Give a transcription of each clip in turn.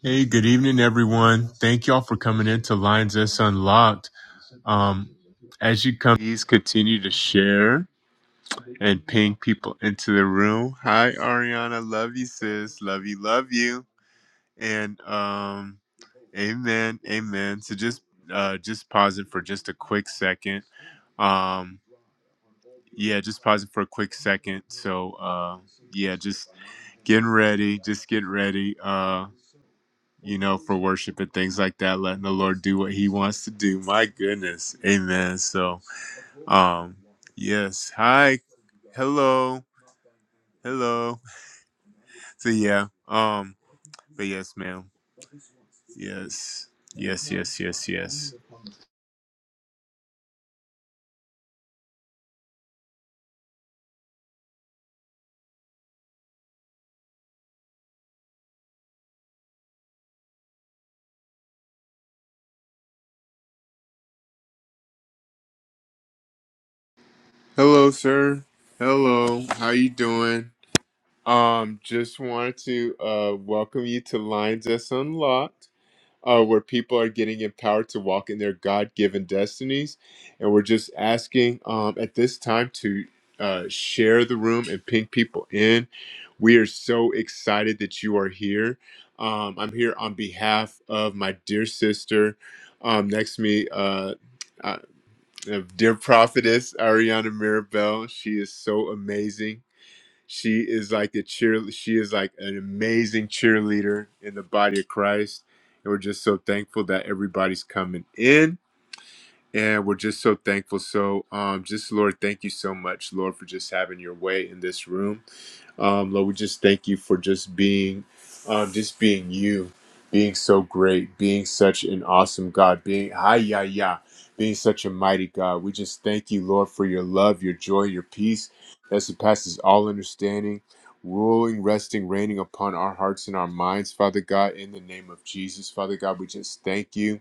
Hey, good evening, everyone. Thank y'all for coming into Lines S Unlocked. Um, as you come, please continue to share and ping people into the room. Hi, Ariana. Love you, sis. Love you. Love you. And um, amen. Amen. So just uh, just pausing for just a quick second. Um, yeah, just pausing for a quick second. So uh, yeah, just getting ready. Just get ready. Uh, you know, for worship and things like that, letting the Lord do what he wants to do. My goodness. Amen. So, um, yes. Hi. Hello. Hello. So yeah. Um, but yes, ma'am. Yes. Yes, yes, yes, yes. Hello, sir. Hello. How you doing? Um, just wanted to uh welcome you to Lines That's Unlocked. uh, where people are getting empowered to walk in their God-given destinies, and we're just asking um, at this time to uh, share the room and ping people in. We are so excited that you are here. Um, I'm here on behalf of my dear sister um, next to me. Uh, uh, dear prophetess Ariana Mirabel, she is so amazing she is like the cheer. She is like an amazing cheerleader in the body of Christ, and we're just so thankful that everybody's coming in. And we're just so thankful. So, um, just Lord, thank you so much, Lord, for just having your way in this room. Um, Lord, we just thank you for just being, um, just being you, being so great, being such an awesome God, being hi ya ya, being such a mighty God. We just thank you, Lord, for your love, your joy, your peace that surpasses all understanding, ruling, resting, reigning upon our hearts and our minds, Father God. In the name of Jesus, Father God, we just thank you.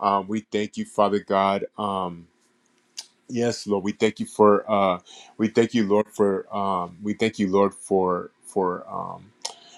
Um, we thank you, Father God. Um, yes, Lord, we thank you for uh, we thank you, Lord, for um, we thank you, Lord, for for um,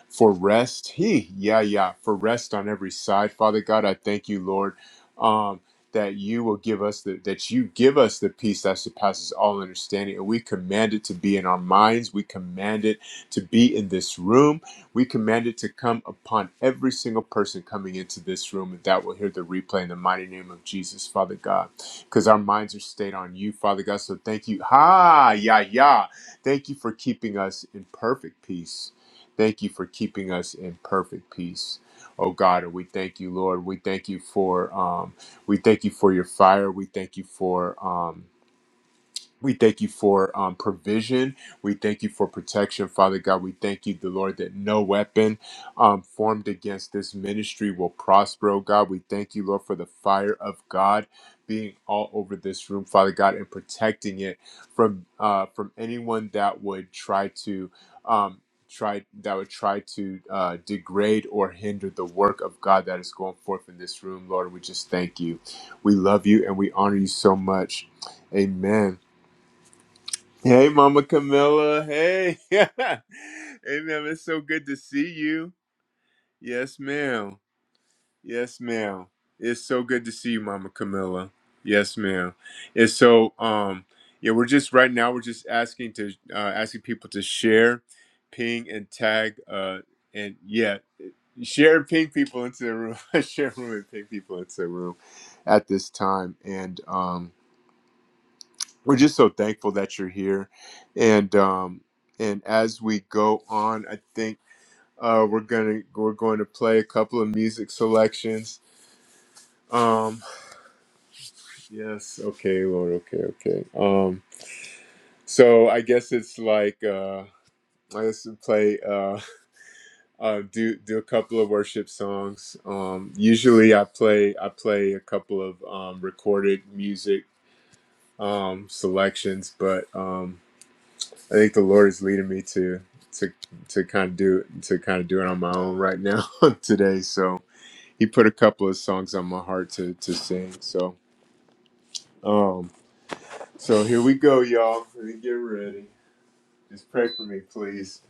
for rest. He, yeah, yeah, for rest on every side. Father God, I thank you, Lord, um, that you will give us the, that you give us the peace that surpasses all understanding, and we command it to be in our minds. We command it to be in this room. We command it to come upon every single person coming into this room, and that will hear the replay in the mighty name of Jesus, Father God, because our minds are stayed on you, Father God. So thank you, ha, yeah, yeah. Thank you for keeping us in perfect peace Thank you for keeping us in perfect peace. Oh God, and we thank you, Lord. We thank you for um, we thank you for your fire. We thank you for um, we thank you for um, provision. We thank you for protection, Father God. We thank you, the Lord, that no weapon um, formed against this ministry will prosper, oh God. We thank you, Lord, for the fire of God being all over this room, Father God, and protecting it from uh, from anyone that would try to um, try that would try to uh, degrade or hinder the work of God that is going forth in this room, Lord. We just thank you. We love you and we honor you so much. Amen. Hey, Mama Camilla. Hey. hey, ma'am. It's so good to see you. Yes, ma'am. Yes, ma'am. It's so good to see you, Mama Camilla. Yes, ma'am. And so, um, yeah, we're just right now. We're just asking to uh, asking people to share, ping, and tag. Uh, and yeah, share, and ping people into the room. share room and ping people into the room at this time. And um, we're just so thankful that you're here and um and as we go on i think uh we're gonna we're going to play a couple of music selections um yes okay lord okay okay um so i guess it's like uh I guess we play uh, uh do do a couple of worship songs. Um usually I play I play a couple of um recorded music um selections, but um I think the Lord is leading me to to to kind of do to kind of do it on my own right now today. So He put a couple of songs on my heart to to sing. So um so here we go, y'all. Let me get ready. Just pray for me, please.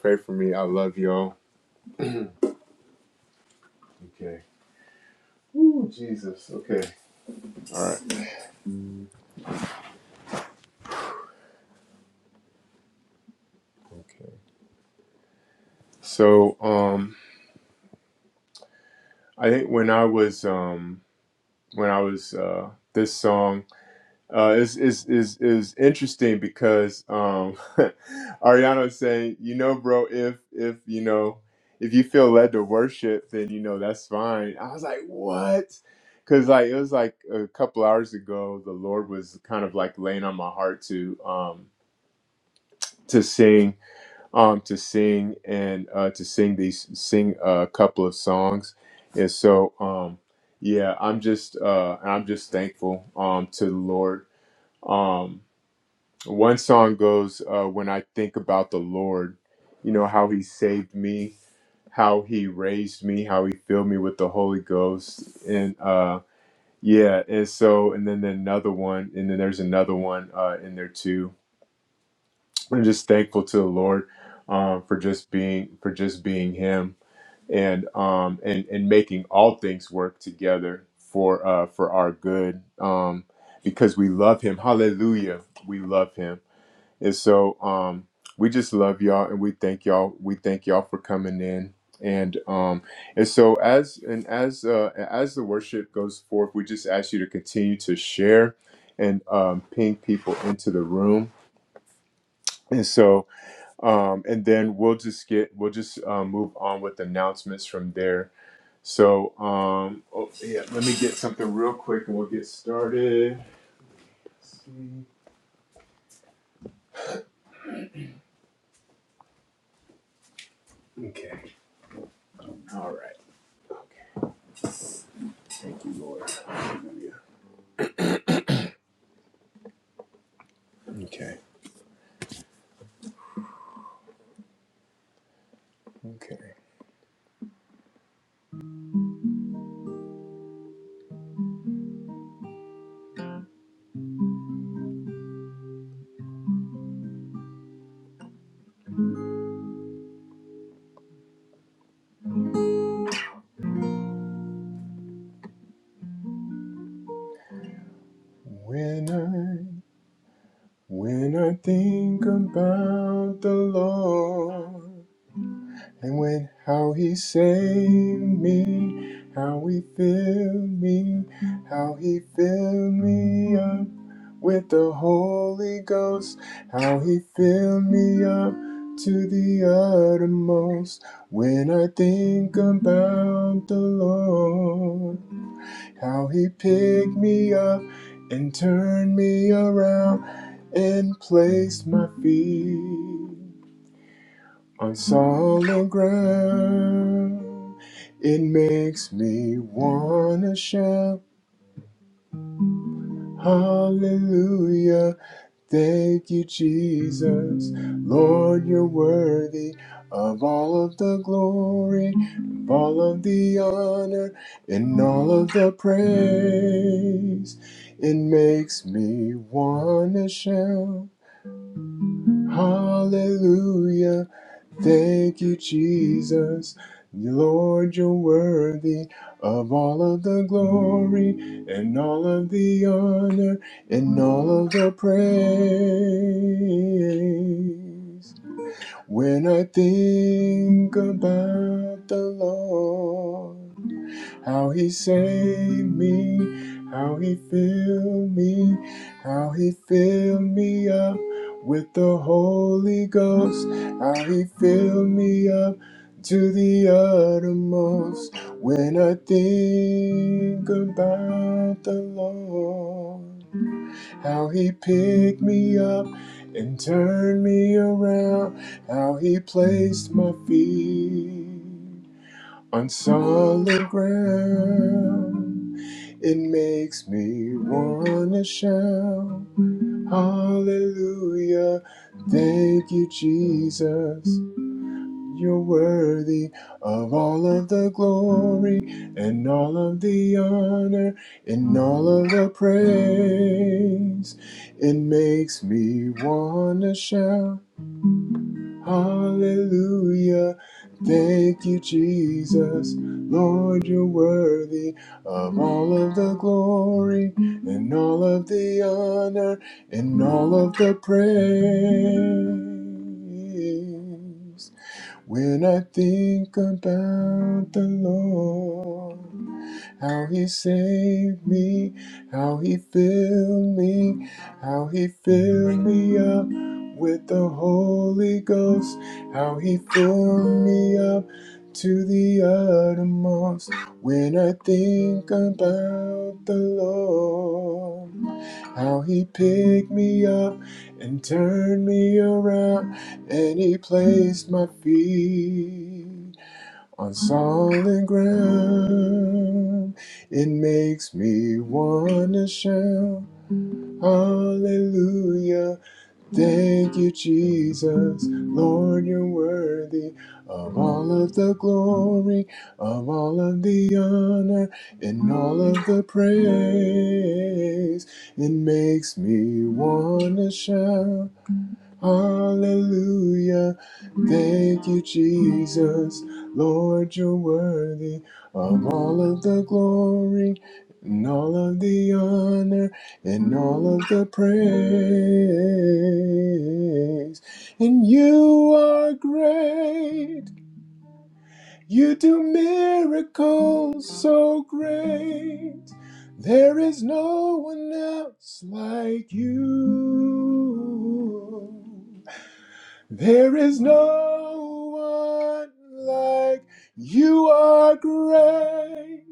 Pray for me. I love y'all. okay. Ooh, Jesus. Okay. All right. Mm, Okay. So um I think when I was um when I was uh this song. Uh, it's, it's, it's, it's interesting because um, Ariana is saying, you know, bro, if if you know if you feel led to worship, then you know that's fine. I was like, what? Because like it was like a couple hours ago, the Lord was kind of like laying on my heart to um, to sing, um, to sing and uh, to sing these sing a couple of songs, and so um, yeah, I'm just uh, I'm just thankful um, to the Lord Um, one song goes, uh, When I Think About the Lord, you know, how he saved me, how he raised me, how he filled me with the Holy Ghost. And uh, yeah, and so, and then another one, and then there's another one uh, in there too. I'm just thankful to the Lord um, for just being, for just being him and, um, and, and making all things work together for, uh, for our good um, because we love him. Hallelujah. We love him and so um, we just love y'all and we thank y'all. We thank y'all for coming in. And um, and so as and as uh, as the worship goes forth, we just ask you to continue to share and um, ping people into the room. And so um, and then we'll just get we'll just um, move on with announcements from there. So um, oh, yeah, let me get something real quick and we'll get started. Okay. All right. Okay. Thank you, Lord. Hallelujah. Okay. Okay. When I when I think about the Lord and when how he saved me, how he filled me, how he filled me up with the Holy Ghost, how he filled me up to the uttermost. When I think about the Lord. How he picked me up and turned me around and placed my feet on solid ground. It makes me wanna shout hallelujah. Thank you, Jesus. Lord, you're worthy of all of the glory, of all of the honor, and all of the praise. It makes me want to shout, Hallelujah. Thank you, Jesus. Lord, you're worthy of all of the glory and all of the honor and all of the praise. When I think about the Lord, how he saved me, how he filled me, how he filled me up with the Holy Ghost, how he filled me up to the uttermost when I think about the Lord. How he picked me up and turned me around, how he placed my feet on solid ground. It makes me wanna shout, Hallelujah! Thank you, Jesus. You're worthy of all of the glory and all of the honor and all of the praise. It makes me wanna shout. Hallelujah. Thank you, Jesus. Lord, you're worthy of all of the glory and all of the honor and all of the praise. When I think about the Lord how he saved me, how he filled me, how he filled me up with the Holy Ghost, how he filled me up to the uttermost when I think about the Lord. How he picked me up and turned me around, and he placed my feet on solid ground. It makes me wanna shout, Hallelujah! Thank you, Jesus. Lord, you're worthy of all of the glory, of all of the honor, and all of the praise. It makes me wanna shout. Hallelujah. Thank you, Jesus. Lord, you're worthy of all of the glory and all of the honor and all of the praise. And you are great. You do miracles so great. There is no one else like you. There is no one like you are great.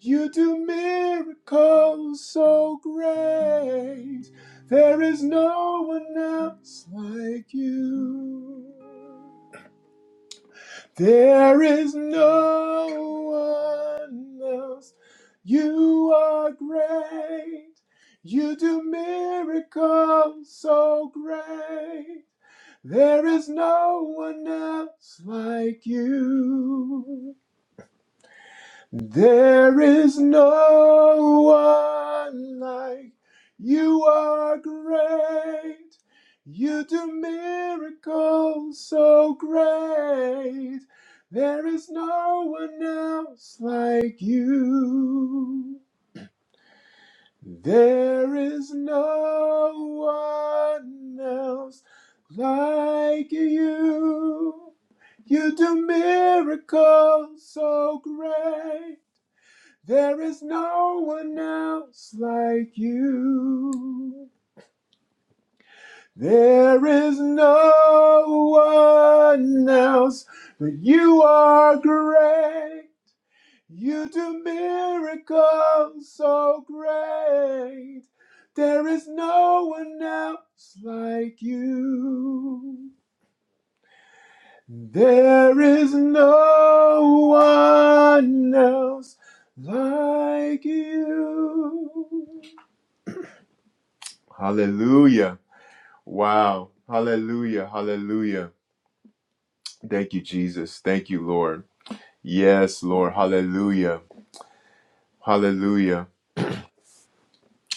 You do miracles so great. There is no one else like you. There is no one else. You are great. You do miracles so great. There is no one else like you. There is no one like you are great. You do miracles so great. There is no one else like you. There is no one else like you. You do miracles so great. There is no one else like you. There is no one else, but you are great. You do miracles so great. There is no one else like you. There is no one else like you. Hallelujah. Wow. Hallelujah. Hallelujah. Thank you, Jesus. Thank you, Lord. Yes, Lord. Hallelujah. Hallelujah.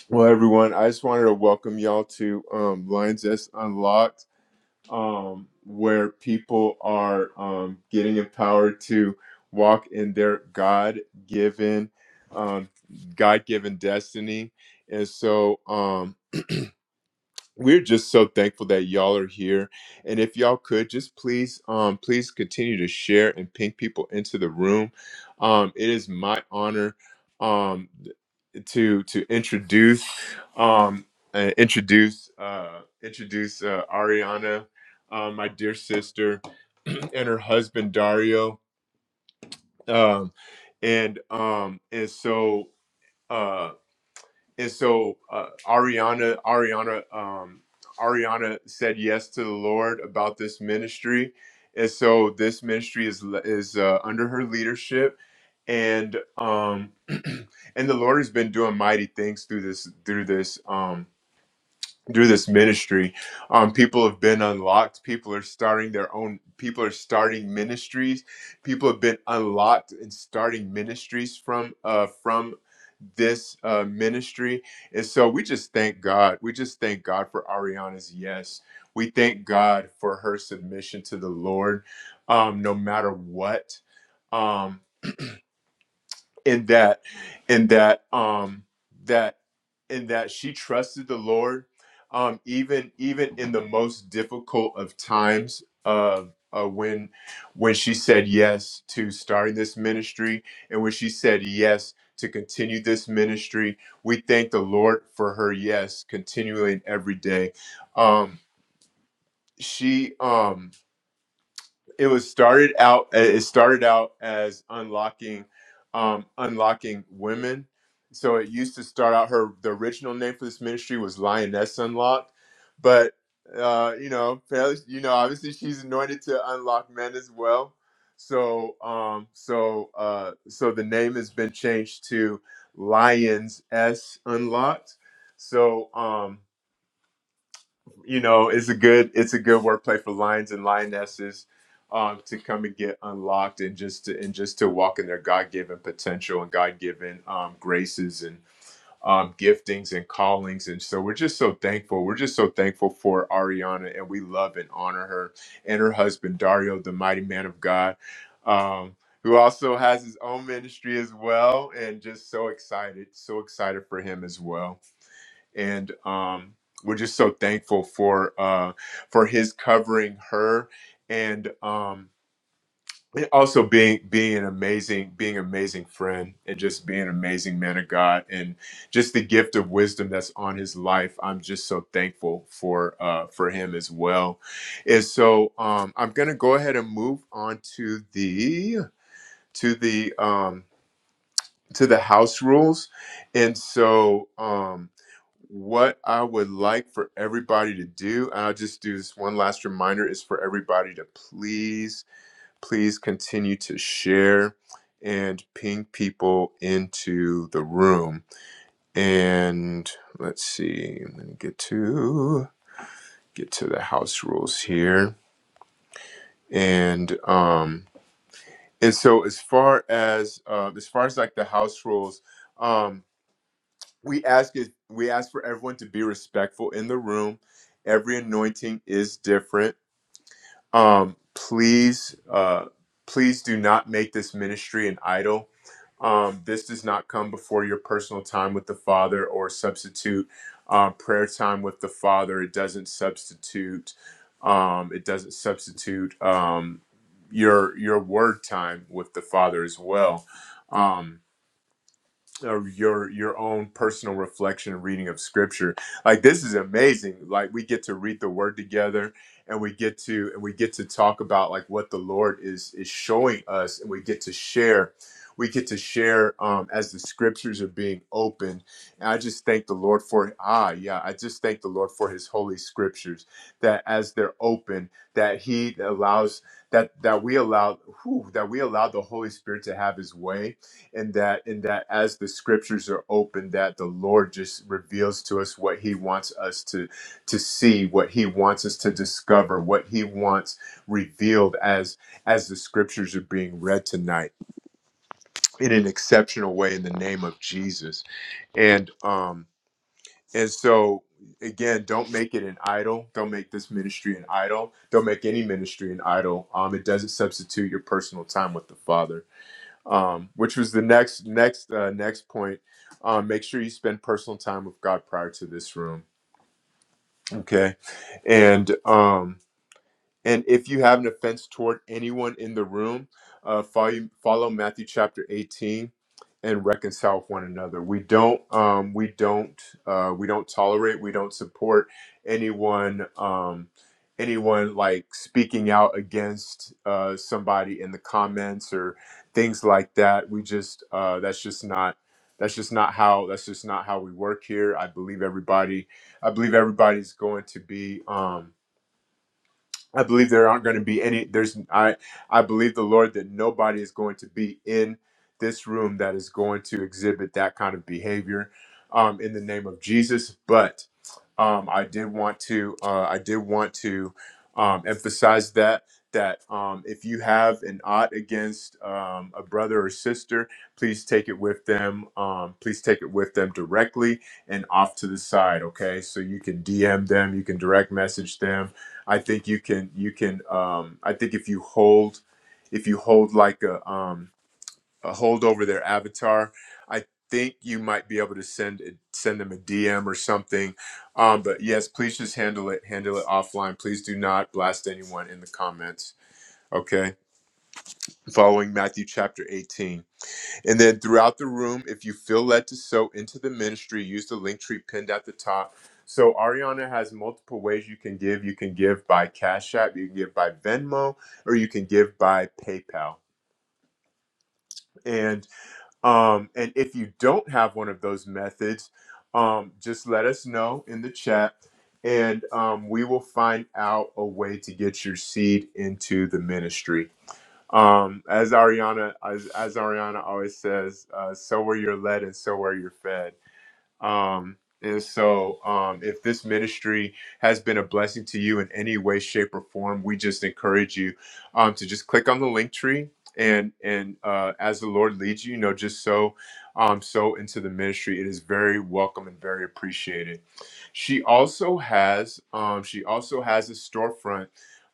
Well, everyone, I just wanted to welcome y'all to um, Lines S Unlocked, um, where people are um, getting empowered to walk in their God-given, um, God-given destiny. And so, um, we're just so thankful that y'all are here and if y'all could just please um please continue to share and ping people into the room um it is my honor um th- to to introduce um uh, introduce uh introduce uh, Ariana uh, my dear sister and her husband Dario um and um and so uh, and so uh, Ariana, Ariana, um, Ariana said yes to the Lord about this ministry, and so this ministry is is uh, under her leadership, and um, and the Lord has been doing mighty things through this through this. Um, through this ministry um, people have been unlocked people are starting their own people are starting ministries people have been unlocked and starting ministries from uh, from this uh, ministry and so we just thank god we just thank god for ariana's yes we thank god for her submission to the lord um, no matter what Um, in that in that um that in that she trusted the lord um even even in the most difficult of times of uh, when when she said yes to starting this ministry and when she said yes to continue this ministry we thank the lord for her yes continually and every day um she um it was started out it started out as unlocking um unlocking women so it used to start out her the original name for this ministry was lioness unlocked but uh you know fairly- you know obviously she's anointed to unlock men as well so um so uh so the name has been changed to lions s unlocked so um you know, it's a good it's a good workplay for lions and lionesses um, to come and get unlocked and just to and just to walk in their God given potential and God given um, graces and um, giftings and callings. And so we're just so thankful. We're just so thankful for Ariana and we love and honor her and her husband Dario, the mighty man of God. Um, who also has his own ministry as well, and just so excited, so excited for him as well and um, we're just so thankful for uh, for his covering her and um, and also being being an amazing being an amazing friend and just being an amazing man of God and just the gift of wisdom that's on his life. I'm just so thankful for uh, for him as well. And so um, I'm gonna go ahead and move on to the to the um, to the house rules. And so, um, what I would like for everybody to do, and I'll just do this one last reminder, is for everybody to please, please continue to share and ping people into the room. And let's see, I'm gonna get to get to the house rules here. And um, and so as far as uh, as far as like the house rules, um we ask it we ask for everyone to be respectful in the room every anointing is different um please uh please do not make this ministry an idol um this does not come before your personal time with the father or substitute uh, prayer time with the father it doesn't substitute um it doesn't substitute um your your word time with the father as well Um, of your your own personal reflection and reading of scripture like this is amazing like we get to read the word together and we get to and we get to talk about like what the lord is is showing us and we get to share we get to share um, as the scriptures are being opened and i just thank the lord for ah yeah i just thank the lord for his holy scriptures that as they're open that he allows that that we allow whew, that we allow the holy spirit to have his way and that and that as the scriptures are open that the lord just reveals to us what he wants us to to see what he wants us to discover what he wants revealed as as the scriptures are being read tonight in an exceptional way in the name of jesus and um and so again don't make it an idol don't make this ministry an idol don't make any ministry an idol um it doesn't substitute your personal time with the father um, which was the next next uh, next point. Um, make sure you spend personal time with God prior to this room. Okay, and um, and if you have an offense toward anyone in the room, uh, follow, follow Matthew chapter 18 and reconcile with one another. We don't, um, we don't, uh, we don't tolerate, we don't support anyone, um, anyone like speaking out against uh, somebody in the comments or things like that. We just, uh, that's just not, that's just not how, that's just not how we work here. I believe everybody, I believe everybody's going to be. Um, I believe there aren't going to be any. There's I I believe the Lord that nobody is going to be in this room that is going to exhibit that kind of behavior, um, in the name of Jesus. But um, I did want to uh, I did want to um, emphasize that that um, if you have an ought against um, a brother or sister, please take it with them. Um, please take it with them directly and off to the side. Okay, so you can DM them, you can direct message them I think you can you can um I think if you hold if you hold like a um a hold over their avatar, I think you might be able to send it send them a DM or something. Um but yes, please just handle it handle it offline. Please do not blast anyone in the comments. Okay. Following Matthew chapter 18. And then throughout the room, if you feel led to sow into the ministry, use the link tree pinned at the top. So Ariana has multiple ways you can give. You can give by Cash App, you can give by Venmo, or you can give by PayPal. And um, and if you don't have one of those methods, um, just let us know in the chat, and um, we will find out a way to get your seed into the ministry. Um, as Ariana, as, as Ariana always says, uh, so where you're led and so where you're fed. Um, and so, um, if this ministry has been a blessing to you in any way, shape, or form, we just encourage you um, to just click on the link tree and and uh, as the Lord leads you, you know, just so um, so into the ministry. It is very welcome and very appreciated. She also has um, she also has a storefront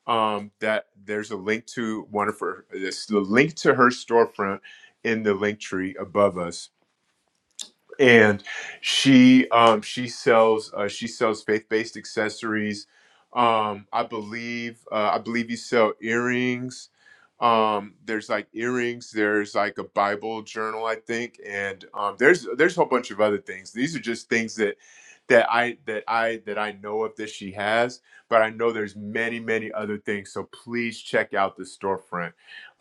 um, that there's a link to one of her. It's the link to her storefront in the link tree above us and she um she sells uh she sells faith-based accessories um i believe uh, i believe you sell earrings um there's like earrings there's like a bible journal i think and um there's there's a whole bunch of other things these are just things that that i that i that i know of that she has but i know there's many many other things so please check out the storefront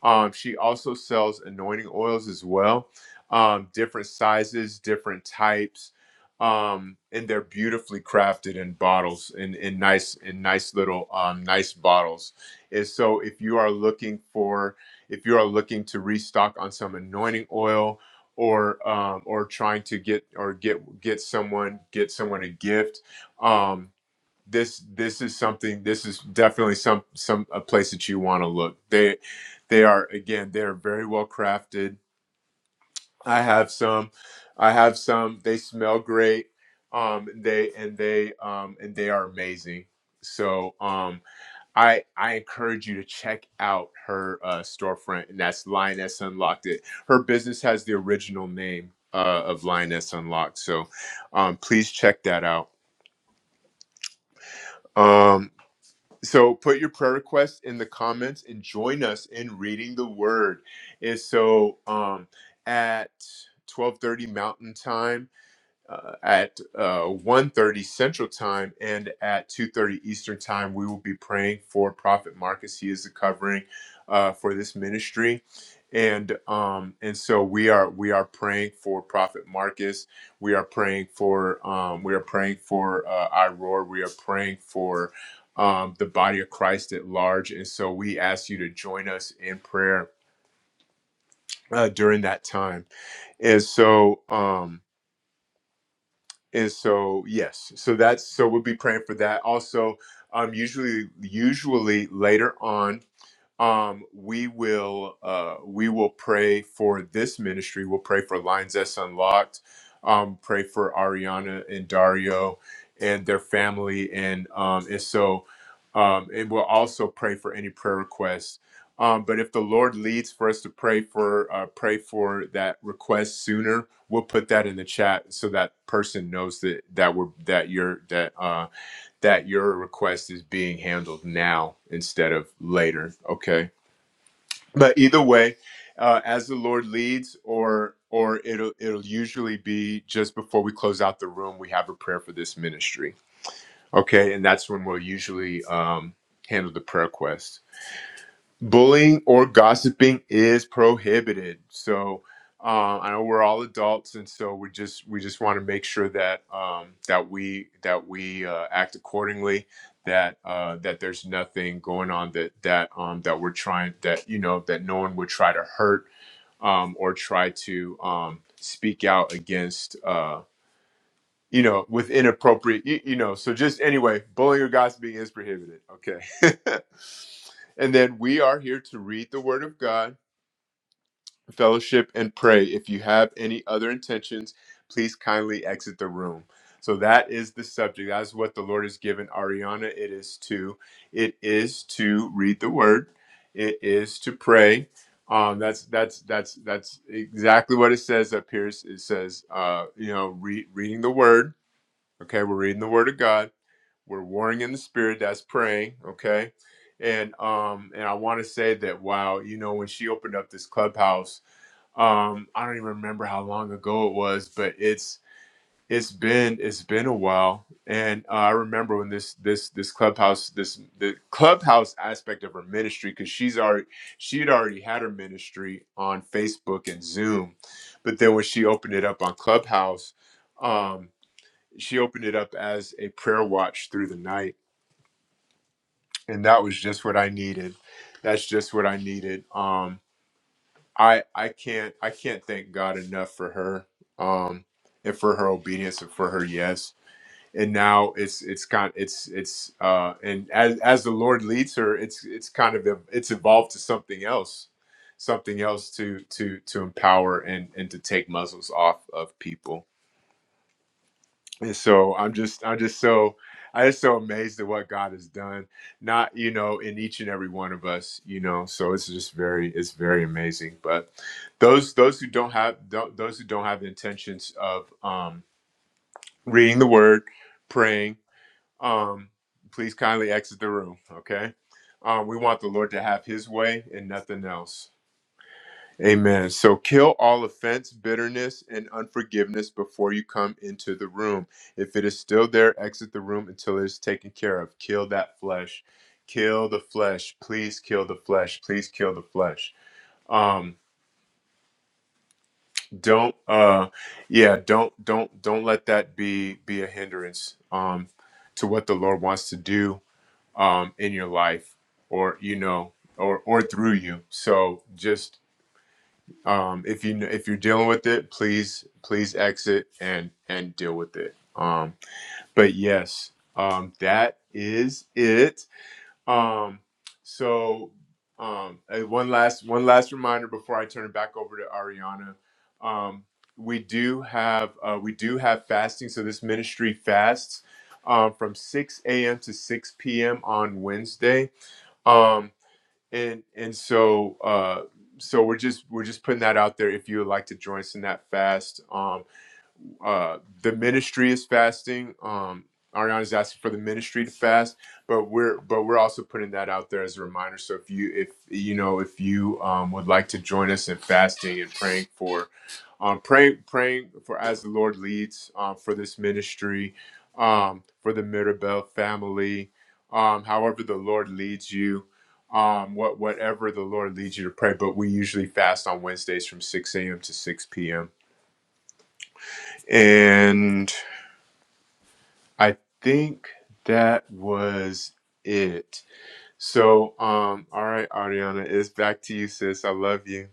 um she also sells anointing oils as well um, different sizes, different types, um, and they're beautifully crafted in bottles in, in nice in nice little um, nice bottles. And so, if you are looking for if you are looking to restock on some anointing oil or um, or trying to get or get get someone get someone a gift. Um, this this is something this is definitely some some a place that you want to look they they are again they're very well crafted I have some. I have some. They smell great. Um, they and they um and they are amazing. So um, I I encourage you to check out her uh, storefront, and that's Lioness Unlocked. It her business has the original name uh, of Lioness Unlocked. So um, please check that out. Um, so put your prayer requests in the comments and join us in reading the Word. And so um, at twelve thirty Mountain Time. uh, at uh, 1.30 central time and at 2.30 eastern time we will be praying for prophet marcus he is the covering uh, for this ministry and um, and so we are we are praying for prophet marcus we are praying for um, we are praying for uh, iroar we are praying for um, the body of christ at large and so we ask you to join us in prayer uh, during that time and so um, And so, yes, so that's so we'll be praying for that. Also, um, usually, usually later on um we will uh we will pray for this ministry we'll pray for lines that's unlocked um pray for ariana and dario and their family and um and so um and we'll also pray for any prayer requests um but if the lord leads for us to pray for uh pray for that request sooner we'll put that in the chat so that person knows that that we're that your that uh that your request is being handled now instead of later okay but either way uh, as the lord leads or or it'll it'll usually be just before we close out the room we have a prayer for this ministry okay and that's when we'll usually um, handle the prayer quest bullying or gossiping is prohibited so um, i know we're all adults and so we just we just want to make sure that um, that we that we uh, act accordingly that uh, that there's nothing going on that that um, that we're trying that you know that no one would try to hurt um, or try to um, speak out against Uh, you know, with inappropriate, you, you know. So just anyway, bullying or gossiping is prohibited. Okay. and then we are here to read the Word of God, fellowship, and pray. If you have any other intentions, please kindly exit the room. So that is the subject. That's what the Lord has given Ariana. It is to, it is to read the Word. It is to pray. Um, that's that's that's that's exactly what it says up here. It says, uh, you know, re- reading the Word Okay, we're reading the Word of God. We're warring in the Spirit. That's praying. Okay, and um, and I want to say that wow, you know, when she opened up this clubhouse, um, I don't even remember how long ago it was, but it's it's been it's been a while. And uh, I remember when this this this clubhouse this the clubhouse aspect of her ministry because she's already she had already had her ministry on Facebook and Zoom, but then when she opened it up on Clubhouse. um she opened it up as a prayer watch through the night and that was just what i needed that's just what i needed um i i can't i can't thank god enough for her um and for her obedience and for her yes and now it's it's kind it's it's uh and as as the lord leads her it's it's kind of it's evolved to something else something else to to to empower and and to take muzzles off of people and so i'm just i'm just so i just so amazed at what god has done not you know in each and every one of us you know so it's just very it's very amazing but those those who don't have don't, those who don't have intentions of um reading the word praying um please kindly exit the room okay um we want the lord to have his way and nothing else Amen. So kill all offense, bitterness, and unforgiveness before you come into the room. If it is still there, exit the room until it is taken care of. Kill that flesh. Kill the flesh. Please kill the flesh. Please kill the flesh. Um, don't uh yeah, don't don't don't let that be be a hindrance um to what the Lord wants to do um in your life or you know or or through you. So just um if you if you're dealing with it please please exit and and deal with it um but yes um that is it um so um uh, one last one last reminder before i turn it back over to ariana um we do have uh, we do have fasting so this ministry fasts um, from 6 a.m to 6 p.m on wednesday um and and so uh so we're just we're just putting that out there if you would like to join us in that fast um, uh the ministry is fasting um ariana asking for the ministry to fast but we're but we're also putting that out there as a reminder so if you if you know if you um would like to join us in fasting and praying for um praying praying for as the lord leads um for this ministry um for the mirabel family um however the lord leads you um what whatever the lord leads you to pray but we usually fast on wednesdays from 6 a.m to 6 p.m and I think that was it. So, um, all right, Ariana, it's back to you, sis. I love you.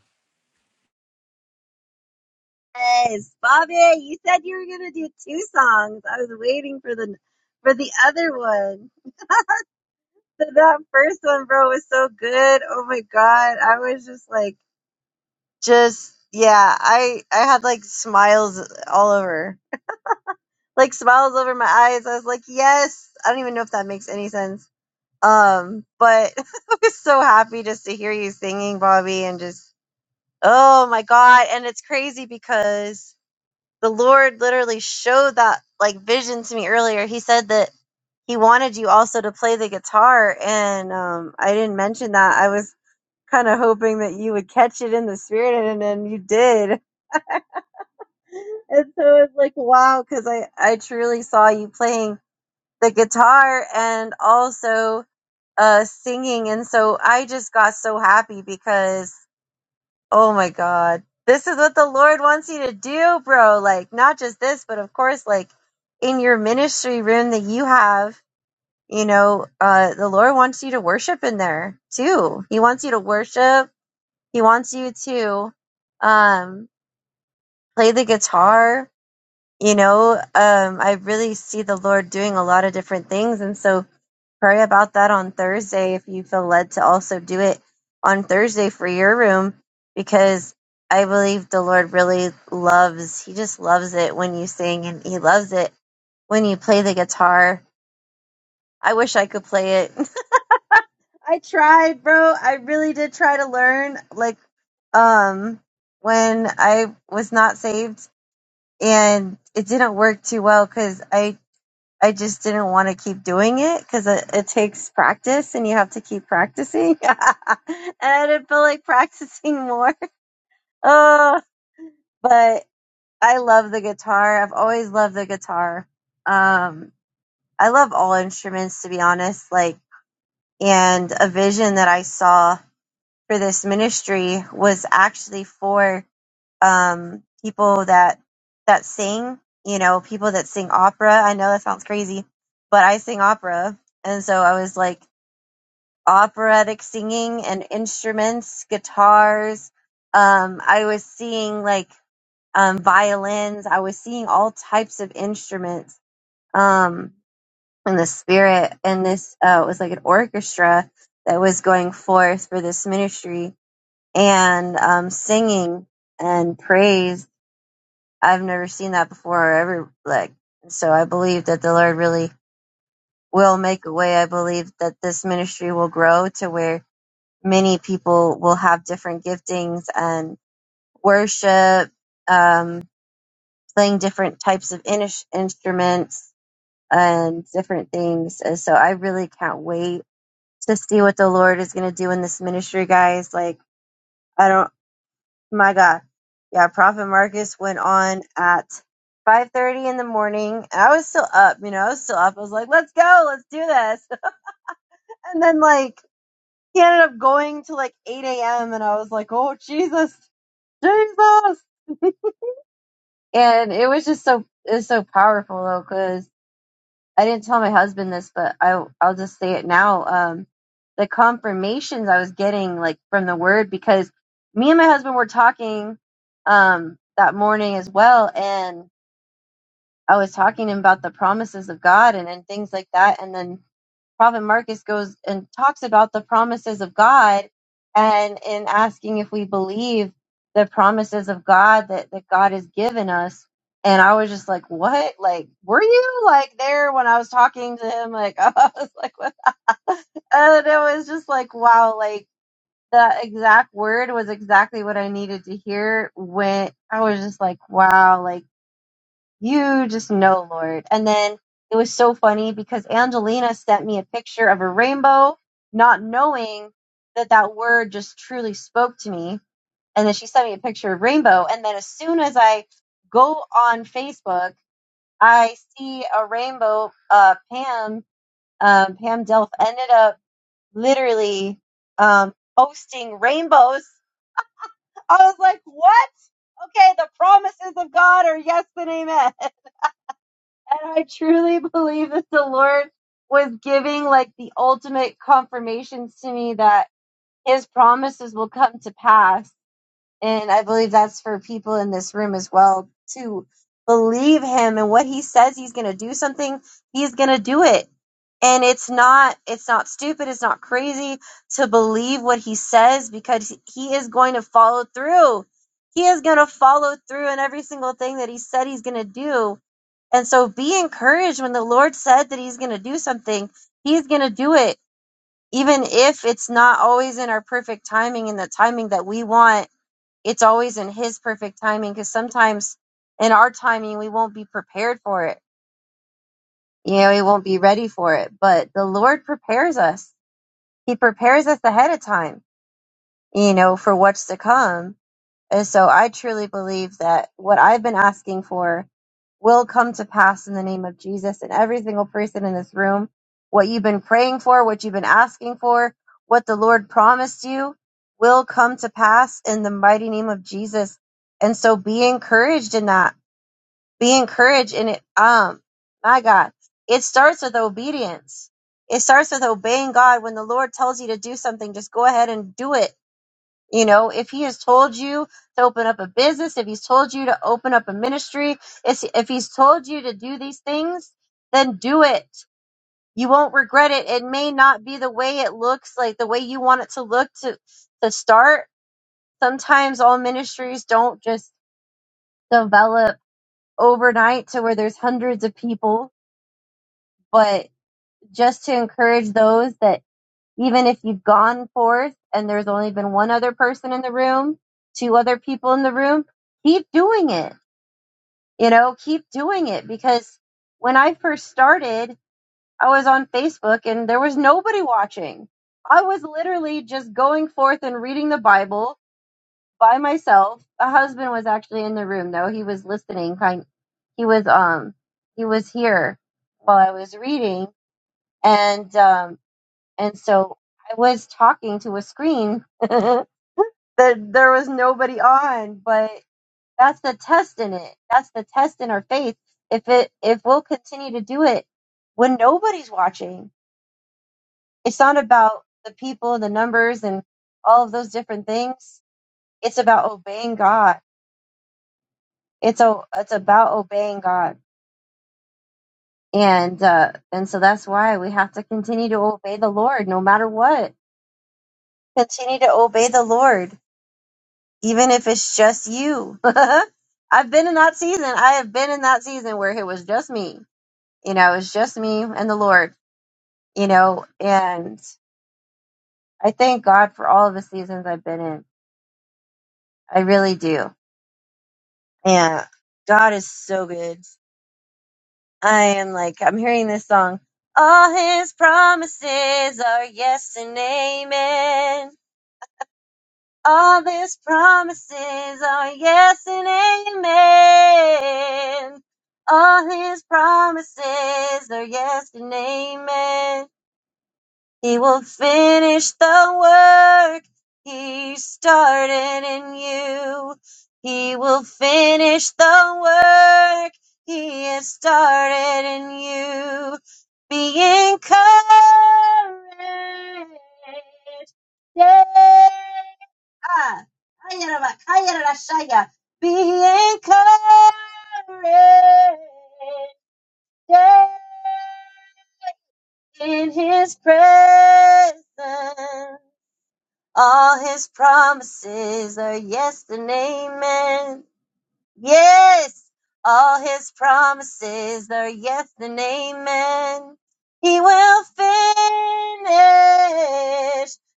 Yes, Bobby, you said you were gonna do two songs. I was waiting for the for the other one. So that first one, bro, was so good. Oh my god, I was just like, just yeah. I I had like smiles all over, like smiles over my eyes. I was like, yes. I don't even know if that makes any sense. Um, but I was so happy just to hear you singing, Bobby, and just oh my god. And it's crazy because the Lord literally showed that like vision to me earlier. He said that he wanted you also to play the guitar, and um, I didn't mention that. I was kind of hoping that you would catch it in the spirit, and then you did. And so it's like wow, because I I truly saw you playing the guitar and also uh singing, and so I just got so happy because Oh my God. This is what the Lord wants you to do, bro. Like, not just this, but of course, like in your ministry room that you have, you know, uh, the Lord wants you to worship in there too. He wants you to worship. He wants you to, um, play the guitar. You know, um, I really see the Lord doing a lot of different things. And so, Pray about that on Thursday if you feel led to also do it on Thursday for your room because I believe the Lord really loves, He just loves it when you sing and He loves it when you play the guitar. I wish I could play it. I tried, bro. I really did try to learn. Like, um, when I was not saved and it didn't work too well because I I just didn't want to keep doing it because it, it takes practice and you have to keep practicing. and I didn't feel like practicing more. Oh, but I love the guitar. I've always loved the guitar. Um, I love all instruments to be honest. Like, and a vision that I saw for this ministry was actually for um, people that that sing, you know, people that sing opera. I know that sounds crazy, but I sing opera, and so I was like operatic singing and instruments, guitars. Um, I was seeing like um, violins. I was seeing all types of instruments um, in the spirit, and this uh, was like an orchestra that was going forth for this ministry and um, singing and praise I've never seen that before or ever like so I believe that the Lord really will make a way. I believe that this ministry will grow to where many people will have different giftings and worship, um, playing different types of in- instruments and different things. And so I really can't wait to see what the Lord is going to do in this ministry, guys. Like, I don't. my God. Yeah, Prophet Marcus went on at 5.30 in the morning. I was still up, you know, I was still up. I was like, let's go, let's do this. And then, like, he ended up going to like 8 a.m. And I was like, oh, Jesus, Jesus. And it was just so, it was so powerful though, because I didn't tell my husband this, but I, I'll just say it now. Um, the confirmations I was getting, like, from the word, because me and my husband were talking um, that morning as well. And I was talking about the promises of God and, and things like that. And then Prophet Marcus goes and talks about the promises of God and in asking if we believe the promises of God that, that God has given us. And I was just like, what? Like, were you like there when I was talking to him? Like, I was like, what? And it was just like, wow, like the exact word was exactly what I needed to hear when I was just like, wow, like you just know, Lord. And then it was so funny because Angelina sent me a picture of a rainbow, not knowing that that word just truly spoke to me. And then she sent me a picture of rainbow. And then as soon as I go on Facebook, I see a rainbow. Uh, Pam, um, Pam Delph ended up literally um, posting rainbows. I was like, what? Okay, the promises of God are yes and amen. And I truly believe that the Lord was giving like the ultimate confirmations to me that his promises will come to pass. And I believe that's for people in this room as well to believe him and what he says he's going to do something, he's going to do it. And it's not it's not stupid, it's not crazy to believe what he says because he is going to follow through. He is going to follow through in every single thing that he said he's going to do and so be encouraged when the Lord said that He's going to do something, He's going to do it, even if it's not always in our perfect timing and the timing that we want. It's always in His perfect timing because sometimes in our timing, we won't be prepared for it. You know, we won't be ready for it. But the Lord prepares us, He prepares us ahead of time, you know, for what's to come. And so I truly believe that what I've been asking for will come to pass in the name of Jesus and every single person in this room. What you've been praying for, what you've been asking for, what the Lord promised you will come to pass in the mighty name of Jesus. And so be encouraged in that. Be encouraged in it. Um, my God, it starts with obedience. It starts with obeying God. When the Lord tells you to do something, just go ahead and do it you know, if he has told you to open up a business, if he's told you to open up a ministry, if if he's told you to do these things, then do it. You won't regret it. It may not be the way it looks like the way you want it to look to to start. Sometimes all ministries don't just develop overnight to where there's hundreds of people, but just to encourage those that even if you've gone forth and there's only been one other person in the room, two other people in the room, keep doing it. You know, keep doing it because when I first started, I was on Facebook and there was nobody watching. I was literally just going forth and reading the Bible by myself. A husband was actually in the room though. He was listening kind he was um he was here while I was reading and um and so I was talking to a screen that there was nobody on, but that's the test in it. That's the test in our faith. If it if we'll continue to do it when nobody's watching, it's not about the people, the numbers and all of those different things. It's about obeying God. It's a, it's about obeying God. And uh and so that's why we have to continue to obey the Lord no matter what. Continue to obey the Lord even if it's just you. I've been in that season. I have been in that season where it was just me. You know, it was just me and the Lord, you know, and I thank God for all of the seasons I've been in. I really do. Yeah. God is so good. I am like, I'm hearing this song. All his promises are yes and amen. All these promises are yes and amen. All his promises are yes and amen. He will finish the work he started in you. He will finish the work he has started in you. Be encouraged. Yeah. Ah. Ayaraba, ayarashaya. Be encouraged. Yeah in his presence. All his promises are yes and amen. Yes, all his promises are yes and amen. He will finish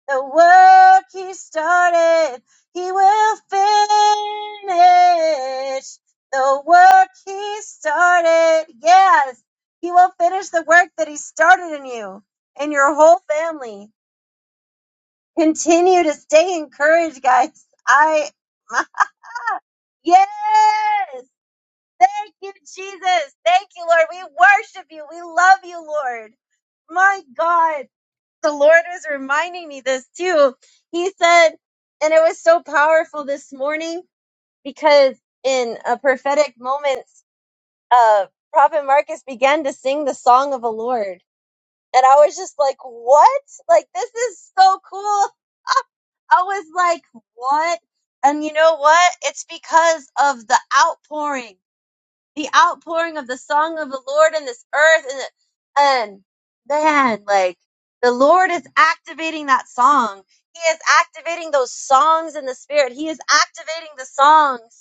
the work he started. He will finish the work he started. Yes, he will finish the work that he started in you and your whole family. Continue to stay encouraged, guys. I, my, yes. Thank you, Jesus. Thank you, Lord. We worship you. We love you, Lord. My God. The Lord was reminding me this too. He said, and it was so powerful this morning because in a prophetic moment, uh, Prophet Marcus began to sing the song of the Lord. And I was just like, what? Like, this is so cool. I was like, what? And you know what? It's because of the outpouring the outpouring of the song of the Lord in this earth. And, and man, like the Lord is activating that song. He is activating those songs in the spirit. He is activating the songs.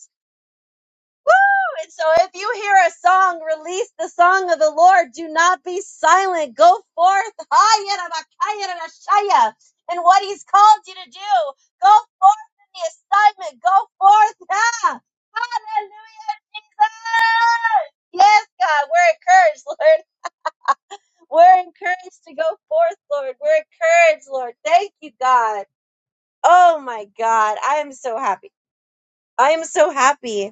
And so if you hear a song, release the song of the Lord. Do not be silent. Go forth. Hayarabakayarashaya, And what he's called you to do. Go forth in the assignment. Go forth. yeah! Hallelujah, Jesus. Yes, God. We're encouraged, Lord. We're encouraged to go forth, Lord. We're encouraged, Lord. Thank you, God. Oh my God. I am so happy. I am so happy.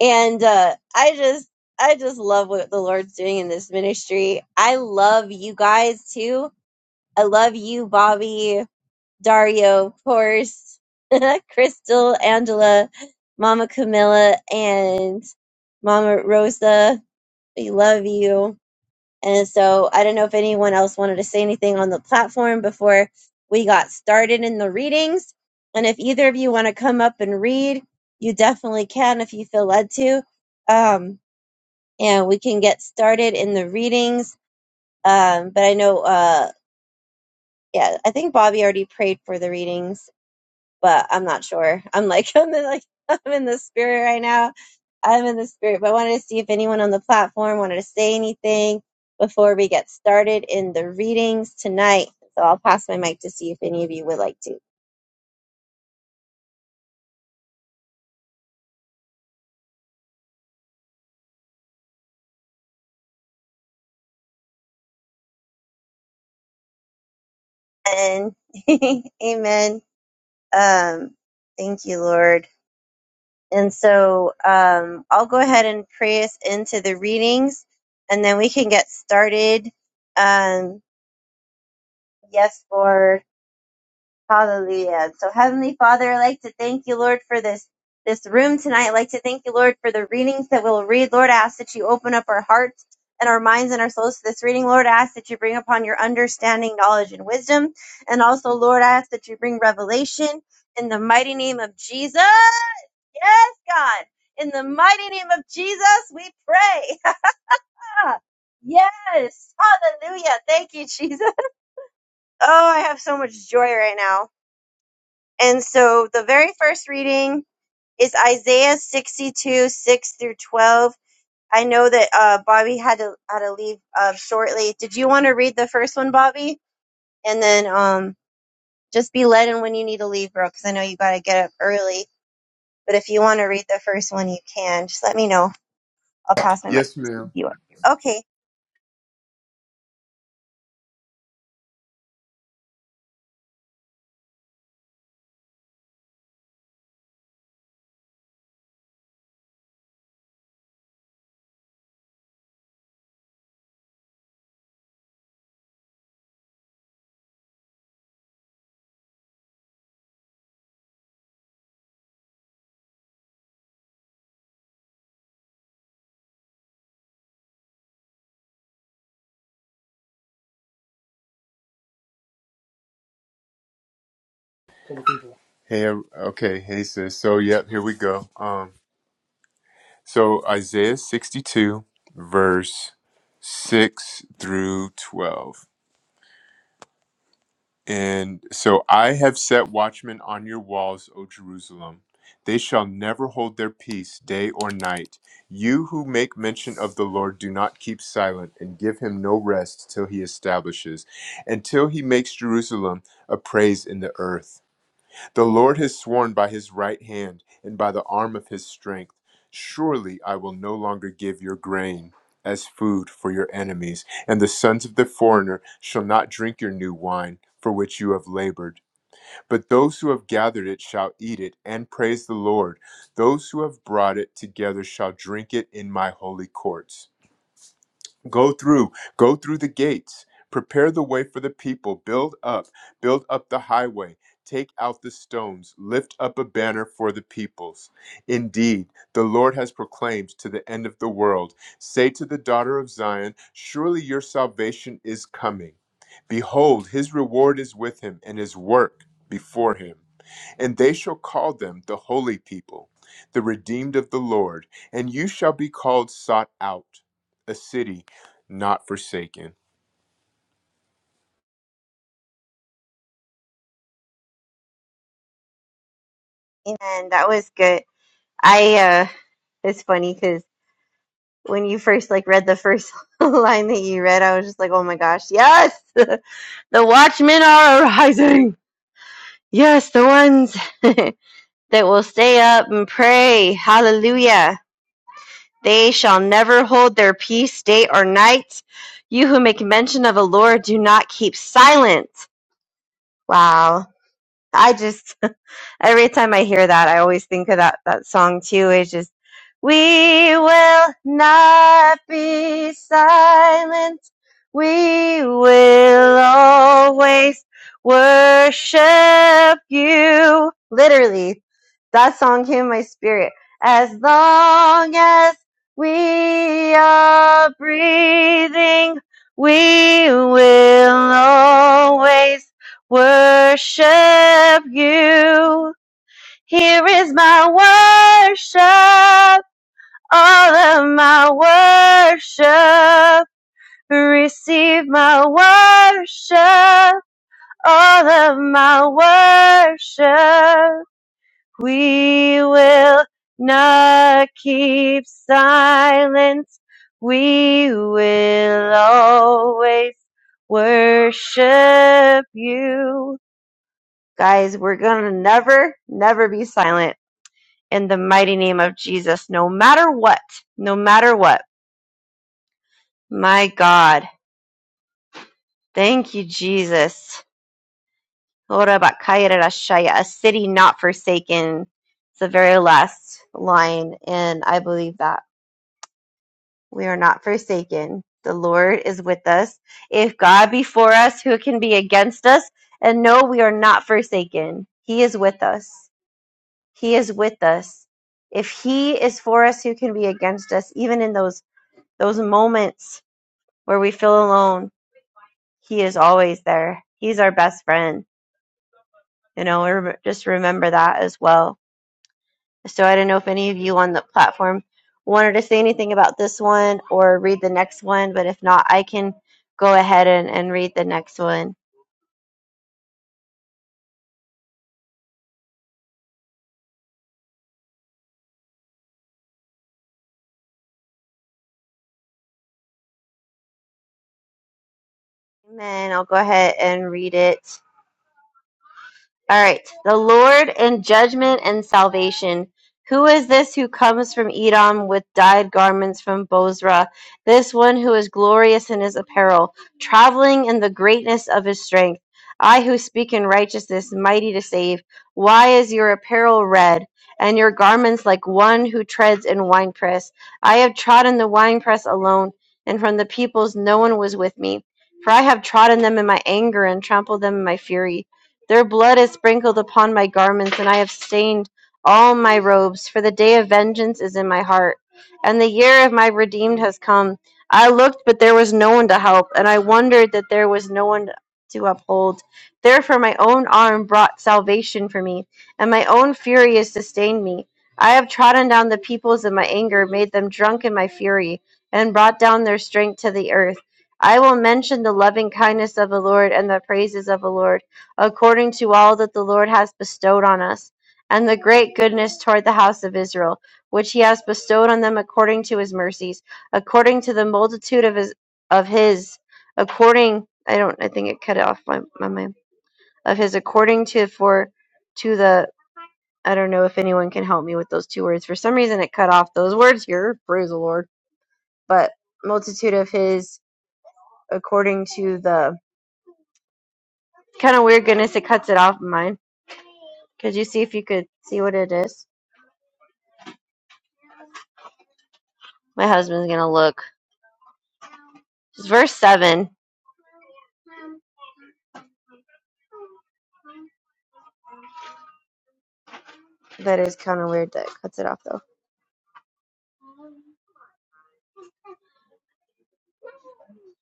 and uh, I just I just love what the Lord's doing in this ministry. I love you guys too. I love you, Bobby, Dario, of course, Crystal, Angela, Mama Camilla, and Mama Rosa. We love you. And so I don't know if anyone else wanted to say anything on the platform before we got started in the readings. And if either of you want to come up and read, you definitely can if you feel led to. Um, and we can get started in the readings. Um, but I know, uh, yeah, I think Bobby already prayed for the readings, but I'm not sure. I'm like, I'm in, like, I'm in the spirit right now. I'm in the spirit, but I wanted to see if anyone on the platform wanted to say anything before we get started in the readings tonight. So I'll pass my mic to see if any of you would like to. And amen. Um, thank you, Lord. And so um, I'll go ahead and pray us into the readings and then we can get started. Um, yes, Lord. Hallelujah. So Heavenly Father, I'd like to thank you, Lord, for this this room tonight. I'd like to thank you, Lord, for the readings that we'll read. Lord, I ask that you open up our hearts and our minds and our souls to this reading. Lord, I ask that you bring upon your understanding, knowledge, and wisdom. And also, Lord, I ask that you bring revelation in the mighty name of Jesus. Yes, God. In the mighty name of Jesus, we pray. yes. Hallelujah. Thank you, Jesus. Oh, I have so much joy right now. And so the very first reading is Isaiah 62, 6 through 12. I know that uh, Bobby had to had to leave uh, shortly. Did you want to read the first one, Bobby? And then um, just be led in when you need to leave, bro, because I know you got to get up early. But if you want to read the first one, you can. Just let me know. I'll pass my mic Yes, to ma'am. you. Okay. Hey, um, okay, hey, sis. So, yep, here we go. Um, so Isaiah 62, verse 6 through 12. And so I have set watchmen on your walls, O Jerusalem. They shall never hold their peace day or night. You who make mention of the Lord, do not keep silent and give him no rest till he establishes, until he makes Jerusalem a praise in the earth. The Lord has sworn by his right hand and by the arm of his strength. Surely I will no longer give your grain as food for your enemies, and the sons of the foreigner shall not drink your new wine for which you have labored. But those who have gathered it shall eat it and praise the Lord. Those who have brought it together shall drink it in my holy courts. Go through, go through the gates, prepare the way for the people, build up, build up the highway, take out the stones, lift up a banner for the peoples. Indeed, the Lord has proclaimed to the end of the world say to the daughter of Zion, Surely your salvation is coming. Behold, his reward is with him and his work before him. And they shall call them the holy people, the redeemed of the Lord. And you shall be called sought out, a city not forsaken. And that was good. I uh, it's funny because when you first like read the first line that you read, I was just like, oh my gosh, yes. The watchmen are arising. Yes, the ones that will stay up and pray. Hallelujah. They shall never hold their peace day or night. You who make mention of the Lord, do not keep silent. Wow. I just, every time I hear that, I always think of that that song too. It's just we will not be silent. We will always worship you. Literally, that song came in my spirit. As long as we are breathing, we will always worship you here is my worship, all of my worship. Receive my worship, all of my worship. We will not keep silence. We will always worship you. Guys, we're gonna never, never be silent in the mighty name of Jesus, no matter what, no matter what. My God. Thank you, Jesus. Ora bakaya rarashaya, A city not forsaken. It's the very last line, and I believe that we are not forsaken. The Lord is with us. If God be for us, who can be against us? And no, we are not forsaken. He is with us. He is with us. If He is for us, who can be against us? Even in those those moments where we feel alone, He is always there. He's our best friend. You know, rem- just remember that as well. So I don't know if any of you on the platform wanted to say anything about this one or read the next one, but if not, I can go ahead and, and read the next one. Amen. I'll go ahead and read it. All right. The Lord in judgment and salvation. Who is this who comes from Edom with dyed garments from Bozrah? This one who is glorious in his apparel, traveling in the greatness of his strength. I who speak in righteousness, mighty to save. Why is your apparel red and your garments like one who treads in winepress? I have trodden the winepress alone, and from the peoples no one was with me. For I have trodden them in my anger and trampled them in my fury. Their blood is sprinkled upon my garments, and I have stained all my robes, for the day of vengeance is in my heart, and the year of my redeemed has come. I looked, but there was no one to help, and I wondered that there was no one to uphold. Therefore, my own arm brought salvation for me, and my own fury has sustained me. I have trodden down the peoples in my anger, made them drunk in my fury, and brought down their strength to the earth. I will mention the loving kindness of the Lord and the praises of the Lord according to all that the Lord has bestowed on us, and the great goodness toward the house of Israel, which he has bestowed on them according to his mercies, according to the multitude of his of his according I don't I think it cut off my, my mind of his according to for to the I don't know if anyone can help me with those two words. For some reason it cut off those words here. Praise the Lord. But multitude of his according to the kind of weird goodness it cuts it off of mine. Could you see if you could see what it is? My husband's gonna look. It's verse seven. That is kind of weird. That it cuts it off though.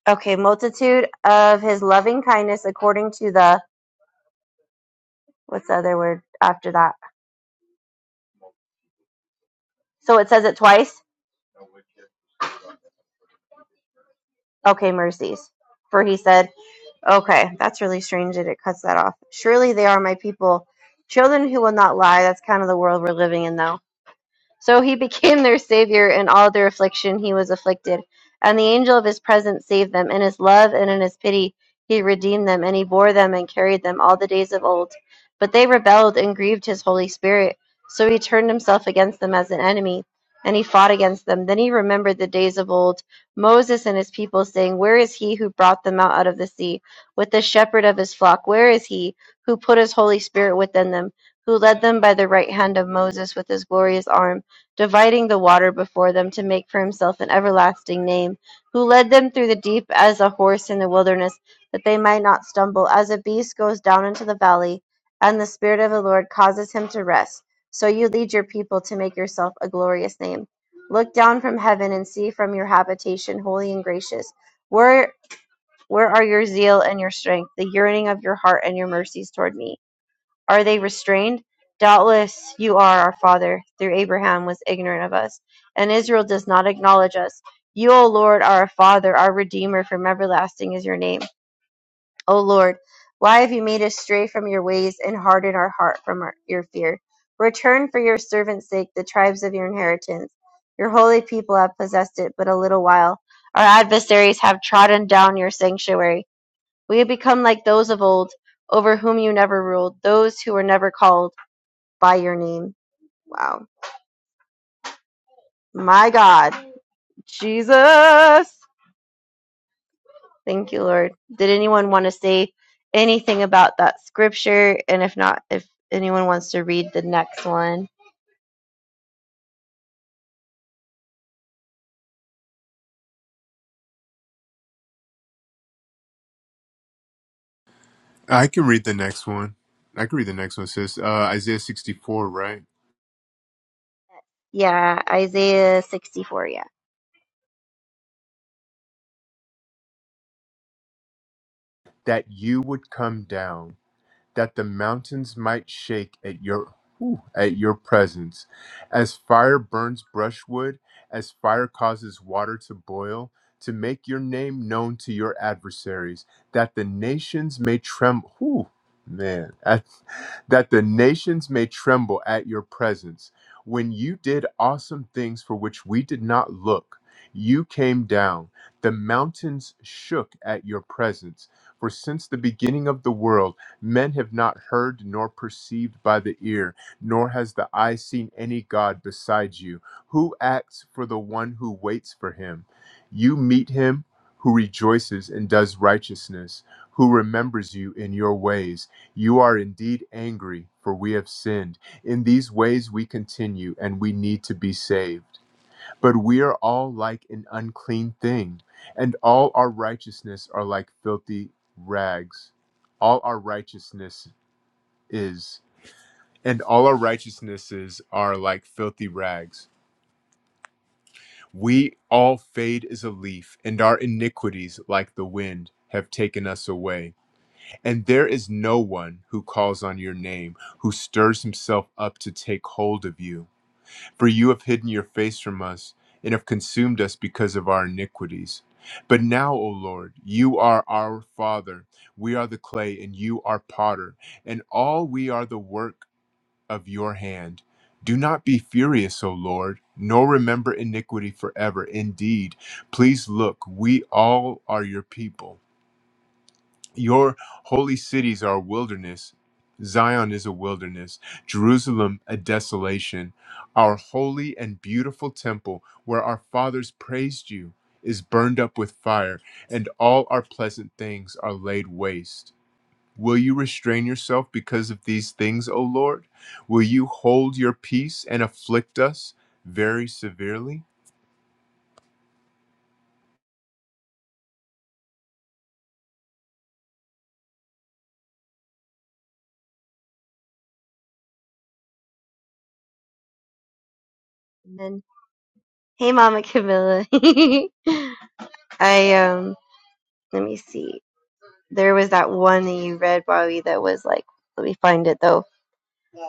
Okay, multitude of his loving kindness according to the what's the other word after that? So it says it twice. Okay, mercies. For he said, okay, that's really strange that it cuts that off. Surely they are my people, children who will not lie. That's kind of the world we're living in though So he became their Savior in all their affliction he was afflicted. And the angel of his presence saved them. In his love and in his pity he redeemed them, and he bore them and carried them all the days of old. But they rebelled and grieved his Holy Spirit. So he turned himself against them as an enemy, and he fought against them. Then he remembered the days of old, Moses and his people, saying, Where is he who brought them out, out of the sea, with the shepherd of his flock? Where is he who put his Holy Spirit within them, who led them by the right hand of Moses with his glorious arm? dividing the water before them to make for himself an everlasting name, who led them through the deep as a horse in the wilderness, that they might not stumble, as a beast goes down into the valley, and the Spirit of the Lord causes him to rest. So you lead your people to make yourself a glorious name. Look down from heaven and see from your habitation, holy and gracious. Where where are your zeal and your strength, the yearning of your heart and your mercies toward me? Are they restrained? Doubtless you are our father, through Abraham was ignorant of us, and Israel does not acknowledge us. You, O Lord, are our father, our redeemer from everlasting is your name. O Lord, why have you made us stray from your ways and hardened our heart from our, your fear? Return for your servant's sake the tribes of your inheritance. Your holy people have possessed it but a little while. Our adversaries have trodden down your sanctuary. We have become like those of old, over whom you never ruled, those who were never called by your name. Wow. My God. Jesus. Thank you, Lord. Did anyone want to say anything about that scripture? And if not, if anyone wants to read the next one. I can read the next one. I can read the next one. It says uh, Isaiah 64, right? Yeah, Isaiah 64. Yeah. That you would come down. that the mountains might shake at your ooh, at your presence. As fire burns brushwood, as fire causes water to boil, to make your name known to your adversaries, that the nations may tremble. Ooh, man, that that the nations may tremble at your presence. When you did awesome things for which we did not look, you came down. The mountains shook at your presence. For since the beginning of the world, Men have not heard nor perceived by the ear, nor has the eye seen any God besides you, who acts for the one who waits for him. You meet him who rejoices and does righteousness, who remembers you in your ways. You are indeed angry, for we have sinned. In these ways we continue, and we need to be saved. But we are all like an unclean thing, and all our righteousness are like filthy rags. All our righteousness is, and all our righteousnesses are like filthy rags. We all fade as a leaf, and our iniquities, like the wind, have taken us away. And there is no one who calls on your name, who stirs himself up to take hold of you. For you have hidden your face from us and have consumed us because of our iniquities. But now, O Lord, you are our Father. We are the clay, and you are potter, and all we are the work of your hand. Do not be furious, O Lord, nor remember iniquity forever. Indeed, please look, we all are your people. Your holy cities are a wilderness. Zion is a wilderness, Jerusalem a desolation. Our holy and beautiful temple, where our fathers praised you, is burned up with fire, and all our pleasant things are laid waste. Will you restrain yourself because of these things, O Lord? Will you hold your peace and afflict us very severely? And then, hey, Mama Camilla. I, um, let me see. There was that one that you read, Bobby, that was like, let me find it though.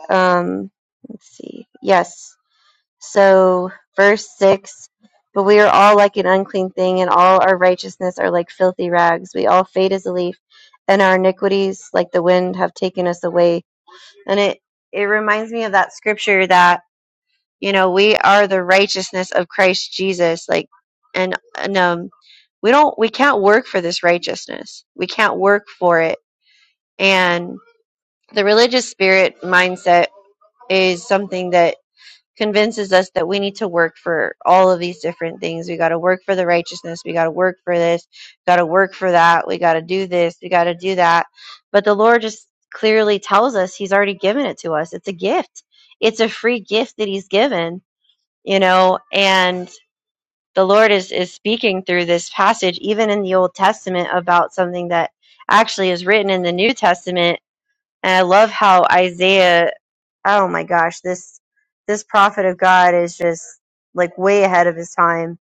Um, let's see. Yes. So, verse 6 But we are all like an unclean thing, and all our righteousness are like filthy rags. We all fade as a leaf, and our iniquities, like the wind, have taken us away. And it, it reminds me of that scripture that, you know, we are the righteousness of Christ Jesus. Like, and, and, um, we don't, we can't work for this righteousness. We can't work for it. And the religious spirit mindset is something that convinces us that we need to work for all of these different things. We got to work for the righteousness. We got to work for this. Got to work for that. We got to do this. We got to do that. But the Lord just clearly tells us He's already given it to us. It's a gift. It's a free gift that He's given, you know, and the Lord is, is speaking through this passage, even in the Old Testament, about something that actually is written in the New Testament. And I love how Isaiah oh my gosh, this this prophet of God is just like way ahead of his time.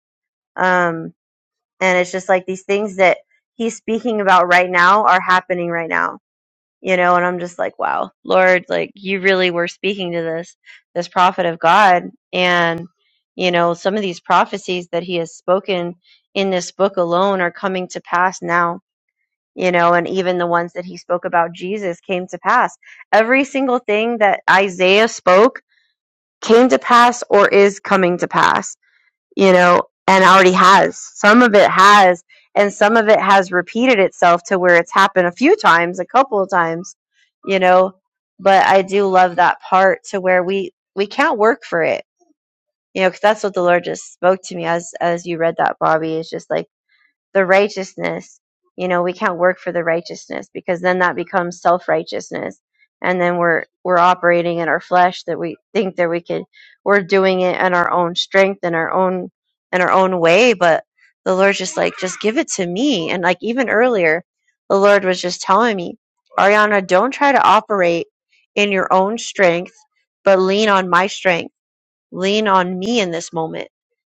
Um, and it's just like these things that he's speaking about right now are happening right now, you know. And I'm just like, wow, Lord, like you really were speaking to this this prophet of God, and you know, some of these prophecies that he has spoken in this book alone are coming to pass now. You know, and even the ones that he spoke about Jesus came to pass. Every single thing that Isaiah spoke came to pass or is coming to pass, you know, and already has. Some of it has, and some of it has repeated itself to where it's happened a few times, a couple of times, you know. But I do love that part to where we we can't work for it, you know, because that's what the Lord just spoke to me as as you read that, Bobby. It's just like the righteousness you know we can't work for the righteousness because then that becomes self-righteousness and then we're we're operating in our flesh that we think that we could we're doing it in our own strength and our own in our own way but the lord's just like just give it to me and like even earlier the lord was just telling me ariana don't try to operate in your own strength but lean on my strength lean on me in this moment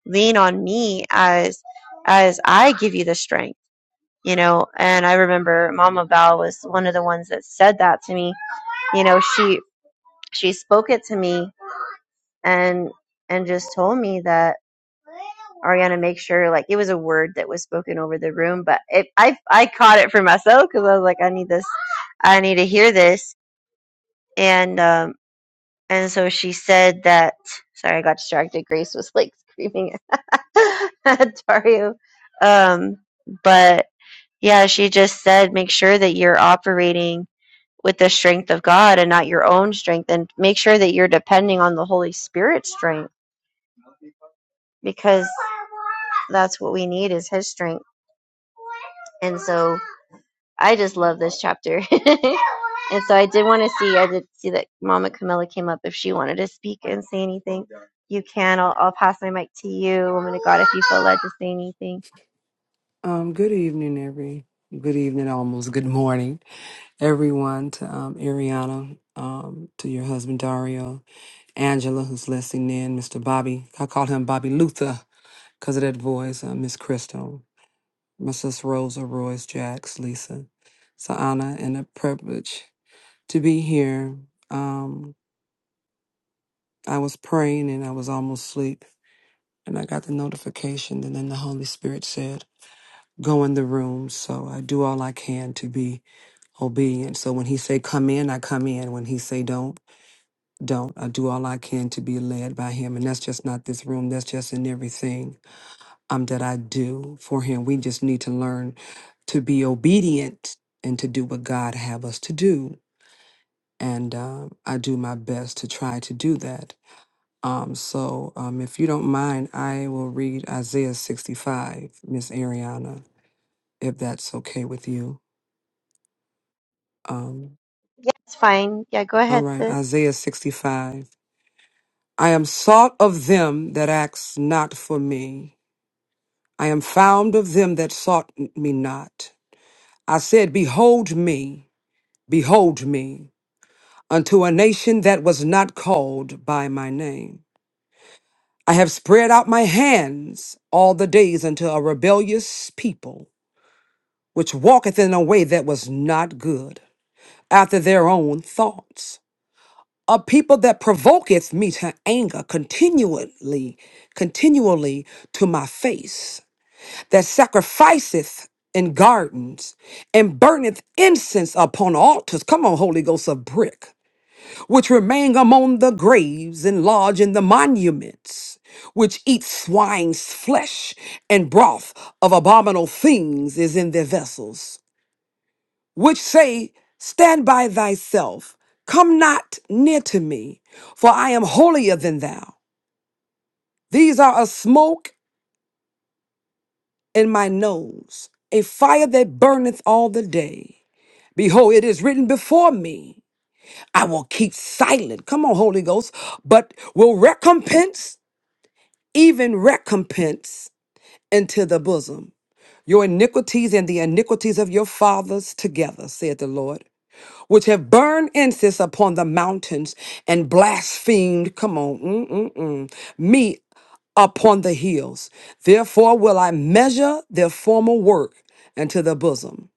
lean on me as as i give you the strength you know and i remember mama val was one of the ones that said that to me you know she she spoke it to me and and just told me that ariana make sure like it was a word that was spoken over the room but it i i caught it for myself because i was like i need this i need to hear this and um and so she said that sorry i got distracted grace was like screaming at dario um but yeah she just said make sure that you're operating with the strength of God and not your own strength. And make sure that you're depending on the Holy Spirit's strength because that's what we need is His strength. And so I just love this chapter. and so I did want to see, I did see that Mama Camilla came up if she wanted to speak and say anything. You can. I'll, I'll pass my mic to you, woman of God, if you feel led to say anything. Um, good evening, every good evening, almost good morning, everyone. To um, Ariana, um, to your husband Dario, Angela, who's listening in, Mr. Bobby. I call him Bobby Luther because of that voice. Uh, Miss Crystal, my sister Rosa, Royce, Jax, Lisa. It's an honor and a privilege to be here. Um, I was praying and I was almost asleep, and I got the notification, and then the Holy Spirit said. go in the room. So I do all I can to be obedient. So when he say come in, I come in. When he say don't, don't. I do all I can to be led by him. And that's just not this room. That's just in everything um that I do for him. We just need to learn to be obedient and to do what God have us to do. And um, I do my best to try to do that. Um, so um, if you don't mind, I will read Isaiah 65, Miss Ariana, if that's okay with you. Um, Yeah, it's fine. Yeah, go all ahead, right, sis. Isaiah 65. I am sought of them that asked not for me. I am found of them that sought me not. I said, Behold me, behold me, unto a nation that was not called by my name. I have spread out my hands all the days unto a rebellious people, which walketh in a way that was not good, after their own thoughts. a people that provoketh me to anger continually, continually to my face, that sacrificeth in gardens and burneth incense upon altars. Come on, Holy Ghost of brick, which remain among the graves and lodge in the monuments, which eat swine's flesh and broth of abominable things is in their vessels which say, Stand by thyself, come not near to me, for I am holier than thou. These are a smoke in my nose, a fire that burneth all the day. Behold, it is written before me, I will keep silent. Come on, Holy Ghost, but will recompense, even recompense into the bosom. Your iniquities and the iniquities of your fathers together, saith the Lord. which have burned incense upon the mountains and blasphemed, come on, mm, mm, mm, me upon the hills. Therefore will I measure their former work unto the bosom.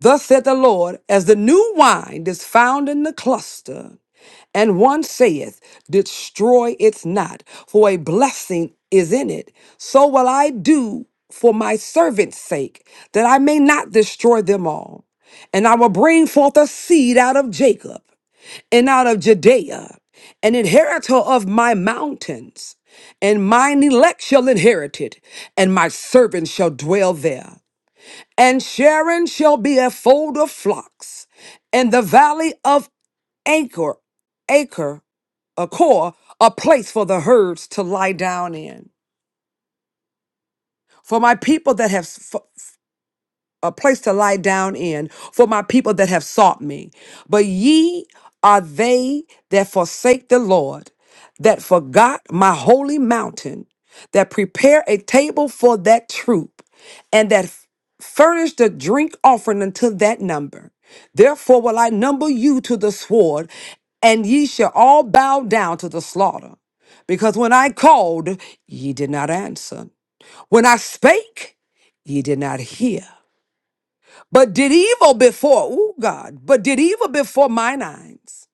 Thus said the Lord, as the new wine is found in the cluster, and one saith, Destroy it not, for a blessing is in it. So will I do for my servants' sake, that I may not destroy them all. And I will bring forth a seed out of Jacob and out of Judea, an inheritor of my mountains. And mine elect shall inherit it, and my servants shall dwell there. And Sharon shall be a fold of flocks, and the valley of Acre, Acre, Acor, a place for the herds to lie down in. For my people that have a place to lie down in for my people that have sought me. But ye are they that forsake the Lord, that forgot my holy mountain, that prepare a table for that troop, and that f- furnish the drink offering unto that number. Therefore will I number you to the sword, and ye shall all bow down to the slaughter. Because when I called, ye did not answer. When I spake, ye did not hear but did evil before, ooh God, but did evil before mine eyes,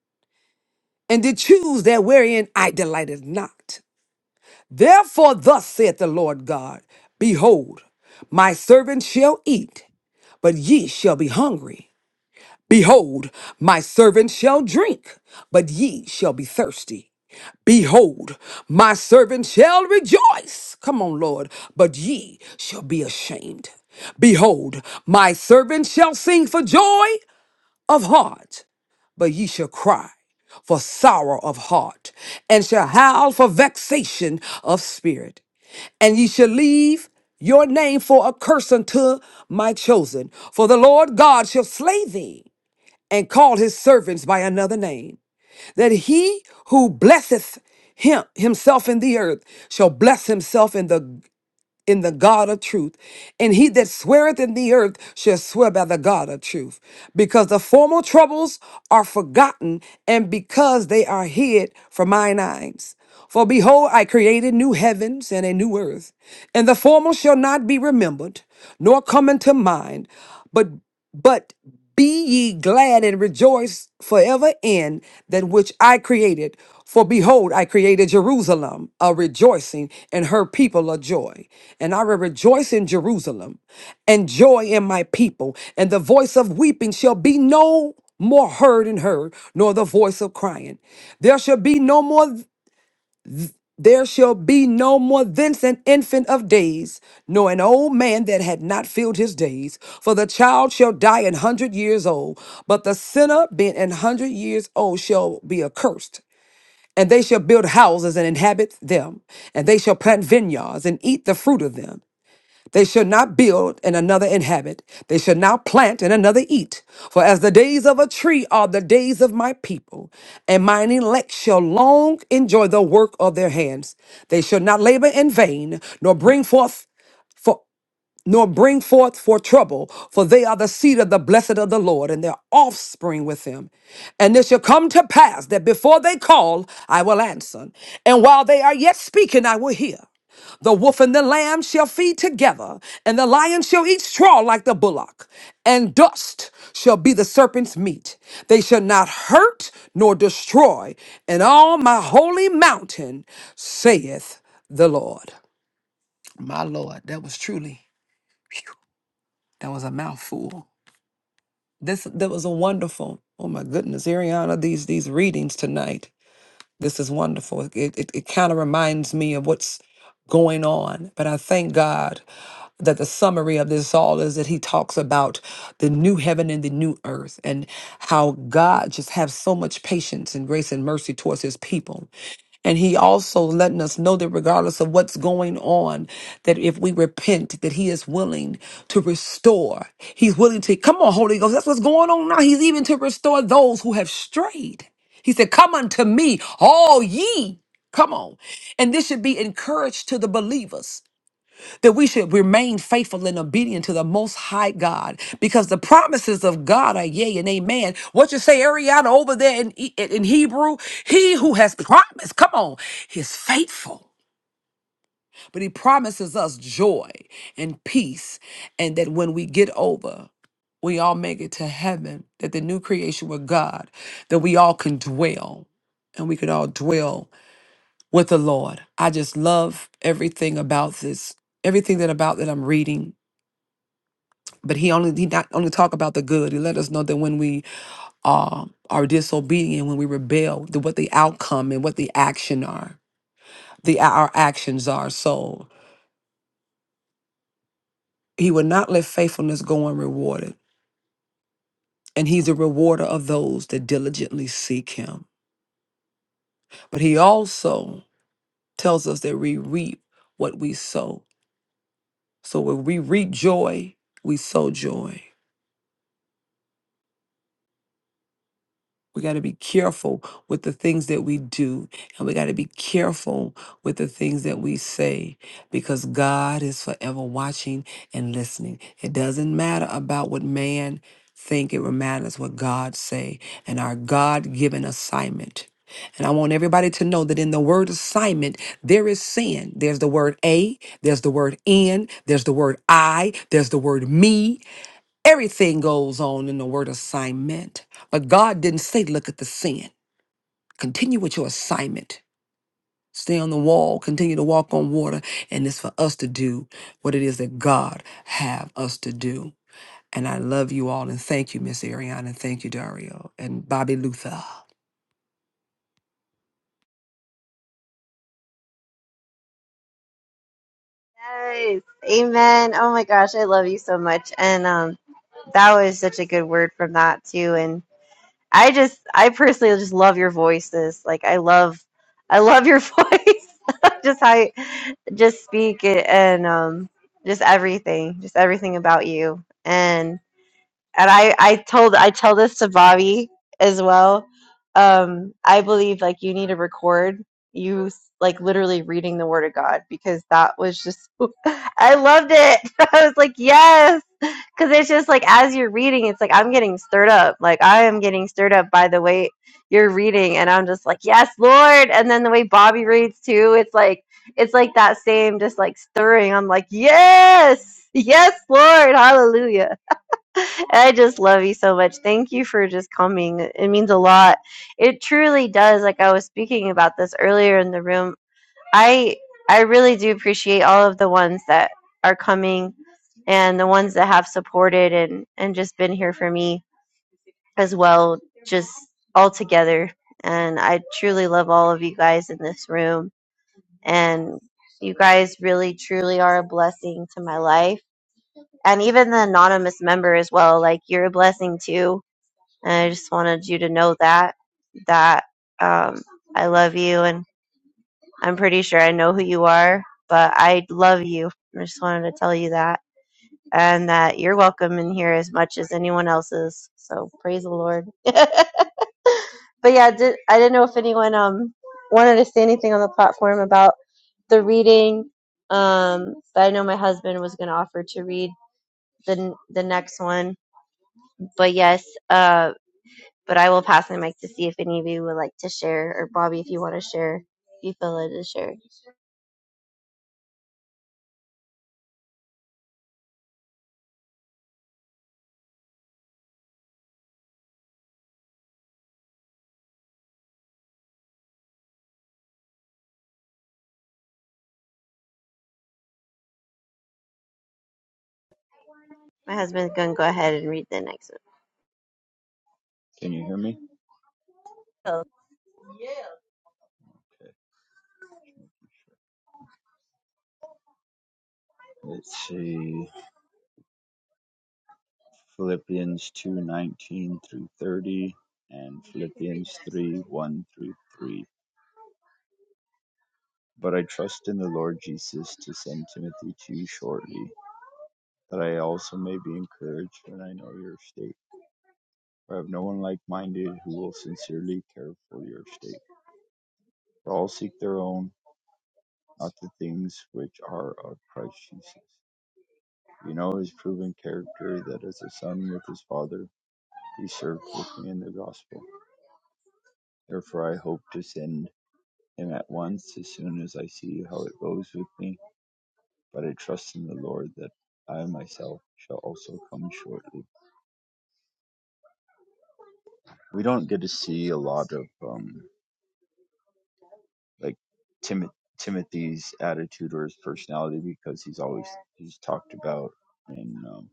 and did choose that wherein I delighted not. Therefore, thus saith the Lord God Behold, my servant shall eat, but ye shall be hungry. Behold, my servant shall drink, but ye shall be thirsty. Behold, my servant shall rejoice. Come on, Lord, but ye shall be ashamed. Behold, my servant shall sing for joy, of heart, but ye shall cry for sorrow of heart, and shall howl for vexation of spirit. And ye shall leave your name for a curse unto my chosen. For the Lord God shall slay thee, and call his servants by another name, that he who blesseth him himself in the earth shall bless himself in the in the God of truth. And he that sweareth in the earth shall swear by the God of truth, because the former troubles are forgotten, and because they are hid from mine eyes. For behold, I created new heavens and a new earth, and the former shall not be remembered, nor come into mind, but but be ye glad and rejoice forever in that which I created. For behold, I created Jerusalem a rejoicing, and her people a joy. And I will rejoice in Jerusalem, and joy in my people. And the voice of weeping shall be no more heard and heard, nor the voice of crying. There shall be no more. There shall be no more thence an infant of days, nor an old man that had not filled his days. For the child shall die an hundred years old, but the sinner being an hundred years old shall be accursed. And they shall build houses and inhabit them, and they shall plant vineyards and eat the fruit of them. They shall not build and another inhabit. They shall not plant and another eat. For as the days of a tree are the days of my people, and mine elect shall long enjoy the work of their hands. They shall not labor in vain, nor bring forth nor bring forth for trouble, for they are the seed of the blessed of the Lord, and their offspring with them. And it shall come to pass that before they call, I will answer, and while they are yet speaking, I will hear. The wolf and the lamb shall feed together, and the lion shall eat straw like the bullock, and dust shall be the serpent's meat. They shall not hurt nor destroy in all my holy mountain, saith the Lord. My Lord, that was truly. That was a mouthful. This that was a wonderful. Oh my goodness, Ariana, these these readings tonight. This is wonderful. It it, it kind of reminds me of what's going on. But I thank God that the summary of this all is that he talks about the new heaven and the new earth and how God just has so much patience and grace and mercy towards his people and he also letting us know that regardless of what's going on, that if we repent, that he is willing to restore. He's willing to, come on, Holy Ghost, that's what's going on now. He's even to restore those who have strayed. He said, Come unto me, all ye. Come on. And this should be encouraged to the believers that we should remain faithful and obedient to the most high God because the promises of God are yea and amen. What you say, Ariana, over there in, E- in Hebrew, he who has promised, come on, is faithful. But he promises us joy and peace, and that when we get over, we all make it to heaven, that the new creation with God, that we all can dwell and we could all dwell with the Lord. I just love everything about this, everything that about that I'm reading but he only he not only talk about the good. He let us know that when we uh, are disobedient, when we rebel, the, what the outcome and what the action are, the our actions are. So he will not let faithfulness go unrewarded, and he's a rewarder of those that diligently seek him. But he also tells us that we reap what we sow. So when we reap joy, we sow joy. We got to be careful with the things that we do, and we got to be careful with the things that we say because God is forever watching and listening. It doesn't matter about what man think, it matters what God say and our God-given assignment. And I want everybody to know that in the word assignment, there is sin. There's the word a, there's the word in, there's the word I, there's the word me, Everything goes on in the word assignment, but God didn't say, look at the sin. Continue with your assignment. Stay on the wall, continue to walk on water, and it's for us to do what it is that God have us to do. And I love you all, and thank you, Miss Ariana, and thank you, Dario, and Bobby Luther. Yes. Amen. Oh my gosh, I love you so much. And um, that was such a good word from that too. And I just, I personally just love your voices. Like, I love, I love your voice. just how, you, just speak it and um, just everything, just everything about you and I I told I tell this to Bobby as well. Um, I believe like you need to record you like literally reading the Word of God because that was just I loved it. I was like yes, because it's just like as you're reading, it's like I'm getting stirred up. Like I am getting stirred up by the way you're reading, and I'm just like yes, Lord. And then the way Bobby reads too, it's like it's like that same just like stirring. I'm like yes, yes, Lord, Hallelujah I just love you so much. Thank you for just coming. It means a lot. It truly does. Like I was speaking about this earlier in the room. I I really do appreciate all of the ones that are coming and the ones that have supported and and just been here for me as well just all together. And I truly love all of you guys in this room and you guys really truly are a blessing to my life. And even the anonymous member as well, like you're a blessing too and I just wanted you to know that that um, I love you, and I'm pretty sure I know who you are, but I love you. I just wanted to tell you that, and that you're welcome in here as much as anyone else is. So praise the Lord. but yeah, did, I didn't know if anyone um wanted to say anything on the platform about the reading. Um, but I know my husband was going to offer to read the the next one. But yes, uh. But I will pass the mic to see if any of you would like to share, or Bobby, if you want to share, if you feel led to share. My husband's going to go ahead and read the next one. Can you hear me? So, Okay. Let's see. Philippians 2:19 through 30 and Philippians 3:1 through 3. But I trust in the Lord Jesus to send Timothy to you shortly, that I also may be encouraged when I know your state. For I have no one like-minded who will sincerely care for your state. For all seek their own, not the things which are of Christ Jesus. You know his proven character that as a son with his father, He served with me in the gospel. Therefore, I hope to send him at once as soon as I see how it goes with me. But I trust in the Lord that I myself shall also come shortly. We don't get to see a lot of um, like Tim- Timothy's attitude or his personality because he's always he's talked about and um,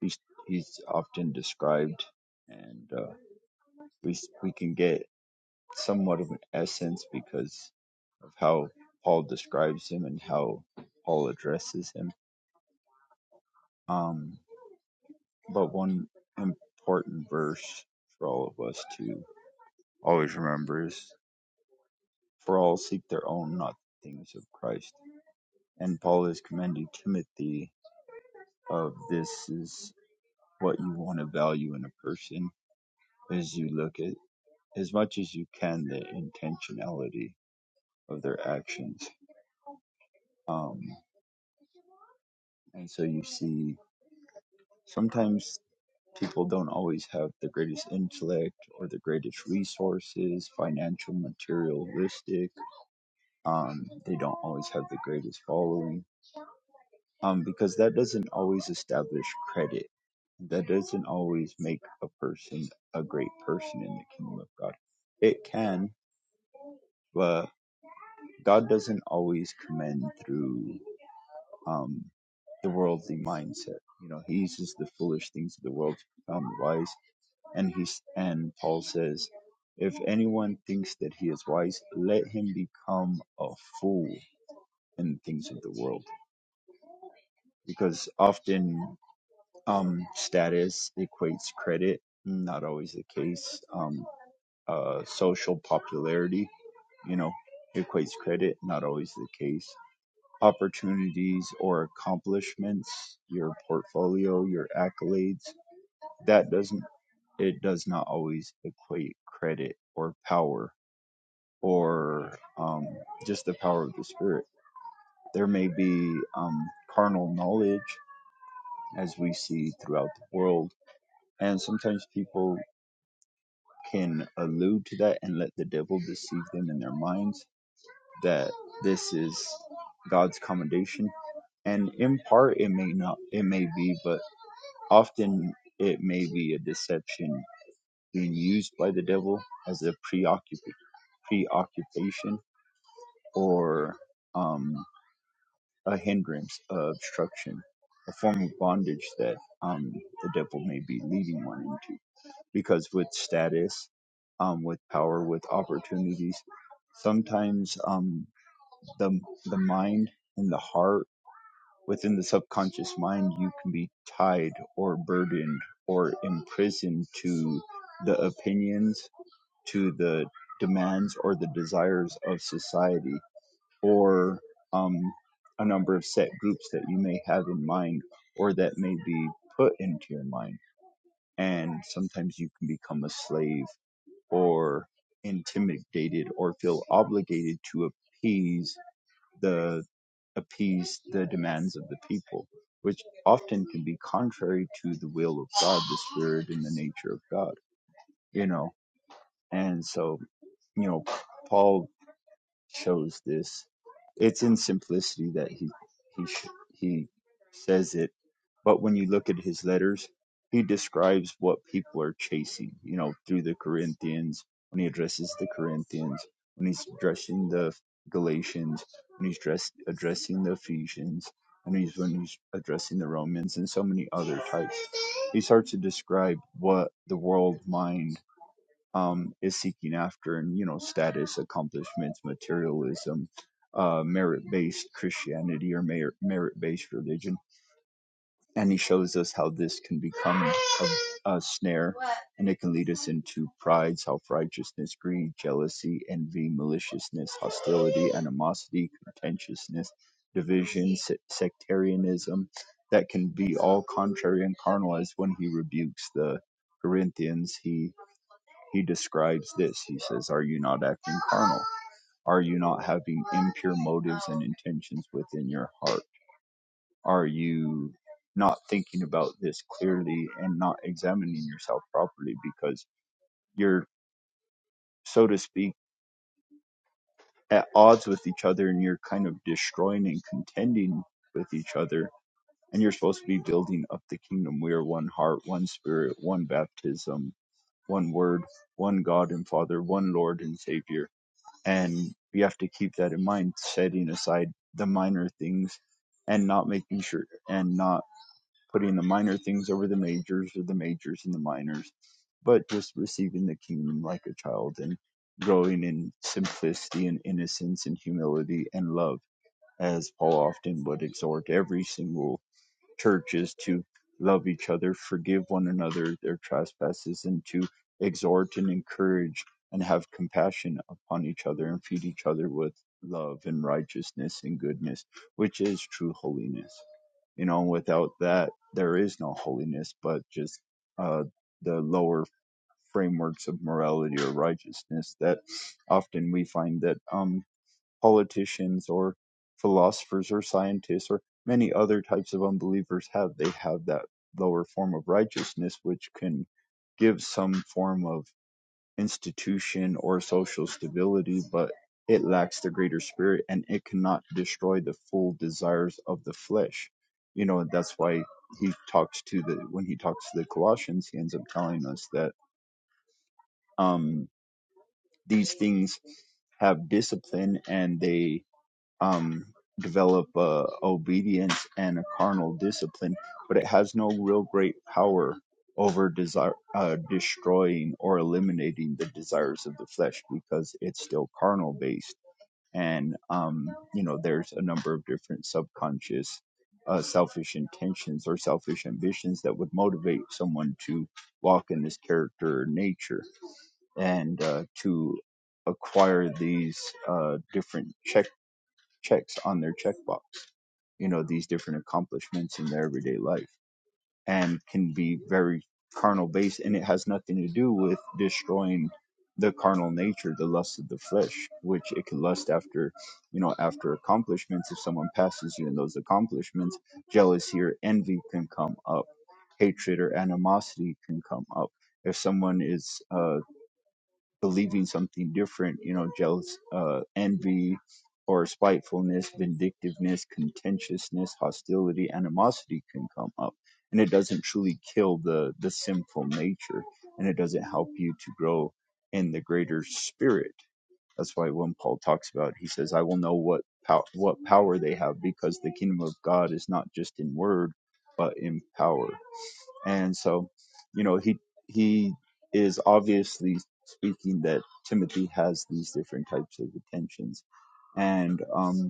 he's he's often described, and uh, we we can get somewhat of an essence because of how Paul describes him and how Paul addresses him. Um, but one important verse for all of us to always remember is for all seek their own, not the things of Christ. And Paul is commending Timothy of this is what you want to value in a person as you look at as much as you can the intentionality of their actions. Um, and so you see sometimes people don't always have the greatest intellect or the greatest resources, financial, materialistic. Um, they don't always have the greatest following um, because that doesn't always establish credit. That doesn't always make a person a great person in the kingdom of God. It can, but God doesn't always commend through um, the worldly mindset. You know, He uses the foolish things of the world to become wise And he's and Paul says, if anyone thinks that he is wise, let him become a fool in things of the world, because often um, status equates credit. Not always the case. Um, uh, social popularity, you know, equates credit. Not always the case. Opportunities or accomplishments, your portfolio, your accolades, that doesn't it does not always equate credit or power or um, just the power of the Spirit. There may be um, carnal knowledge as we see throughout the world. And sometimes people can allude to that and let the devil deceive them in their minds that this is God's commendation. And in part, it may not, it may be, but often it may be a deception being used by the devil as a preoccup- preoccupation or. Um, a hindrance, a obstruction, a form of bondage that um, the devil may be leading one into. Because with status, um, with power, with opportunities, sometimes um, the the mind and the heart within the subconscious mind, you can be tied or burdened or imprisoned to the opinions, to the demands or the desires of society or um, a number of set groups that you may have in mind or that may be put into your mind. And sometimes you can become a slave or intimidated or feel obligated to appease the appease the demands of the people, which often can be contrary to the will of God, the spirit and the nature of God, you know. And so, you know, Paul chose this. It's in simplicity that he he sh- he says it. But when you look at his letters, he describes what people are chasing. You know, through the Corinthians when he addresses the Corinthians, when he's addressing the Galatians, when he's dress, addressing the Ephesians, and he's when he's addressing the Romans and so many other types. He starts to describe what the world mind um, is seeking after and you know status accomplishments materialism uh, merit-based christianity or merit- merit-based religion and he shows us how this can become a, a snare and it can lead us into pride self-righteousness greed jealousy envy maliciousness hostility animosity contentiousness division sectarianism that can be all contrary and carnal as when he rebukes the corinthians he he describes this. He says, Are you not acting carnal? Are you not having impure motives and intentions within your heart? Are you not thinking about this clearly and not examining yourself properly because you're, so to speak, at odds with each other and you're kind of destroying and contending with each other? And you're supposed to be building up the kingdom. We are one heart, one spirit, one baptism, one word, one God and Father, one Lord and Savior and we have to keep that in mind setting aside the minor things and not making sure and not putting the minor things over the majors or the majors and the minors but just receiving the kingdom like a child and growing in simplicity and innocence and humility and love as paul often would exhort every single churches to love each other, forgive one another their trespasses, and to exhort and encourage and have compassion upon each other and feed each other with love and righteousness and goodness, which is true holiness. You know, without that, there is no holiness, but just uh, the lower frameworks of morality or righteousness that often we find that um, politicians or philosophers or scientists or many other types of unbelievers have. They have that lower form of righteousness, which can give some form of institution or social stability, but it lacks the greater spirit and it cannot destroy the full desires of the flesh. You know, that's why he talks to the, when he talks to the Colossians, he ends up telling us that um, these things have discipline and they um, develop uh, obedience and a carnal discipline, but it has no real great power over desire, uh, destroying or eliminating the desires of the flesh because it's still carnal based. And, um, you know, there's a number of different subconscious uh, selfish intentions or selfish ambitions that would motivate someone to walk in this character or nature and uh, to acquire these uh, different check checks on their checkbox, you know, these different accomplishments in their everyday life and can be very carnal based. And it has nothing to do with destroying the carnal nature, the lust of the flesh, which it can lust after, you know, after accomplishments. If someone passes you in those accomplishments, jealousy or envy can come up, hatred or animosity can come up. If someone is uh, believing something different, you know, jealous, uh, envy, or spitefulness, vindictiveness, contentiousness, hostility, animosity can come up. And it doesn't truly kill the, the sinful nature and it doesn't help you to grow in the greater spirit. That's why when Paul talks about, he says, I will know what, pow- what power they have because the kingdom of God is not just in word, but in power and so, you know, he he is obviously speaking that Timothy has these different types of attentions, and um,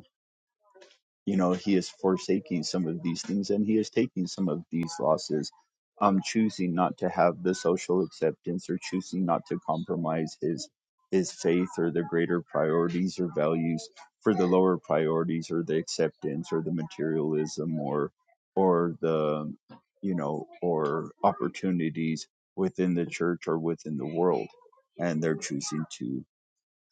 you know he is forsaking some of these things and he is taking some of these losses um choosing not to have the social acceptance or choosing not to compromise his his faith or the greater priorities or values for the lower priorities or the acceptance or the materialism or or the you know or opportunities within the church or within the world and they're choosing to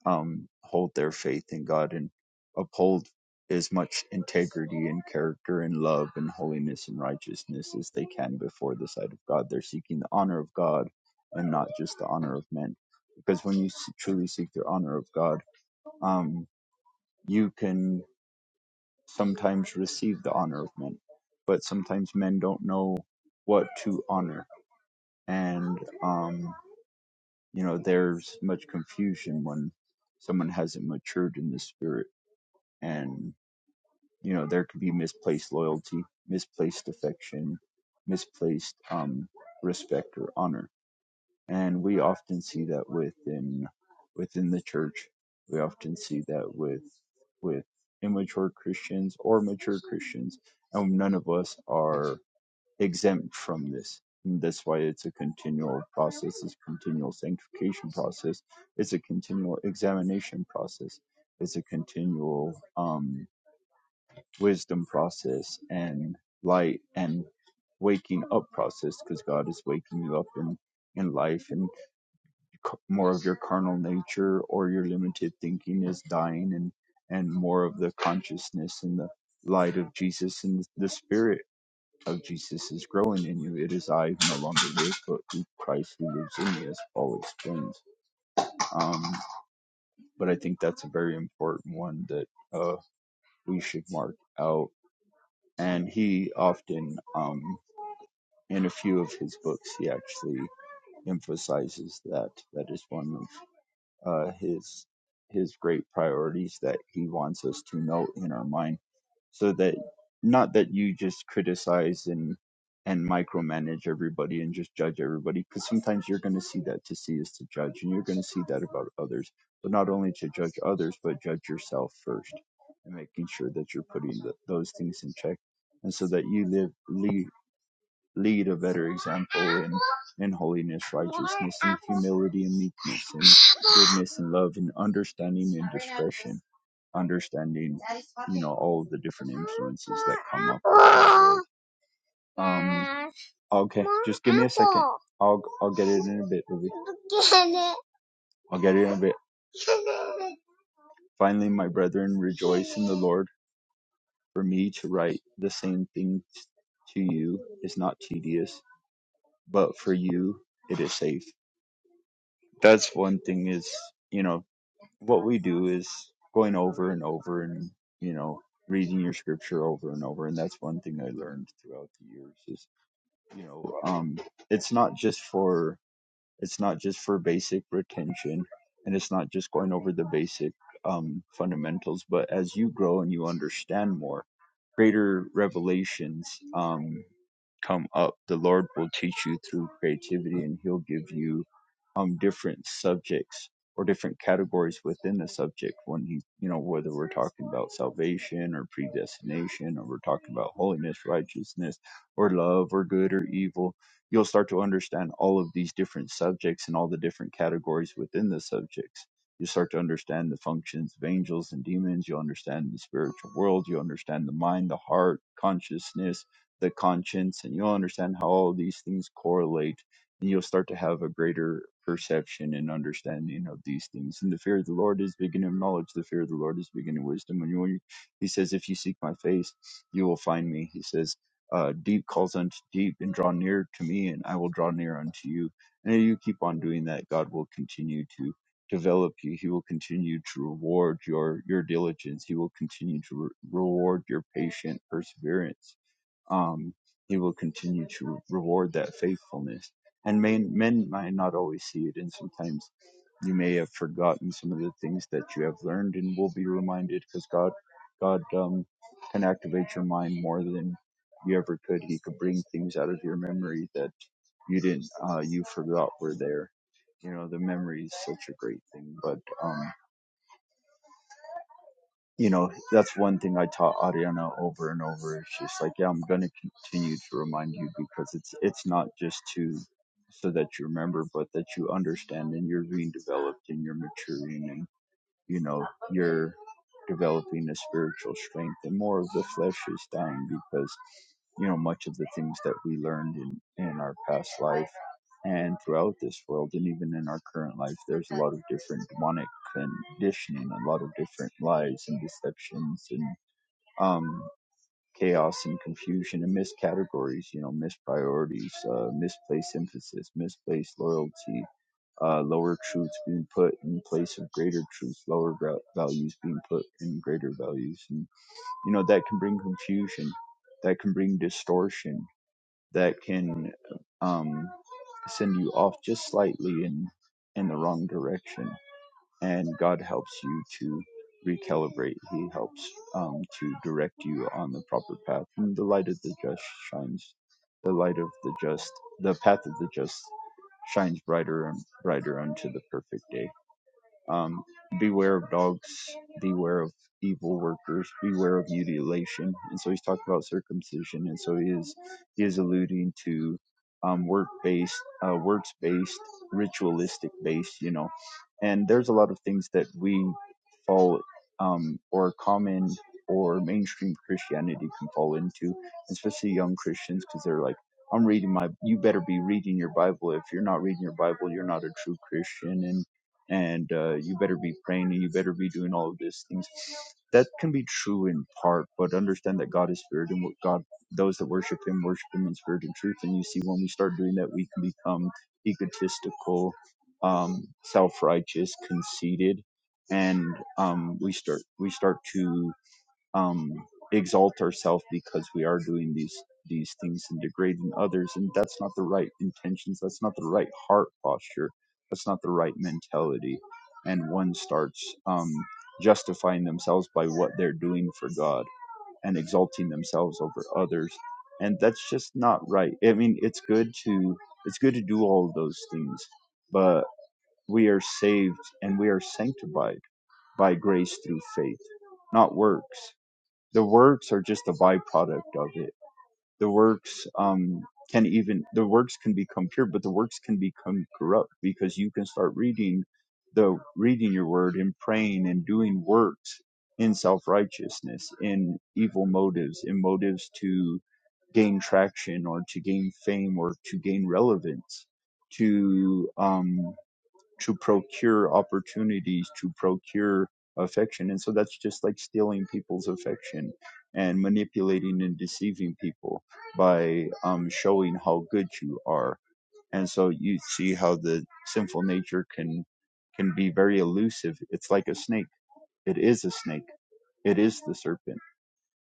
um, hold their faith in God and uphold as much integrity and character and love and holiness and righteousness as they can before the sight of God. They're seeking the honor of God and not just the honor of men. Because when you truly seek the honor of God, um, you can sometimes receive the honor of men, but sometimes men don't know what to honor. And, um, you know, there's much confusion when someone hasn't matured in the spirit and you know there could be misplaced loyalty misplaced affection misplaced um, respect or honor and we often see that within within the church we often see that with with immature christians or mature christians and none of us are exempt from this and that's why it's a continual process it's a continual sanctification process it's a continual examination process it's a continual um wisdom process and light and waking up process because God is waking you up in in life and more of your carnal nature or your limited thinking is dying and and more of the consciousness and the light of Jesus and the spirit of Jesus is growing in you. It is I who no longer live, but who Christ who lives in me, as Paul explains. Um, but I think that's a very important one that uh, we should mark out and he often um. in a few of his books he actually emphasizes that that is one of uh, his his great priorities that he wants us to know in our mind so that not that you just criticize and and micromanage everybody and just judge everybody because sometimes you're going to see that to see is to judge and you're going to see that about others but not only to judge others but judge yourself first and making sure that you're putting th those things in check and so that you live, lead, lead a better example in, in holiness, righteousness, and humility, and meekness, and goodness, and love, and understanding, and discretion. Understanding, you know, all the different influences that come up. Um, okay, just give me a second. I'll I'll get it in a bit, Ruby. I'll get it in a bit. Finally, my brethren, rejoice in the Lord. For me to write the same things to you is not tedious, but for you it is safe. that's one thing is you know what we do is going over and over and you know reading your scripture over and over and that's one thing i learned throughout the years is you know um it's not just for it's not just for basic retention and it's not just going over the basic um fundamentals but as you grow and you understand more greater revelations um come up. The Lord will teach you through creativity and he'll give you um different subjects or different categories within the subject when he you know whether we're talking about salvation or predestination or we're talking about holiness righteousness or love or good or evil you'll start to understand all of these different subjects and all the different categories within the subjects you start to understand the functions of angels and demons you'll understand the spiritual world you'll understand the mind the heart consciousness the conscience and you'll understand how all these things correlate and you'll start to have a greater perception and understanding of these things and the fear of the lord is the beginning of knowledge the fear of the lord is the beginning of wisdom and when you, he says if you seek my face you will find me he says uh, deep calls unto deep and draw near to me and i will draw near unto you and if you keep on doing that god will continue to develop you he will continue to reward your your diligence he will continue to re- reward your patient perseverance um, he will continue to reward that faithfulness. And men, men might not always see it, and sometimes you may have forgotten some of the things that you have learned, and will be reminded because God, God um, can activate your mind more than you ever could. He could bring things out of your memory that you didn't, uh, you forgot were there. You know, the memory is such a great thing, but um, you know, that's one thing I taught Ariana over and over. It's just like, yeah, I'm going to continue to remind you because it's it's not just to so that you remember, but that you understand and you're being developed and you're maturing and you know you're developing a spiritual strength and more of the flesh is dying because you know much of the things that we learned in in our past life and throughout this world and even in our current life there's a lot of different demonic conditioning a lot of different lies and deceptions and um chaos and confusion and miscategories, you know, mispriorities, uh, misplaced emphasis, misplaced loyalty, uh, lower truths being put in place of greater truths, lower gra- values being put in greater values. And, you know, that can bring confusion, that can bring distortion, that can um, send you off just slightly in, in the wrong direction and God helps you to recalibrate. He helps um, to direct you on the proper path. And the light of the just shines, the light of the just, the path of the just shines brighter and brighter unto the perfect day. Um, beware of dogs, beware of evil workers, beware of mutilation. And so he's talking about circumcision, and so he is he is alluding to um, work based, uh, works based, ritualistic based, you know. And there's a lot of things that we fall um, or common or mainstream Christianity can fall into, especially young Christians, because they're like. I'm reading my. You better be reading your Bible. If you're not reading your Bible, you're not a true Christian and uh, you better be praying and you better be doing all of these things. That can be true in part, but understand that God is spirit and what God those that worship him worship him in spirit and truth. And you see when we start doing that we can become egotistical, um, self righteous, conceited, and um, we start we start to um, exalt ourselves because we are doing these these things and degrading others, and that's not the right intentions. That's not the right heart posture. That's not the right mentality. And one starts um, justifying themselves by what they're doing for God and exalting themselves over others, and that's just not right. I mean, it's good to it's good to do all of those things, but we are saved and we are sanctified by grace through faith, not works the works are just a byproduct of it the works um can even the works can become pure but the works can become corrupt because you can start reading the reading your word and praying and doing works in self-righteousness in evil motives in motives to gain traction or to gain fame or to gain relevance to um to procure opportunities, to procure affection. And so that's just like stealing people's affection and manipulating and deceiving people by um, showing how good you are. And so you see how the sinful nature can can be very elusive. It's like a snake. It is a snake. It is the serpent.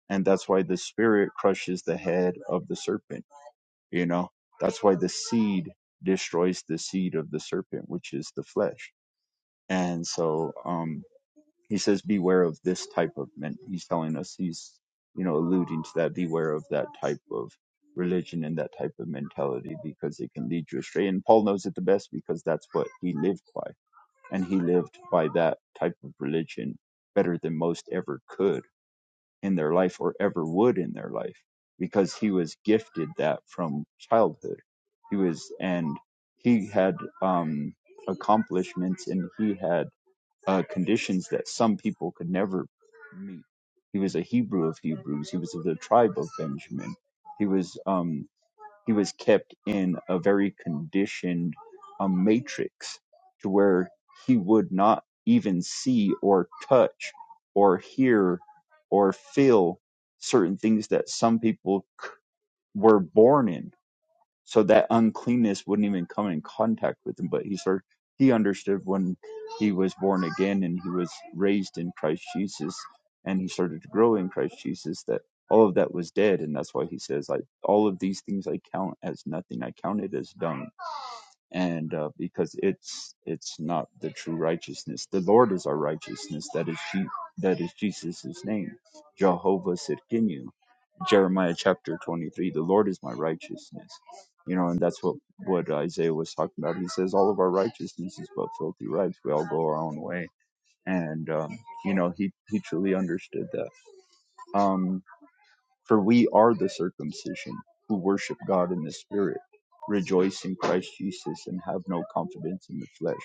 And that's why the spirit crushes the head of the serpent, you know. That's why the seed destroys the seed of the serpent, which is the flesh and so um, he says, beware of this type of men. He's telling us, he's, you know, alluding to that, beware of that type of religion and that type of mentality because it can lead you astray. And Paul knows it the best because that's what he lived by. And he lived by that type of religion better than most ever could in their life or ever would in their life because he was gifted that from childhood. He was, and he had um, accomplishments and he had uh, conditions that some people could never meet. He was a Hebrew of Hebrews. He was of the tribe of Benjamin. He was um, he was kept in a very conditioned um, matrix to where he would not even see or touch or hear or feel certain things that some people c- were born in so that uncleanness wouldn't even come in contact with him but he started he understood when he was born again and he was raised in christ jesus and he started to grow in christ jesus that all of that was dead and that's why he says like all of these things i count as nothing i count it as dung and uh, because it's it's not the true righteousness the lord is our righteousness that is she that is jesus's name jehovah Sirkinu. Jeremiah chapter 23, the Lord is my righteousness. You know, and that's what, what Isaiah was talking about. He says, All of our righteousness is but filthy rags. We all go our own way. And, um, you know, he, he truly understood that. Um, for we are the circumcision who worship God in the spirit, rejoice in Christ Jesus, and have no confidence in the flesh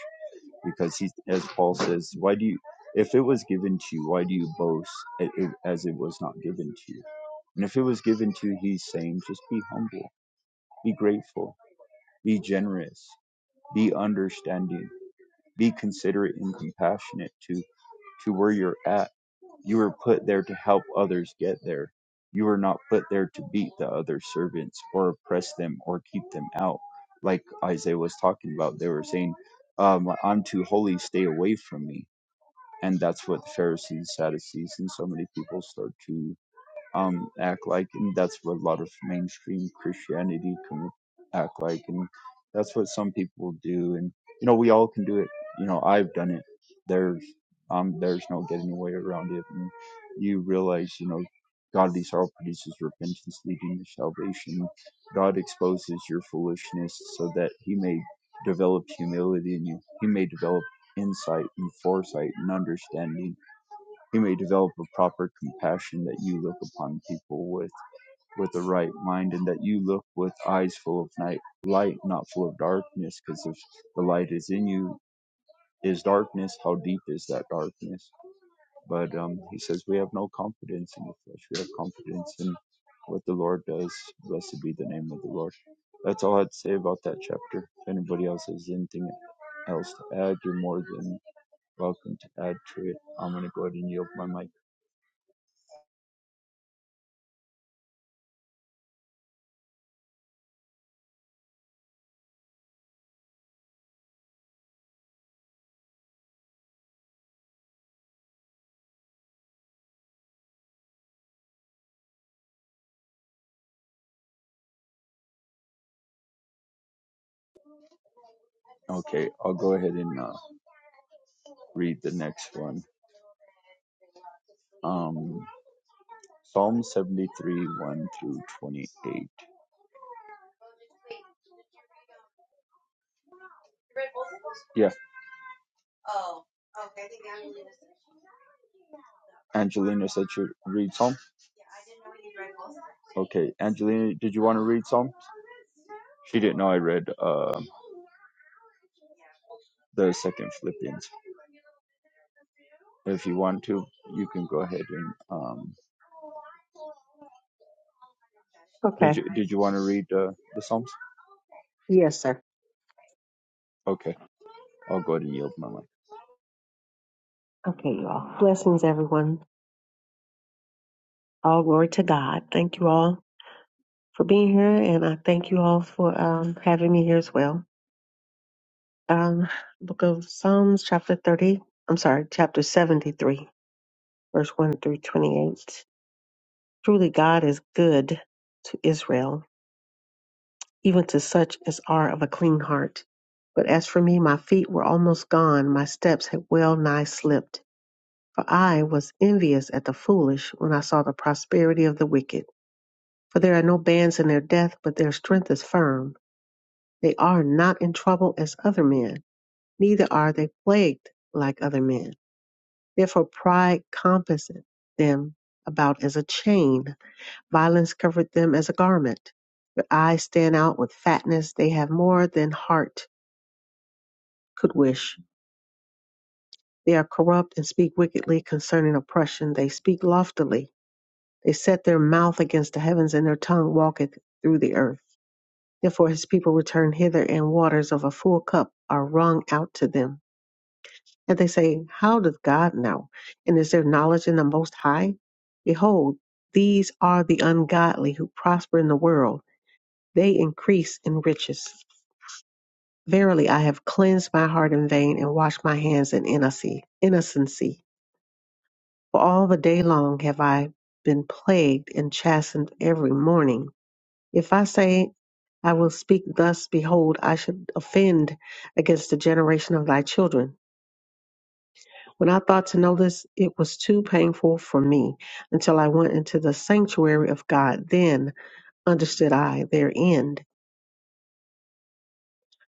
because he, as Paul says, why do you, if it was given to you, why do you boast as it was not given to you? And if it was given to you, he's saying, just be humble, be grateful, be generous, be understanding, be considerate and compassionate to, to where you're at. You were put there to help others get there. You were not put there to beat the other servants or oppress them or keep them out. Like Isaiah was talking about, they were saying, um, I'm too holy, stay away from me and that's what Pharisees, Sadducees, and so many people start to um, act like, and that's what a lot of mainstream Christianity can act like, and that's what some people do. And you know, we all can do it. You know, I've done it. There's um, there's no getting away around it. And you realize, you know, God, these all produces repentance leading to salvation. God exposes your foolishness so that He may develop humility in you. He may develop insight and foresight and understanding you may develop a proper compassion that you look upon people with with a right mind and that you look with eyes full of night light not full of darkness because if the light is in you is darkness how deep is that darkness but um he says we have no confidence in the flesh we have confidence in what the lord does blessed be the name of the lord that's all i'd say about that chapter if anybody else has anything else to add you're more than welcome to add to it i'm going to go ahead and yield my mic Okay, I'll go ahead and uh, read the next one. Um, Psalm 73, 1 through 28. Yeah, Angelina said she read Psalm. Okay, Angelina, did you want to read Psalm? She didn't know I read uh, the second Philippians. If you want to, you can go ahead and. Um, did Okay. you did you want to read uh, the Psalms? Yes, sir. Okay, I'll go ahead and yield my mic. Okay, you all. Blessings, everyone. All glory to God. Thank you all for being here, and I thank you all for um, having me here as well. Um, Book of Psalms, chapter 30. I'm sorry, chapter 73, verse 1 through 28. Truly, God is good to Israel, even to such as are of a clean heart. But as for me, my feet were almost gone, my steps had well nigh slipped. For I was envious at the foolish when I saw the prosperity of the wicked. For there are no bands in their death, but their strength is firm. They are not in trouble as other men, neither are they plagued like other men. Therefore pride compasseth them about as a chain, violence covered them as a garment. Their eyes stand out with fatness, they have more than heart could wish. They are corrupt and speak wickedly concerning oppression, they speak loftily. They set their mouth against the heavens, and their tongue walketh through the earth. Therefore his people return hither, and waters of a full cup are wrung out to them. And they say, How doth God know? And is there knowledge in the Most High? Behold, these are the ungodly who prosper in the world, they increase in riches. Verily, I have cleansed my heart in vain and washed my hands in innocy- innocency. For all the day long have I been plagued and chastened every morning. If I say I will speak thus, behold, I should offend against the generation of thy children. When I thought to know this, it was too painful for me until I went into the sanctuary of God. Then understood I their end.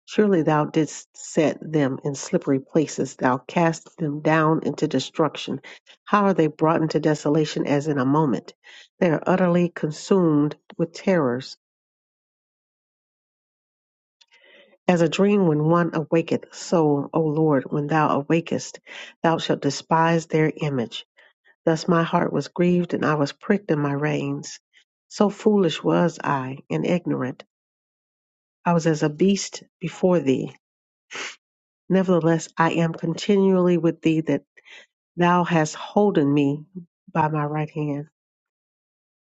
Surely thou didst set them in slippery places. Thou cast them down into destruction. How are they brought into desolation as in a moment? They are utterly consumed with terrors. As a dream when one awaketh, so, O Lord, when thou awakest, thou shalt despise their image. Thus my heart was grieved, and I was pricked in my reins. So foolish was I, and ignorant. I was as a beast before thee. Nevertheless, I am continually with thee, that thou hast holden me by my right hand.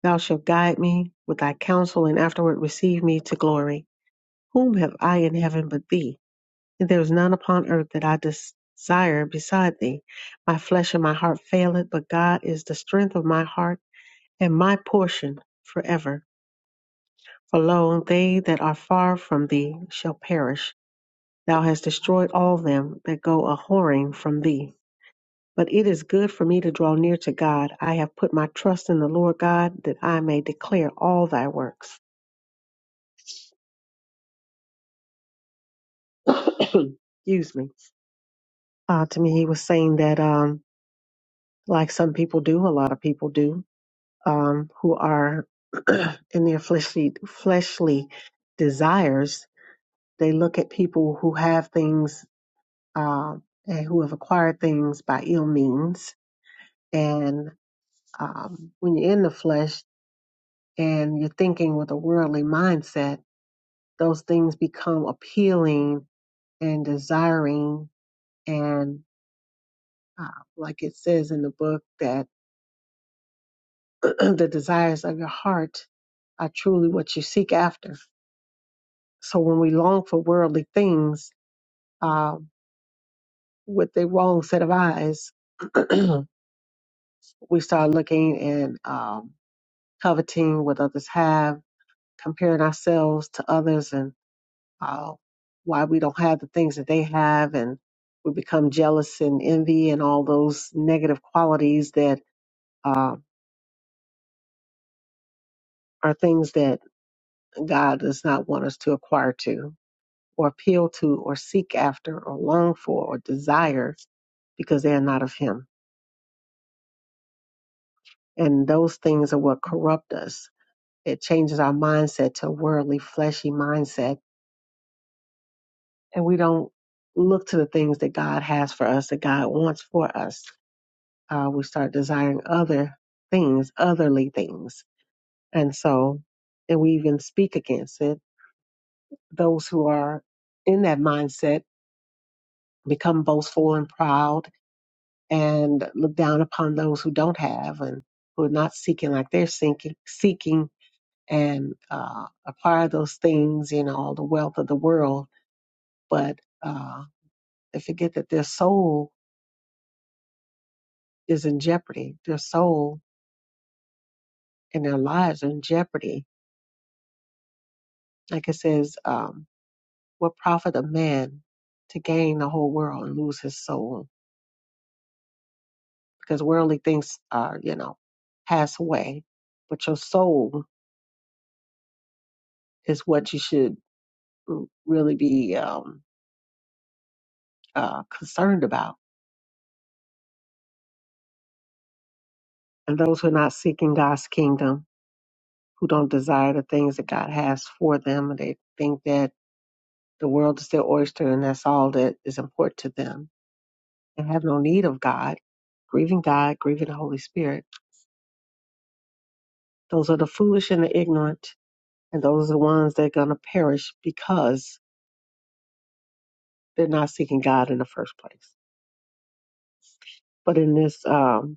Thou shalt guide me with thy counsel, and afterward receive me to glory. Whom have I in heaven but thee? There is none upon earth that I desire beside thee. My flesh and my heart faileth, but God is the strength of my heart and my portion forever. For lo, they that are far from thee shall perish. Thou hast destroyed all them that go a whoring from thee. But it is good for me to draw near to God. I have put my trust in the Lord God that I may declare all thy works. Excuse me. Uh, to me, he was saying that, um, like some people do, a lot of people do, um, who are in their fleshly fleshly desires, they look at people who have things um, and who have acquired things by ill means. And um, when you're in the flesh and you're thinking with a worldly mindset, those things become appealing and desiring. And uh, like it says in the book, that the desires of your heart are truly what you seek after So when we long for worldly things uh, with the wrong set of eyes, we start looking and um, coveting what others have, comparing ourselves to others and uh, why we don't have the things that they have. And we become jealous and envy and all those negative qualities that uh, are things that God does not want us to acquire to or appeal to or seek after or long for or desire because they are not of Him. And those things are what corrupt us. It changes our mindset to a worldly, fleshy mindset. And we don't look to the things that God has for us, that God wants for us. Uh, we start desiring other things, otherly things. And so, and we even speak against it. Those who are in that mindset become boastful and proud and look down upon those who don't have and who are not seeking like they're seeking, seeking and uh, acquire those things, you know, all the wealth of the world, but uh, they forget that their soul is in jeopardy. Their soul and their lives are in jeopardy. Like it says, um, what profit a man to gain the whole world and lose his soul? Because worldly things are, you know, pass away, but your soul is what you should r- really be um, uh, concerned about. And those who are not seeking God's kingdom who don't desire the things that God has for them. and They think that the world is their oyster and that's all that is important to them. They have no need of God, grieving God, grieving the Holy Spirit. Those are the foolish and the ignorant, and those are the ones that are going to perish because they're not seeking God in the first place. But in this um,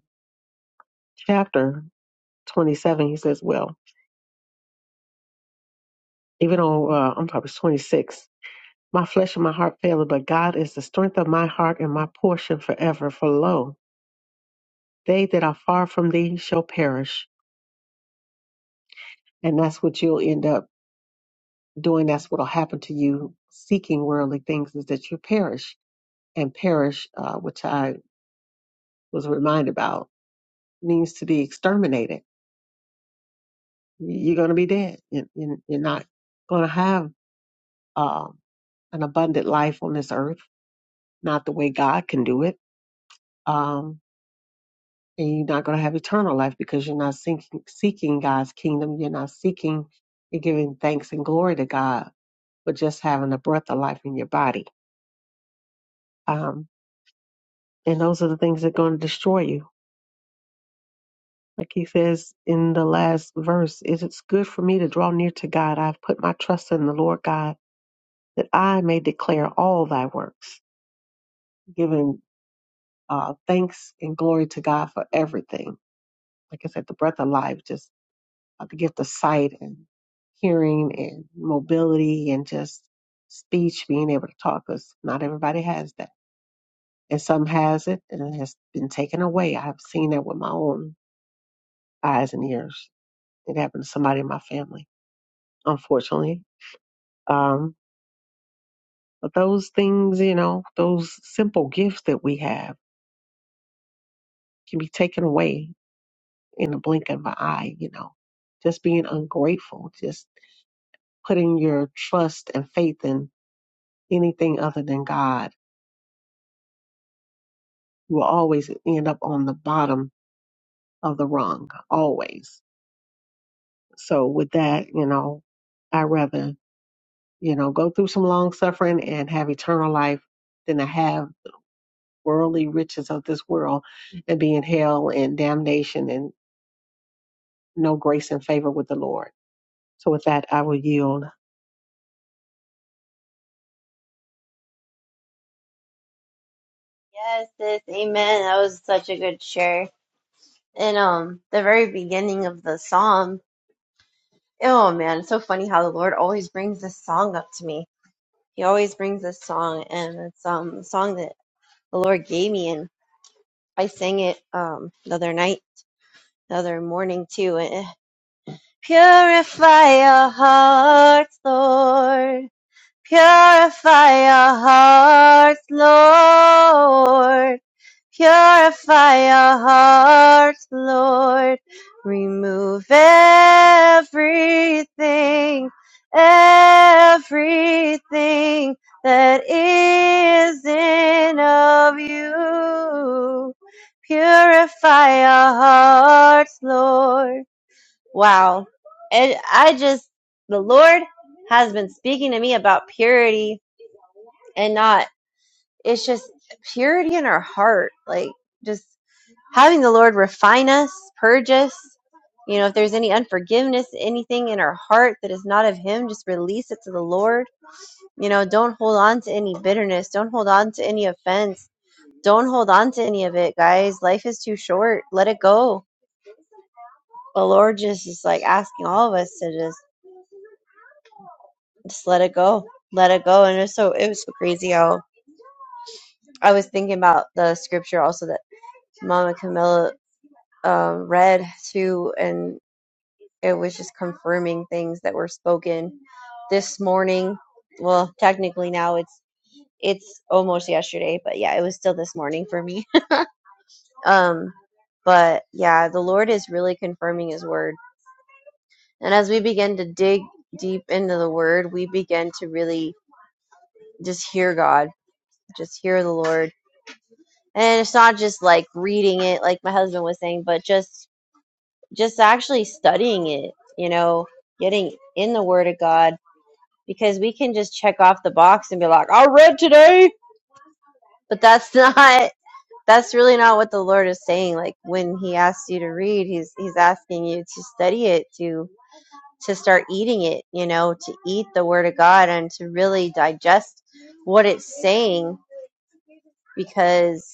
chapter 27, he says, Well, even though uh, I'm probably 26, my flesh and my heart faileth, but God is the strength of my heart and my portion forever. For lo, They that are far from thee shall perish. And that's what you'll end up doing. That's what'll happen to you seeking worldly things is that you perish. And perish, uh, which I was reminded about, means to be exterminated. You're going to be dead. You- you- You're not going to have um, an abundant life on this earth, not the way God can do it. Um, and you're not going to have eternal life because you're not seeking, seeking God's kingdom. You're not seeking and giving thanks and glory to God but just having a breath of life in your body. Um, and those are the things that are going to destroy you. Like he says in the last verse, it is good for me to draw near to God. I've put my trust in the Lord God that I may declare all thy works, giving uh, thanks and glory to God for everything. Like I said, the breath of life, just uh, the gift of sight and hearing and mobility and just speech, being able to talk, because not everybody has that and some has it and it has been taken away. I have seen that with my own eyes and ears. It happened to somebody in my family, unfortunately. Um, but those things, you know, those simple gifts that we have can be taken away in the blink of an eye, you know. Just being ungrateful, just putting your trust and faith in anything other than God, you will always end up on the bottom of the rung, always. So with that, you know, I rather you know, go through some long suffering and have eternal life than to have worldly riches of this world and be in hell and damnation and no grace and favor with the Lord. So with that, I will yield. yes, sis, amen. That was such a good share. And um, the very beginning of the psalm, oh man, it's so funny how the Lord always brings this song up to me. He always brings this song, and it's um a song that the Lord gave me, and I sang it um the other night, the other morning too. And it- Purify our hearts, Lord Purify our hearts, Lord. Purify our hearts, Lord. Remove everything, everything that isn't of you. Purify our hearts, Lord. Wow. And I just, the Lord has been speaking to me about purity and not it's just purity in our heart like just having the lord refine us purge us you know if there's any unforgiveness anything in our heart that is not of him just release it to the lord you know don't hold on to any bitterness don't hold on to any offense don't hold on to any of it guys life is too short let it go the lord just is like asking all of us to just just let it go let it go and it's so it was so crazy how i was thinking about the scripture also that Mama Camilla uh, read too, and it was just confirming things that were spoken this morning. Well, technically now it's it's almost yesterday, but yeah, it was still this morning for me. um, but yeah, the Lord is really confirming His word, and as we begin to dig deep into the word, we begin to really just hear God, just hear the Lord. And it's not just like reading it, like my husband was saying, but just just actually studying it, you know, getting in the Word of God, because we can just check off the box and be like, I read today. But that's not, that's really not what the Lord is saying. Like when He asks you to read, He's, He's asking you to study it, to, to start eating it, you know, to eat the Word of God and to really digest what it's saying because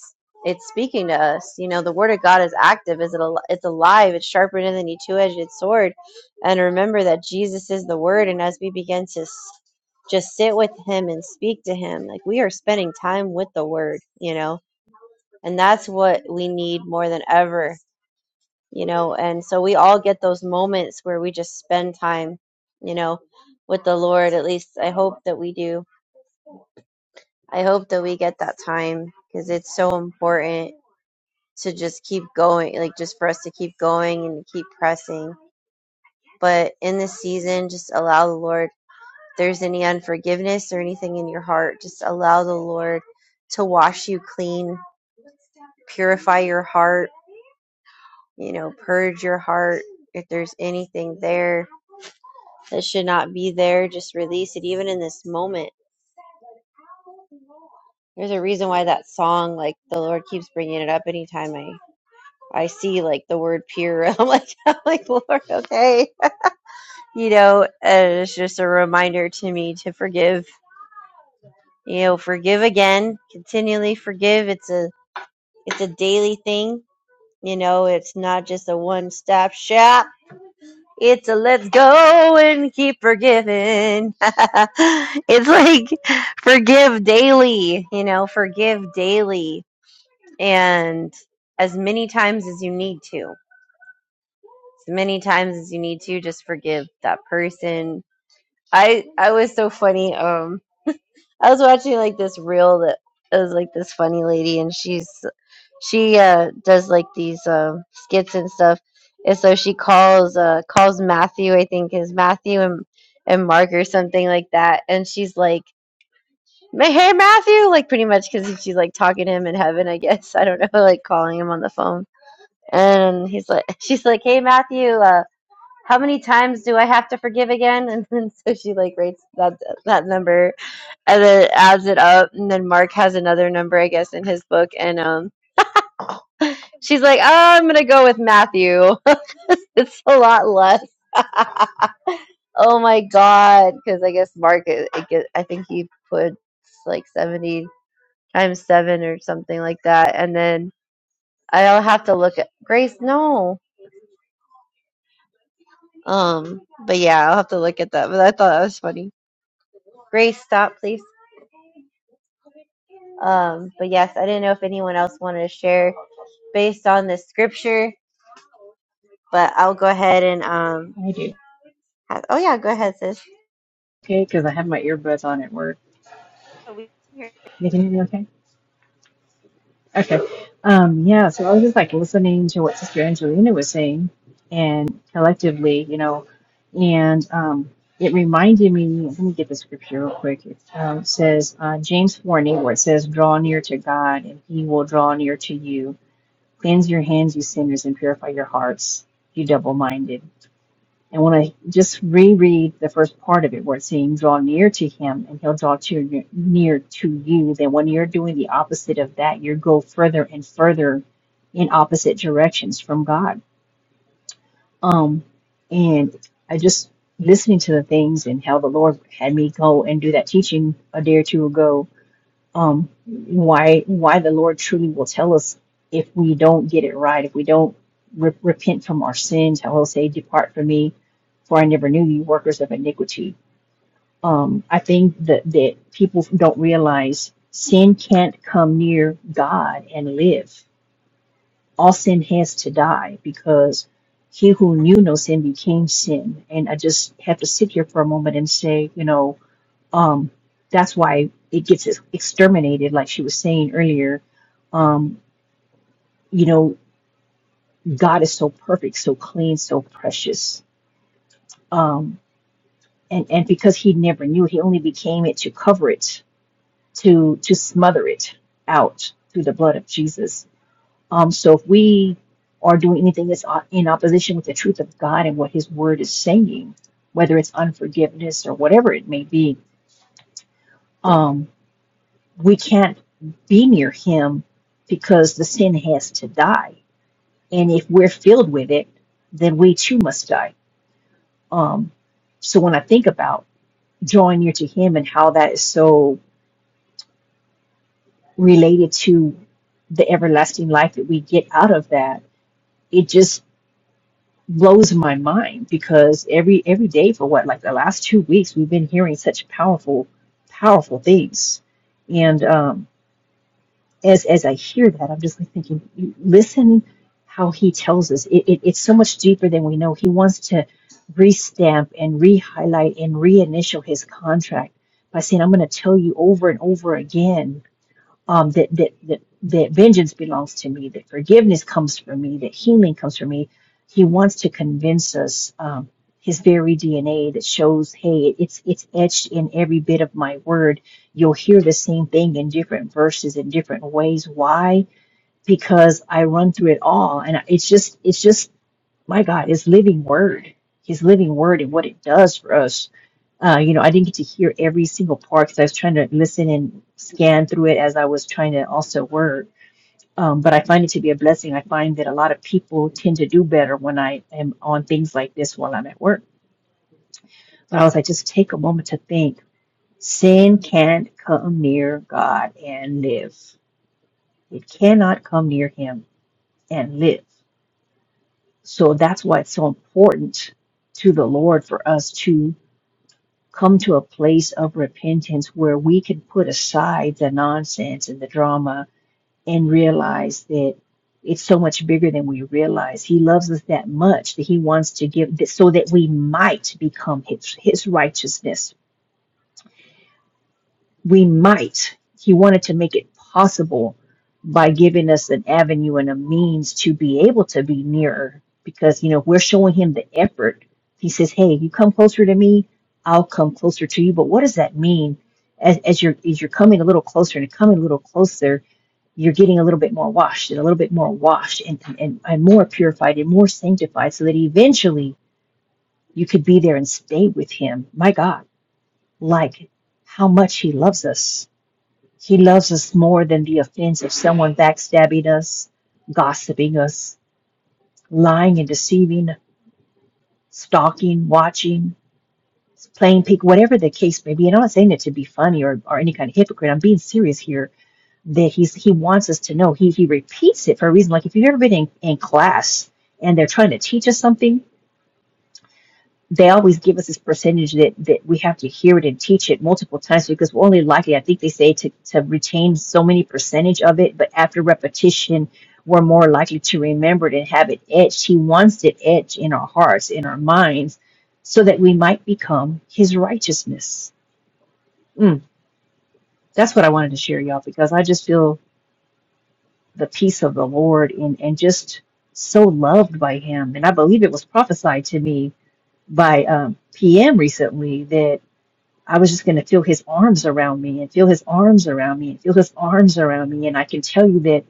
it's speaking to us. You know, the word of God is active. Is it? Al- it's alive. It's sharper than any two-edged sword. And remember that Jesus is the Word. And as we begin to s- just sit with Him and speak to Him, like we are spending time with the Word. You know, and that's what we need more than ever. You know, and so we all get those moments where we just spend time. You know, with the Lord. At least I hope that we do. I hope that we get that time because it's so important to just keep going, like just for us to keep going and keep pressing. But in this season, just allow the Lord, if there's any unforgiveness or anything in your heart, just allow the Lord to wash you clean, purify your heart, you know, purge your heart. If there's anything there that should not be there, just release it, even in this moment. There's a reason why that song, like the Lord keeps bringing it up anytime I I see like the word pure. I'm like, I'm like, Lord, okay. you know, and it's just a reminder to me to forgive. You know, forgive again, continually forgive. It's a it's a daily thing. You know, it's not just a one stop shop. It's a let's go and keep forgiving. it's like forgive daily, you know, forgive daily and as many times as you need to. As many times as you need to, just forgive that person. I I was so funny. Um I was watching like this reel that is like this funny lady, and she's she uh does like these um skits and stuff, and so she calls uh calls Matthew, I think is Matthew and and Mark or something like that, and she's like, "Ma- "Hey Matthew," like pretty much because she's like talking to him in heaven, I guess. I don't know, like calling him on the phone, and he's like, she's like, "Hey Matthew." uh how many times do I have to forgive again? And then so she like writes that that number and then adds it up and then mark has another number i guess in his book and um she's like oh, i'm gonna go with matthew it's a lot less oh my god because i guess mark it, it get, i think he put like 70 times 7 or something like that and then i'll have to look at grace no um but yeah i'll have to look at that but i thought that was funny grace stop please um but yes i didn't know if anyone else wanted to share based on the scripture But I'll go ahead and um. I do. ha- Oh yeah, go ahead, sis. Okay, because I have my earbuds on at work. So we can hear You can hear me okay? Okay. Um, yeah, so I was just like listening to what Sister Angelina was saying and collectively, you know, and um, it reminded me, let me get the scripture real quick. It um, says, uh, James 4 and 8, where it says, Draw near to God and he will draw near to you. Cleanse your hands, you sinners, and purify your hearts, you double minded. And when I just reread the first part of it, where it's saying, draw near to him and he'll draw to, near to you, then when you're doing the opposite of that, you go further and further in opposite directions from God. Um, and I just listening to the things and how the Lord had me go and do that teaching a day or two ago um, why why the Lord truly will tell us if we don't get it right, if we don't re- repent from our sins, how he'll say, "Depart from me, for I never knew you, workers of iniquity." Um, I think that that people don't realize sin can't come near God and live. All sin has to die because he who knew no sin became sin. And I just have to sit here for a moment and say, you know um, that's why it gets ex- exterminated, like she was saying earlier. Um, you know, God is so perfect, so clean, so precious. Um, and, and because he never knew, he only became it to cover it, to, to smother it out through the blood of Jesus. Um, so if we are doing anything that's o- in opposition with the truth of God and what his word is saying, whether it's unforgiveness or whatever it may be, um, we can't be near him because the sin has to die. And if we're filled with it, then we too must die. Um, so when I think about drawing near to him and how that is so related to the everlasting life that we get out of that, it just blows my mind because every every day for what like the last two weeks we've been hearing such powerful powerful things and um as as I hear that, I'm just like thinking, listen how he tells us. It, it, it's so much deeper than we know. He wants to restamp and re-highlight and reinitial his contract by saying, I'm going to tell you over and over again um, that, that that that vengeance belongs to me, that forgiveness comes from me, that healing comes from me. He wants to convince us um, his very DNA that shows, hey, it's it's etched in every bit of my word. You'll hear the same thing in different verses in different ways. Why? Because I run through it all, and it's just it's just my God, his living word, his living word and what it does for us. Uh, you know, I didn't get to hear every single part because I was trying to listen and scan through it as I was trying to also work. Um, but I find it to be a blessing. I find that a lot of people tend to do better when I am on things like this while I'm at work. So I was like, just take a moment to think. Sin can't come near God and live. It cannot come near him and live. So that's why it's so important to the Lord for us to. come to a place of repentance where we can put aside the nonsense and the drama and realize that it's so much bigger than we realize. He loves us that much that he wants to give that so that we might become his, his righteousness we might. He wanted to make it possible by giving us an avenue and a means to be able to be nearer because, you know, we're showing him the effort. He says, Hey, you come closer to me, I'll come closer to you. But what does that mean? As, as you're as you're coming a little closer and coming a little closer, you're getting a little bit more washed and a little bit more washed and, and, and more purified and more sanctified so that eventually you could be there and stay with him. My God, like how much he loves us he loves us more than the offense of someone backstabbing us, gossiping us, lying and deceiving, stalking, watching, playing peek, whatever the case may be. And I'm not saying that to be funny or, or any kind of hypocrite. I'm being serious here that he's he wants us to know. He he repeats it for a reason. Like if you've ever been in, in class and they're trying to teach us something they always give us this percentage that, that we have to hear it and teach it multiple times because we're only likely, I think they say, to, to retain so many percentage of it, but after repetition, we're more likely to remember it and have it etched. He wants it etched in our hearts, in our minds, so that we might become his righteousness. Mm, that's what I wanted to share, y'all, because I just feel the peace of the Lord and, and just so loved by him. And I believe it was prophesied to me by um, PM recently I was just going to feel his arms around me and feel his arms around me and feel his arms around me. And I can tell you that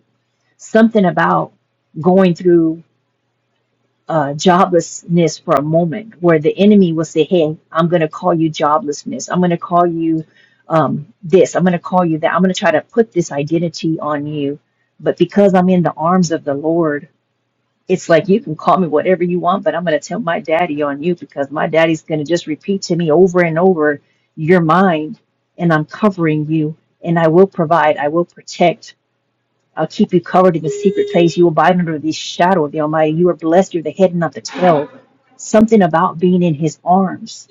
something about going through uh, joblessness for a moment where the enemy will say, Hey, I'm going to call you joblessness. I'm going to call you um, this. I'm going to call you that. I'm going to try to put this identity on you. But because I'm in the arms of the Lord, it's like you can call me whatever you want, but I'm going to tell my daddy on you because my daddy's going to just repeat to me over and over, You're mine, and I'm covering you, and I will provide, I will protect. I'll keep you covered in the secret place. You abide under the shadow of the Almighty. You are blessed. You're the head and not the tail. Something about being in His arms.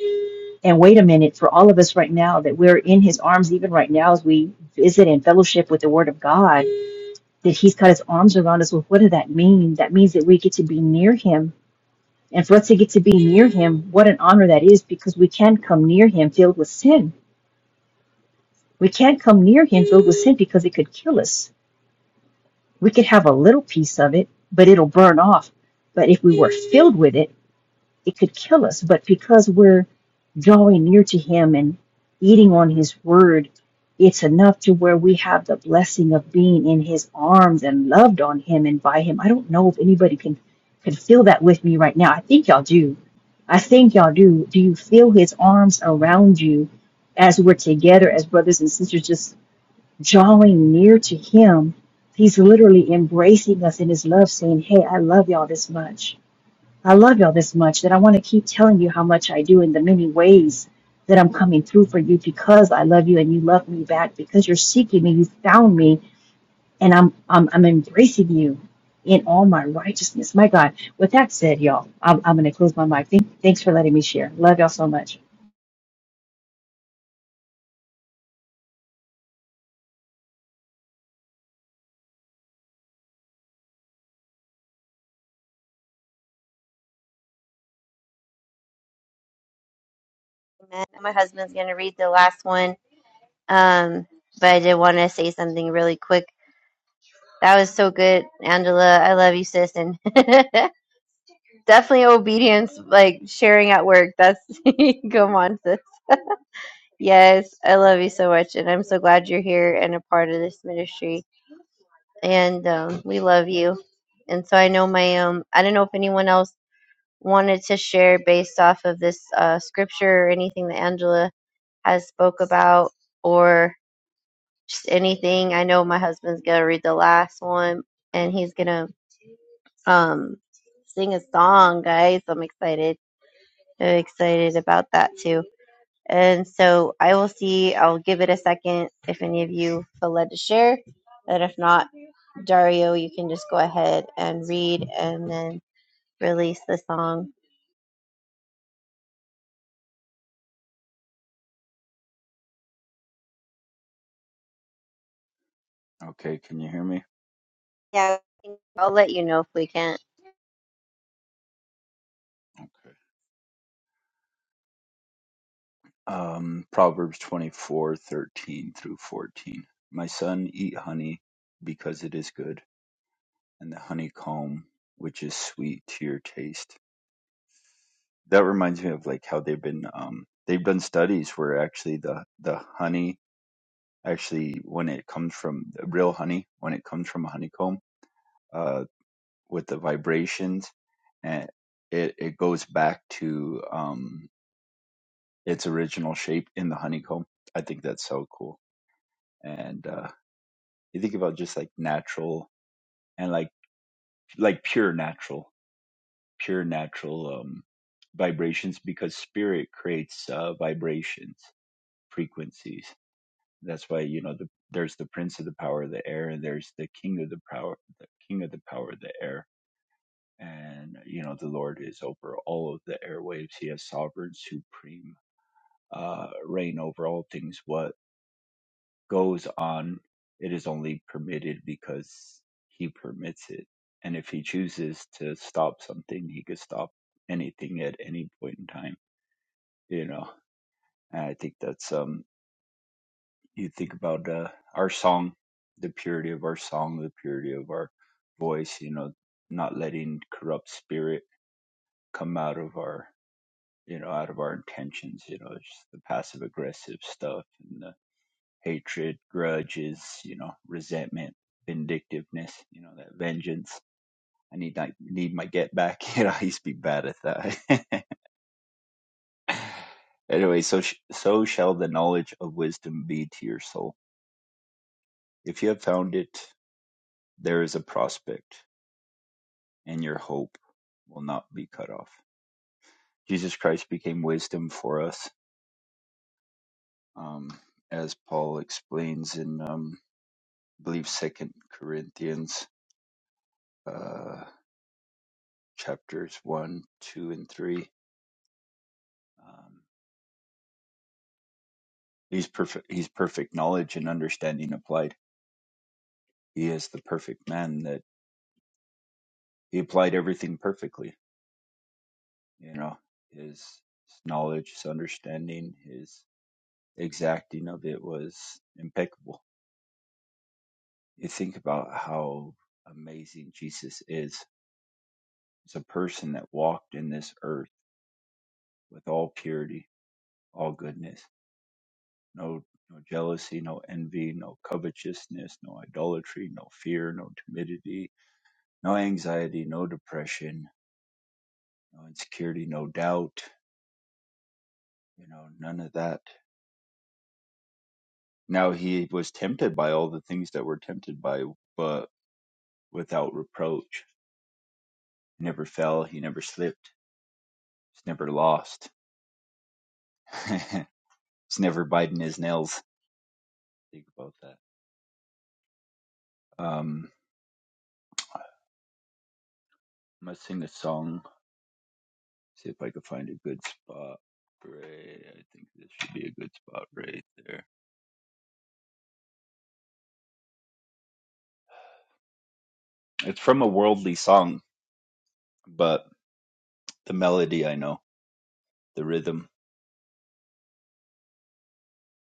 And wait a minute, for all of us right now that we're in His arms, even right now as we visit and fellowship with the Word of God, that He's got His arms around us. Well, what does that mean? That means that we get to be near Him and for us to get to be near him, what an honor that is because we can't come near him filled with sin. We can't come near him filled with sin because it could kill us. We could have a little piece of it, but it'll burn off. But if we were filled with it, it could kill us. But because we're drawing near to Him and eating on His Word, it's enough to where we have the blessing of being in His arms and loved on Him and by Him. I don't know if anybody can can feel that with me right now. I think y'all do. I think y'all do. Do you feel His arms around you as we're together as brothers and sisters, just drawing near to Him? He's literally embracing us in His love, saying, "Hey, I love y'all this much." I love y'all this much that I want to keep telling you how much I do in the many ways that I'm coming through for you because I love you and you love me back because you're seeking me, you found me, and I'm I'm, I'm embracing you in all my righteousness. My God. With that said, y'all, I'm, I'm going to close my mic. Thank, thanks for letting me share. Love y'all so much. from that. My husband's gonna read the last one. Um, but I did want to say something really quick. That was so good, Angela. I love you, sis, and definitely obedience, like sharing at work. That's come on, sis. Yes, I love you so much, and I'm so glad you're here and a part of this ministry. And um, we love you. And so I know my um, I don't know if anyone else wanted to share based off of this uh, scripture or anything that Angela has spoke about or just anything. I know my husband's gonna read the last one and he's gonna um sing a song, guys. I'm excited. I'm excited about that too. And so I will see. I'll give it a second if any of you feel led to share. And if not, Dario, you can just go ahead and read and then release the song. Okay, can you hear me? Yeah, I'll let you know if we can. Okay. um, Proverbs twenty four thirteen through 14. My son, eat honey because it is good, and the honeycomb, which is sweet to your taste. That reminds me of like how they've been, um, they've done studies where actually the, the honey, actually when it comes from the real honey, when it comes from a honeycomb, uh, with the vibrations and it, it goes back to, um, its original shape in the honeycomb. I think that's so cool. And, uh, you think about just like natural and like like pure natural pure natural um vibrations because spirit creates uh vibrations frequencies that's why you know the, there's the prince of the power of the air and there's the king of the power the king of the power of the air and you know the lord is over all of the airwaves he has sovereign supreme uh reign over all things What? goes on, it is only permitted because he permits it. And if he chooses to stop something, he could stop anything at any point in time, you know. And I think that's um you think about uh, our song, the purity of our song, the purity of our voice, you know, not letting corrupt spirit come out of our you know, out of our intentions, you know, it's just the passive aggressive stuff and. the hatred, grudges, you know, resentment, vindictiveness, you know, that vengeance. I need I need my get back. You know, I used to be bad at that. anyway, so sh- so shall the knowledge of wisdom be to your soul. If you have found it, there is a prospect, and your hope will not be cut off. Jesus Christ became wisdom for us, um, as Paul explains in, um, I believe, Second Corinthians. Uh, chapters one, two, and three. Um, he's perfect. He's perfect knowledge and understanding applied. He is the perfect man that he applied everything perfectly. You know, his, his knowledge, his understanding, his exacting of it was impeccable. You think about how amazing Jesus is. He's a person that walked in this earth with all purity, all goodness no no jealousy, no envy, no covetousness, no idolatry, no fear, no timidity, no anxiety, no depression, no insecurity, no doubt, you know, none of that. Now he was tempted by all the things that were tempted by, but without reproach. He never fell, he never slipped, he's never lost. he's never biting his nails. Think about that. Um, I'm gonna sing a song See if I can find a good spot. Right, I think this should be a good spot right there. It's from a worldly song, but the melody I know, the rhythm,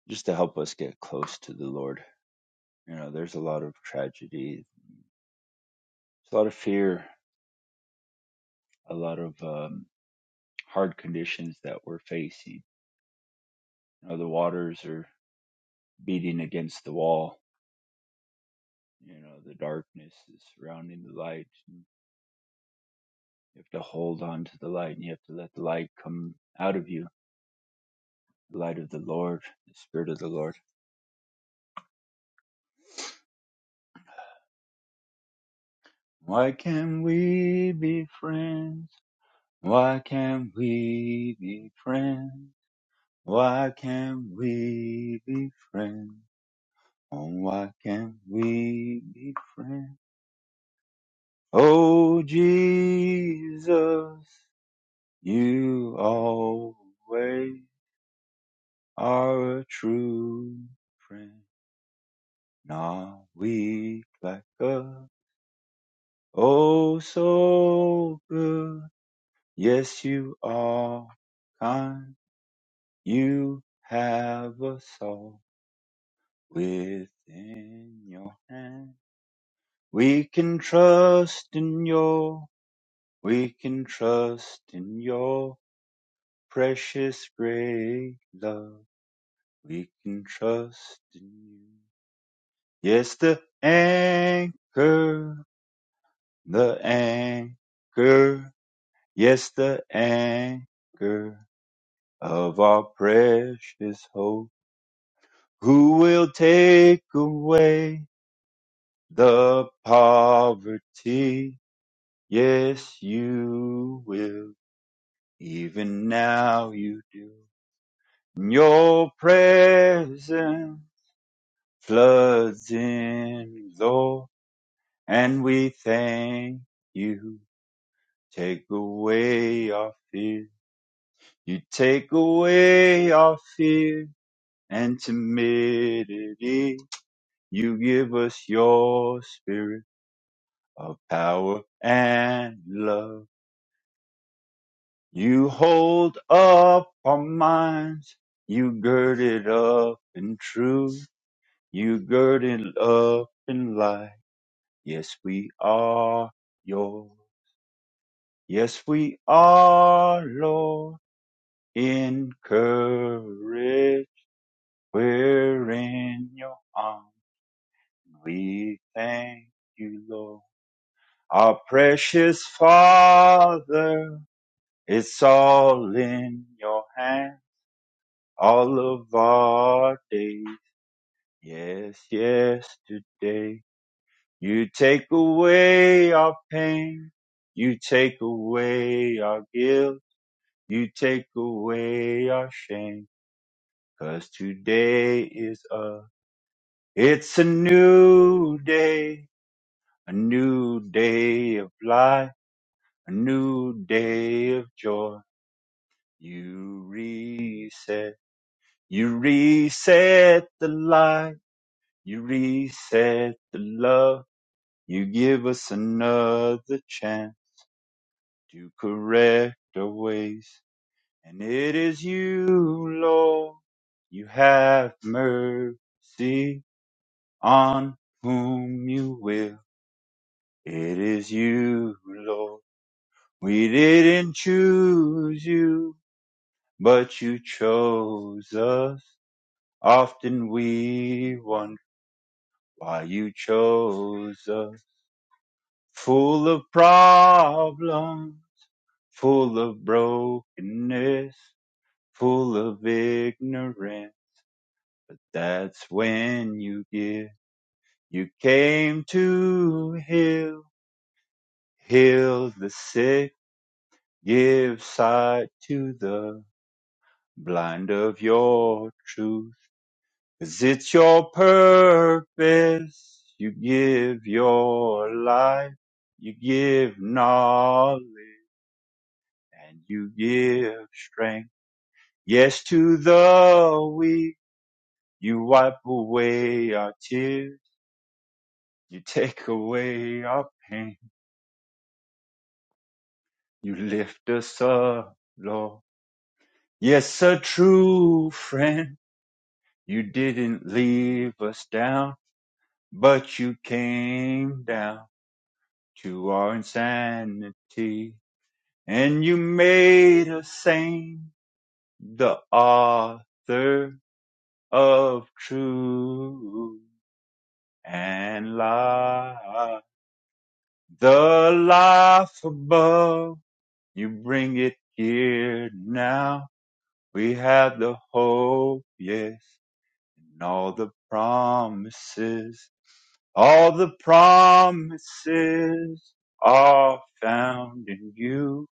just to help us get close to the Lord. You know, there's a lot of tragedy, a lot of fear, a lot of um, hard conditions that we're facing. You know, the waters are beating against the wall. You know, the darkness is surrounding the light. You have to hold on to the light, and you have to let the light come out of you the light of the Lord, the Spirit of the Lord. Why can't we be friends? Why can't we be friends? Why can't we be friends? Oh, why can't we be friends? Oh, Jesus, you always are a true friend. Not weak like us. Oh, so good Yes, you are kind. You have a soul within your hand. We can trust in your, we can trust in your precious great love. We can trust in you. Yes, the anchor, the anchor. Yes, the anchor of our precious hope. Who will take away the poverty? Yes, you will. Even now you do. Your presence floods in, Lord, and we thank you. Take away our fear. You take away our fear and timidity. You give us your spirit of power and love. You hold up our minds. You gird it up in truth. You gird it up in light. Yes, we are your. Yes, we are, Lord. Encourage. We're in your arms. We thank you, Lord. Our precious Father. It's all in your hand, all of our days. Yes, yesterday. You take away our pain. You take away our guilt. You take away our shame. 'Cause today is a, it's a new day, a new day of life, a new day of joy. You reset. You reset the light, you reset the love, you give us another chance to correct our ways. And it is you, Lord, you have mercy on whom you will. It is you, Lord. We didn't choose you, but you chose us. Often we wonder. Why you chose us, full of problems, full of brokenness, full of ignorance. That's when you give. You came to heal, heal the sick, give sight to the blind of your truth. 'Cause it's your purpose. You give your life. You give knowledge. and you give strength. Yes, to the weak, you wipe away our tears. You take away our pain. You lift us up, Lord. Yes, a true friend. You didn't leave us down, but you came down to our insanity. And you made us sane, the author of truth. and light the life above. You bring it here now. We have the hope, yes, and all the promises, all the promises are found in you.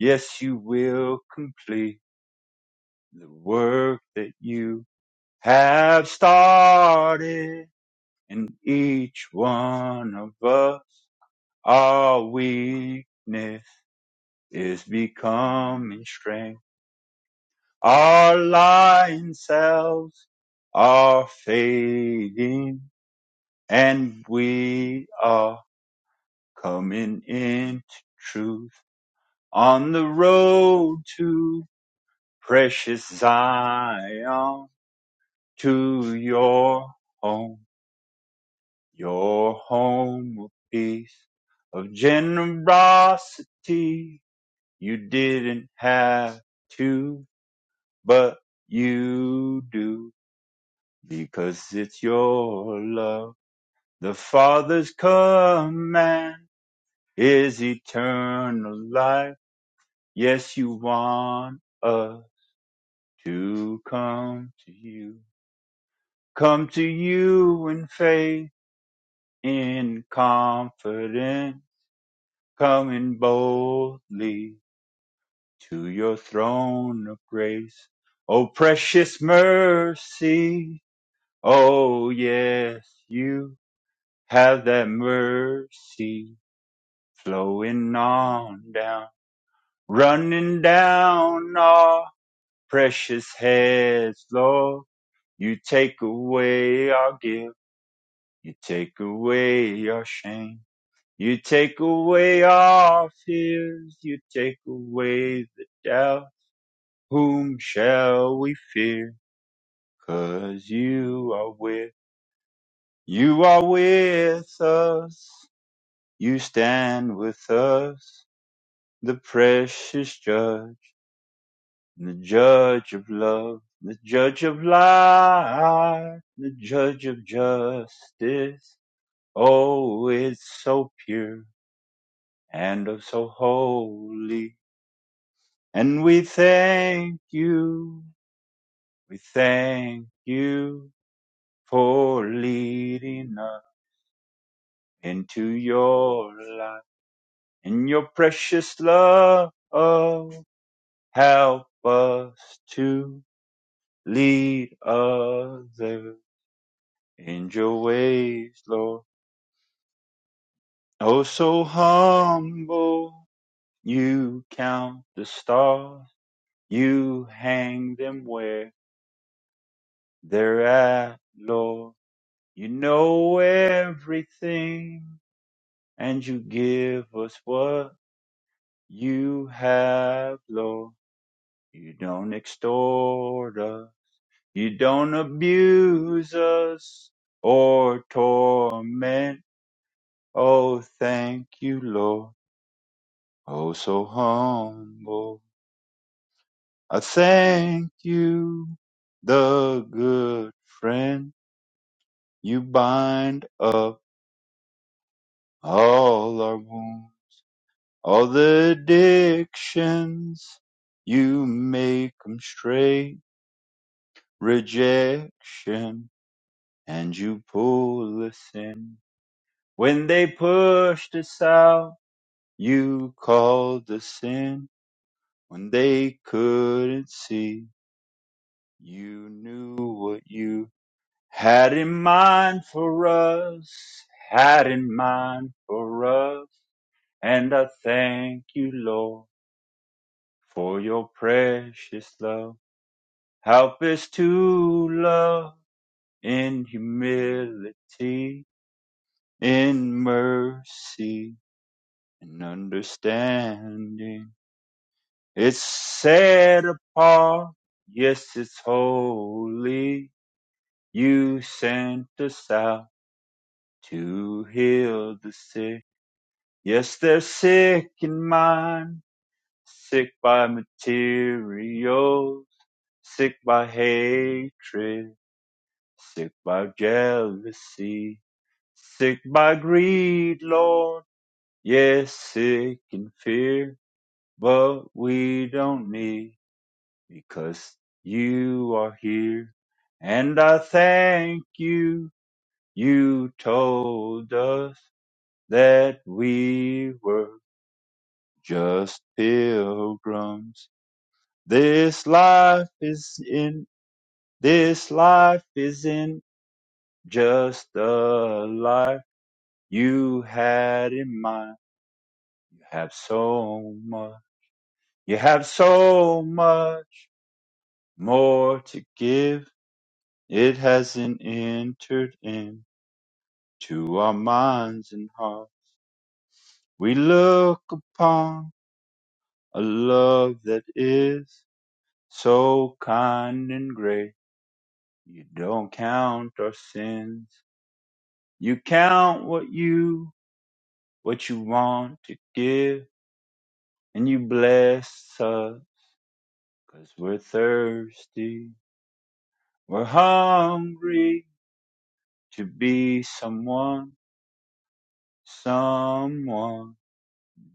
Yes, you will complete the work that you have started in each one of us. Our weakness is becoming strength. Our lying selves are fading and we are coming into truth on the road to precious Zion to your home, your home of peace, of generosity You didn't have to, but you do, because it's your love. The Father's command is eternal life. Yes, you want us to come to you. Come to you in faith, in confidence, coming boldly to your throne of grace. O precious mercy, oh yes, you have that mercy flowing on down, running down our precious heads, Lord. You take away our guilt, you take away our shame. You take away our fears, you take away the doubt. Whom shall we fear? Cause you are with, you are with us. You stand with us, the precious judge, the judge of love, the judge of life, the judge of justice. Oh, it's so pure and oh, so holy. And we thank you, we thank you for leading us into your light in your precious love. Help us to lead others in your ways, Lord. Oh, so humble, you count the stars, you hang them where they're at, Lord. You know everything, and you give us what you have, Lord. You don't extort us You don't abuse us or torment. Oh, thank you, Lord. Oh, so humble. I thank you, the good friend. You bind up all our wounds, all the addictions. You make 'em straight, rejection, and you pull us in when they pushed us out. You called the sin when they couldn't see. You knew what you had in mind for us, had in mind for us. And I thank you, Lord, for your precious love. Help us to love in humility, in mercy, and understanding. It's set apart, yes, it's holy. You sent us out to heal the sick. Yes, they're sick in mind, sick by materials, sick by hatred, sick by jealousy, sick by greed, Lord. Yes, sick in fear, but we don't need. because you are here. And I thank you, you told us that we were just pilgrims. This life is in, this life is not just a life you had in mind. You have so much, you have so much more to give. It hasn't entered in To our minds and hearts we look upon a love that is so kind and great. You don't count our sins. You count what you, what you want to give. And you bless us because we're thirsty. We're hungry to be someone, someone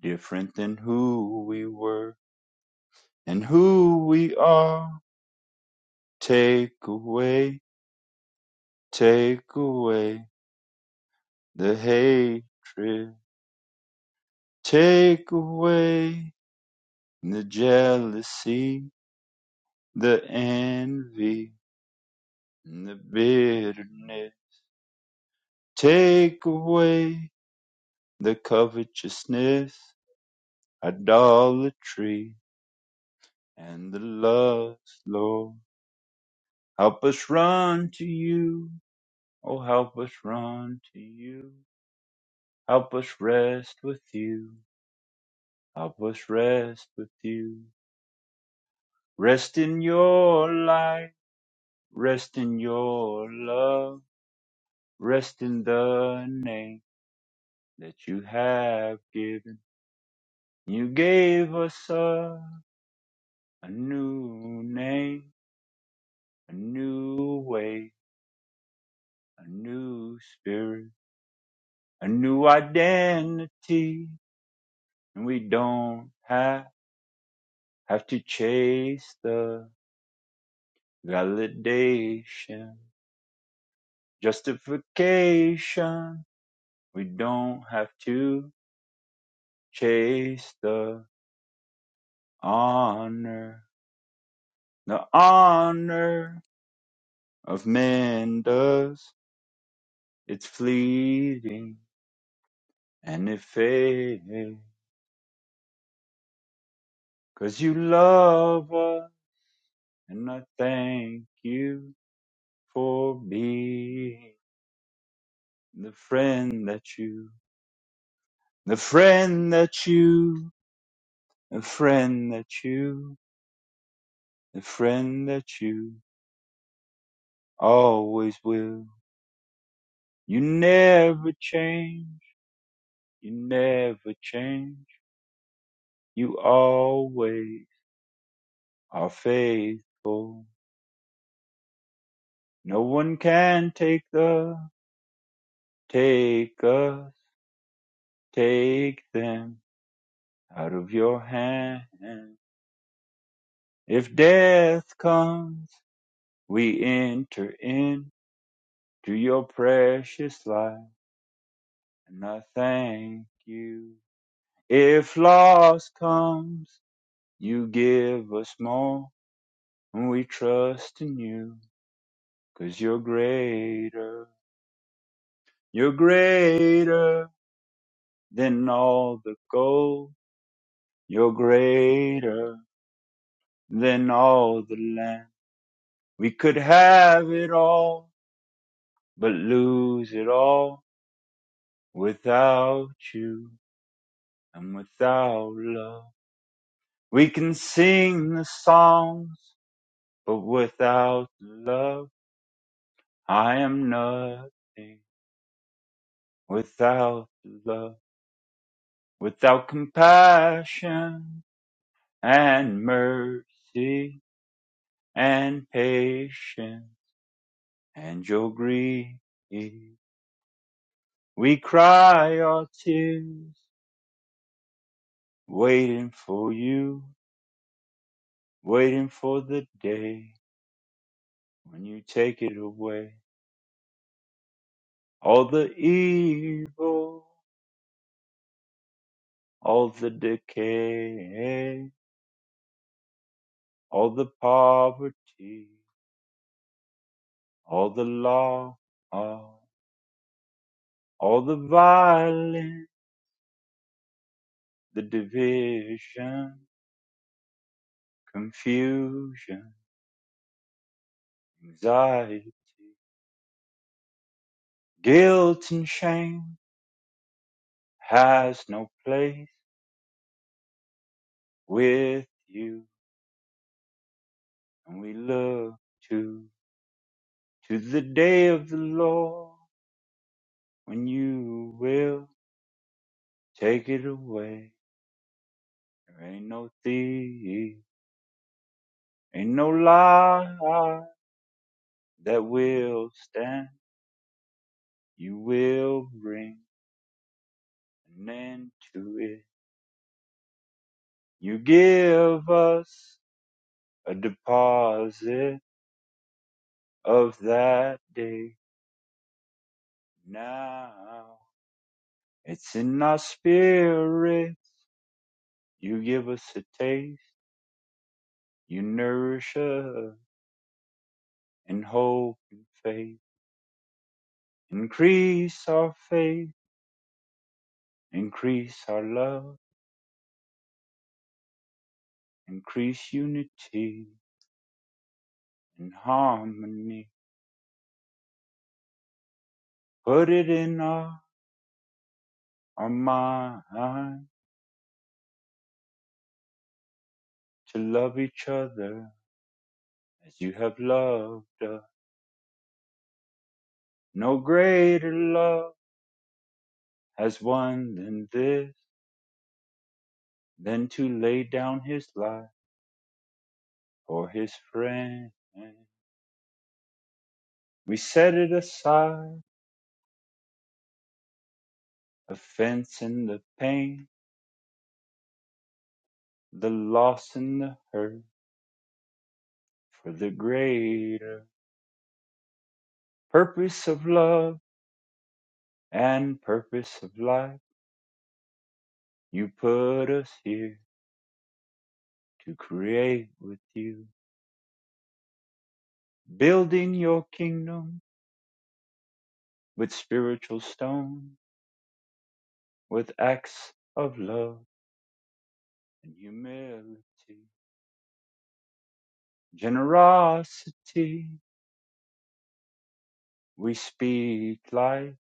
different than who we were and who we are. Take away, take away the hatred. Take away the jealousy, the envy, and the bitterness. Take away the covetousness, idolatry, and the lust, Lord. Help us run to you. Oh, help us run to you. Help us rest with you. Help us rest with you. Rest in your light, rest in your love, rest in the name that you have given. You gave us a, a new name, a new way, a new spirit, a new identity, and we don't have, have to chase the validation, justification. We don't have to chase the honor. The honor of men does. It's fleeting and it fades. 'Cause you love us and I thank you for being the friend that you, the friend that you, the friend that you, the friend that you always will. You never change. You never change. You always are faithful. No one can take the, take us, take them out of your hand. If death comes, we enter into your precious life, and I thank you. If loss comes, you give us more, and we trust in youbecause you 'cause you're greater. You're greater. than all the gold. You're greater than all the land. We could have it all, but lose it all without you and without love. We can sing the songs, but without love, I am nothing. Without love, without compassion and mercy and patience. and your grief. We cry our tears, waiting for you, waiting for the day when you take it away. All the evil, all the decay, all the poverty, all the law, all the violence, the division, confusion, anxiety, guilt and shame has no place with you. And we look to, to the day of the Lord when you will take it away. There ain't no thief, ain't no lie that will stand. You will bring an end to it. You give us a deposit of that day now. It's in our spirit You give us a taste, you nourish us in hope and faith. Increase our faith, increase our love, increase unity and harmony. Put it in our, our mind to love each other as you have loved us. No greater love has one than this, than to lay down his life for his friend. We set it aside Offense and the pain, the loss and the hurt, for the greater purpose of love and purpose of life. You put us here to create with you, building your kingdom with spiritual stone, with acts of love and humility, generosity. We speak life,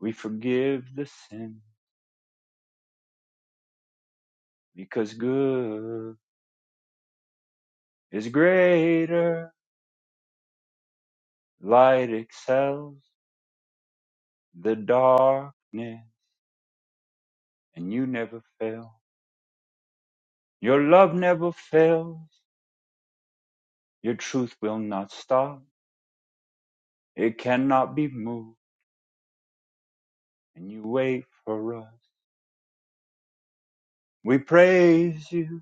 we forgive the sin, because good is greater Light excels the darkness, and you never fail. Your love never fails. Your truth will not stop. It cannot be moved, and you wait for us. We praise you,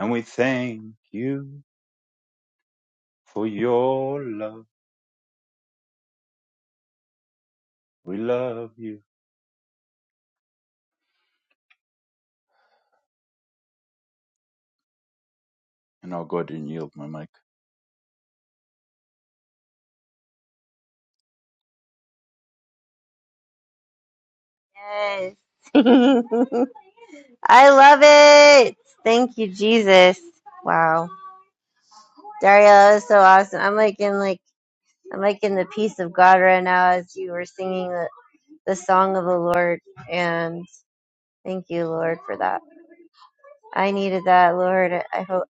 and we thank you for your love. We love you. And I'll go ahead and yield my mic. Yes. I love it. Thank you, Jesus. Wow. Dario, that was so awesome. I'm like in like I'm like in the peace of God right now as you were singing the, the song of the Lord and thank you, Lord, for that. I needed that, Lord. I hope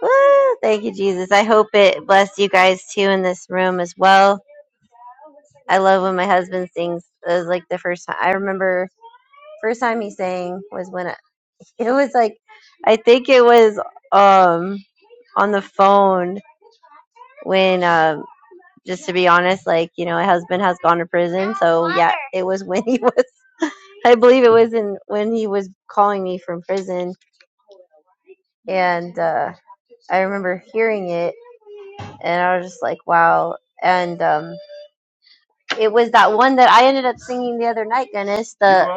Woo! Thank you, Jesus. I hope it blessed you guys too in this room as well. I love when my husband sings. It was like the first time I remember first time he sang was when It was like I think it was um on the phone when um just to be honest, like, you know, my husband has gone to prison. So yeah, it was when he was I believe it was in when he was calling me from prison and uh I remember hearing it and I was just like, Wow and um it was that one that I ended up singing the other night, Dennis. the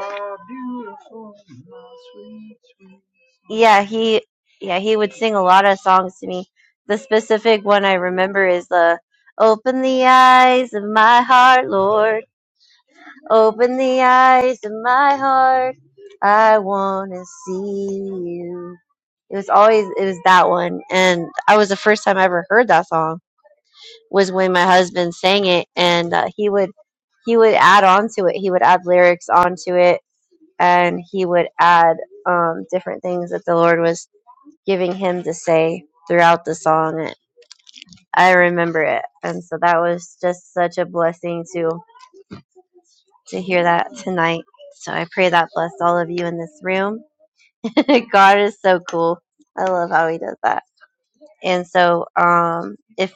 yeah, he yeah, he would sing a lot of songs to me. The specific one I remember is the Open the eyes of my heart, Lord. Open the eyes of my heart. I want to see you. It was always it was that one and I was the first time I ever heard that song was when my husband sang it and uh, he would he would add on to it. He would add lyrics onto it and he would add um different things that the Lord was giving him to say throughout the song. And I remember it, and so that was just such a blessing to to hear that tonight. So I pray that blessed all of you in this room. God is so cool. I love how He does that. And so, um, if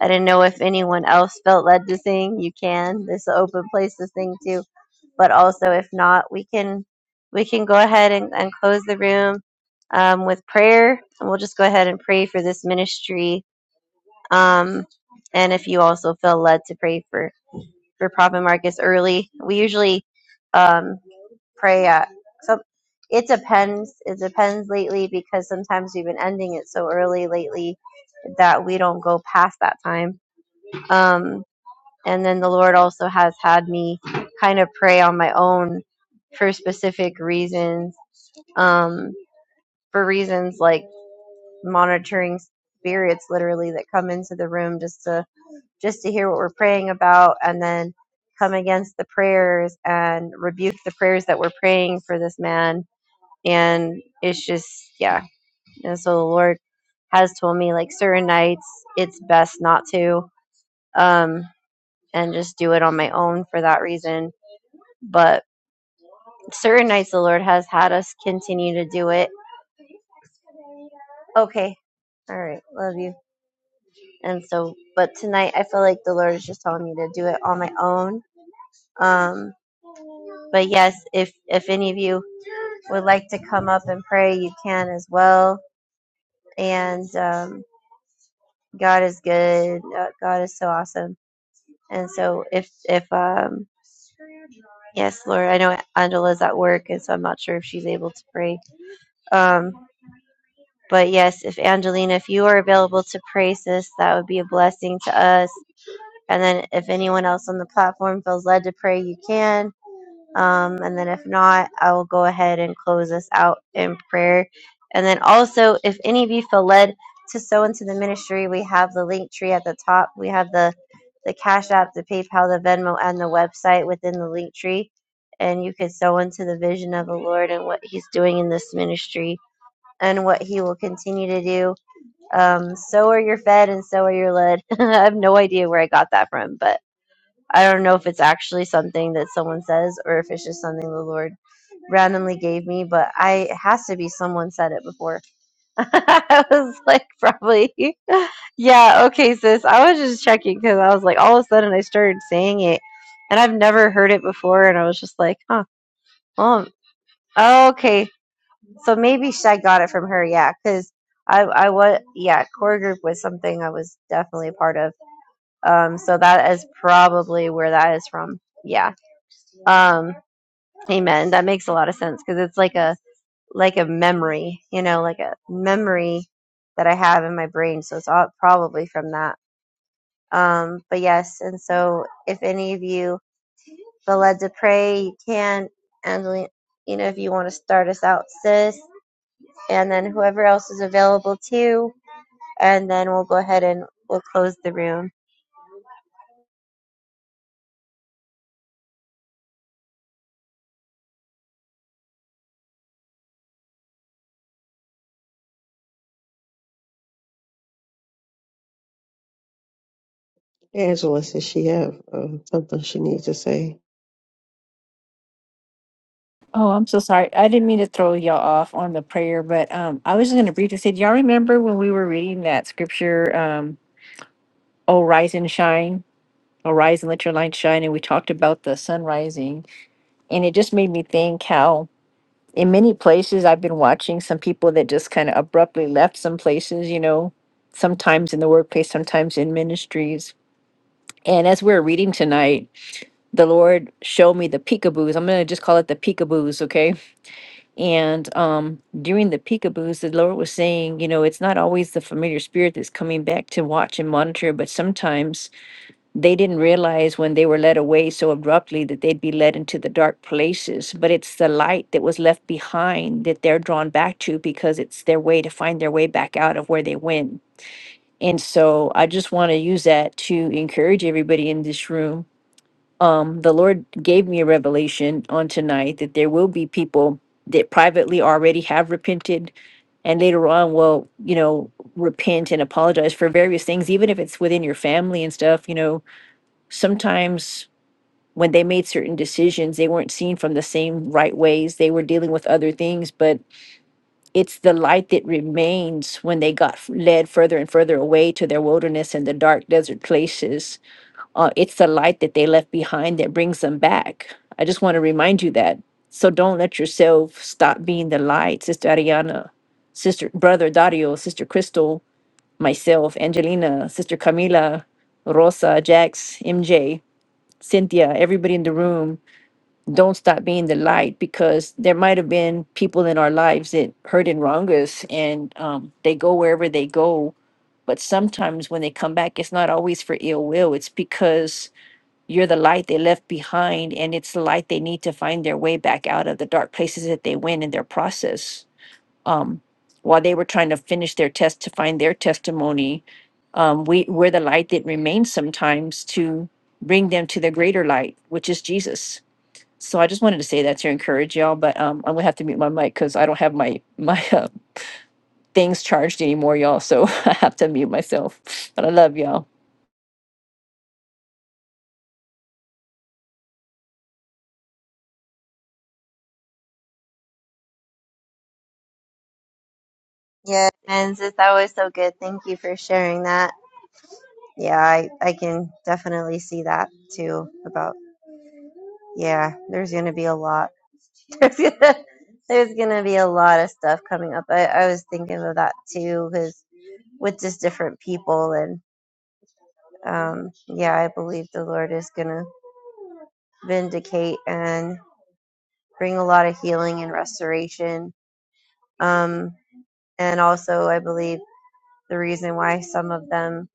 I didn't know if anyone else felt led to sing, you can. This is an open place to sing too. But also, if not, we can we can go ahead and, and close the room um, with prayer, and we'll just go ahead and pray for this ministry Um, and if you also feel led to pray for, for Prophet Marcus early, we usually um, pray at some. It depends. It depends lately because sometimes we've been ending it so early lately that we don't go past that time. Um, and then the Lord also has had me kind of pray on my own for specific reasons, um, for reasons like monitoring spirits literally that come into the room just to just to hear what we're praying about and then come against the prayers and rebuke the prayers that we're praying for this man. And it's just, yeah. And so the Lord has told me, like, certain nights it's best not to, um, and just do it on my own for that reason. But certain nights the Lord has had us continue to do it. Okay. All right. Love you. And so, but tonight I feel like the Lord is just telling me to do it on my own. Um, But yes, if if any of you would like to come up and pray, you can as well. And um, God is good. Uh, God is so awesome. And so if if um, yes, Lord, I know Angela's at work, and so I'm not sure if she's able to pray. Um, but yes, if Angelina, if you are available to pray, sis, that would be a blessing to us. And then if anyone else on the platform feels led to pray, you can. Um, and then if not, I will go ahead and close us out in prayer. And then also, if any of you feel led to sow into the ministry, we have the link tree at the top. We have the the Cash App, the PayPal, the Venmo, and the website within the link tree. And you can sow into the vision of the Lord and what He's doing in this ministry and what He will continue to do. Um, so are you fed and so are you led. I have no idea where I got that from, but I don't know if it's actually something that someone says or if it's just something the Lord randomly gave me, but I it has to be someone said it before. I was like, probably, yeah, okay, sis. I was just checking because I was like, all of a sudden I started saying it, and I've never heard it before, and I was just like, huh, well, okay, so maybe sh- I got it from her, yeah, because. I, I was yeah core group was something I was definitely a part of um so that is probably where that is from yeah Um, Amen. That makes a lot of sense because it's like a like a memory, you know, like a memory that I have in my brain. So it's all probably from that. Um, but yes, and so if any of you feel led to pray, you can. Angelina, you know, if you want to start us out, sis, and then whoever else is available too, and then we'll go ahead and we'll close the room. Angela says she have um, something she needs to say. Oh, I'm so sorry. I didn't mean to throw y'all off on the prayer, but um, I was just going to briefly say, do y'all remember when we were reading that scripture, um, "Oh, rise and shine, oh, rise and let your light shine," and we talked about the sun rising And it just made me think how, in many places, I've been watching some people that just kind of abruptly left some places, you know, sometimes in the workplace, sometimes in ministries. And as we are reading tonight, the Lord showed me the peekaboos. I'm going to just call it the peekaboos, okay? And um, during the peekaboos, the Lord was saying, you know, it's not always the familiar spirit that's coming back to watch and monitor, but sometimes they didn't realize when they were led away so abruptly that they'd be led into the dark places but it's the light that was left behind that they're drawn back to because it's their way to find their way back out of where they went and so i just want to use that to encourage everybody in this room um, the lord gave me a revelation on tonight that there will be people that privately already have repented and later on will you know repent and apologize for various things even if it's within your family and stuff you know sometimes when they made certain decisions, they weren't seen from the same right ways. They were dealing with other things, but it's the light that remains when they got f- led further and further away to their wilderness and the dark desert places. Uh, it's the light that they left behind that brings them back. I just want to remind you that. So don't let yourself stop being the light, Sister Ariana, Sister Brother Dario, Sister Crystal, myself, Angelina, Sister Camila, Rosa, Jax, MJ, Cynthia, everybody in the room don't stop being the light because there might have been people in our lives that hurt and wrong us and um, they go wherever they go but sometimes when they come back it's not always for ill will it's because you're the light they left behind and it's the light they need to find their way back out of the dark places that they went in their process um, while they were trying to finish their test to find their testimony um, we, we're the light that remains sometimes to bring them to the greater light which is jesus so I just wanted to say that to encourage y'all, but um, I'm gonna have to mute my mic because I don't have my my uh, things charged anymore, y'all. So I have to mute myself. But I love y'all. Yeah, and sis, that was so good. Thank you for sharing that. Yeah, I I can definitely see that too about Yeah, there's gonna be a lot. There's gonna, there's gonna be a lot of stuff coming up. I, I was thinking of that too, because with just different people and um, yeah, I believe the Lord is gonna vindicate and bring a lot of healing and restoration. Um, and also, I believe the reason why some of them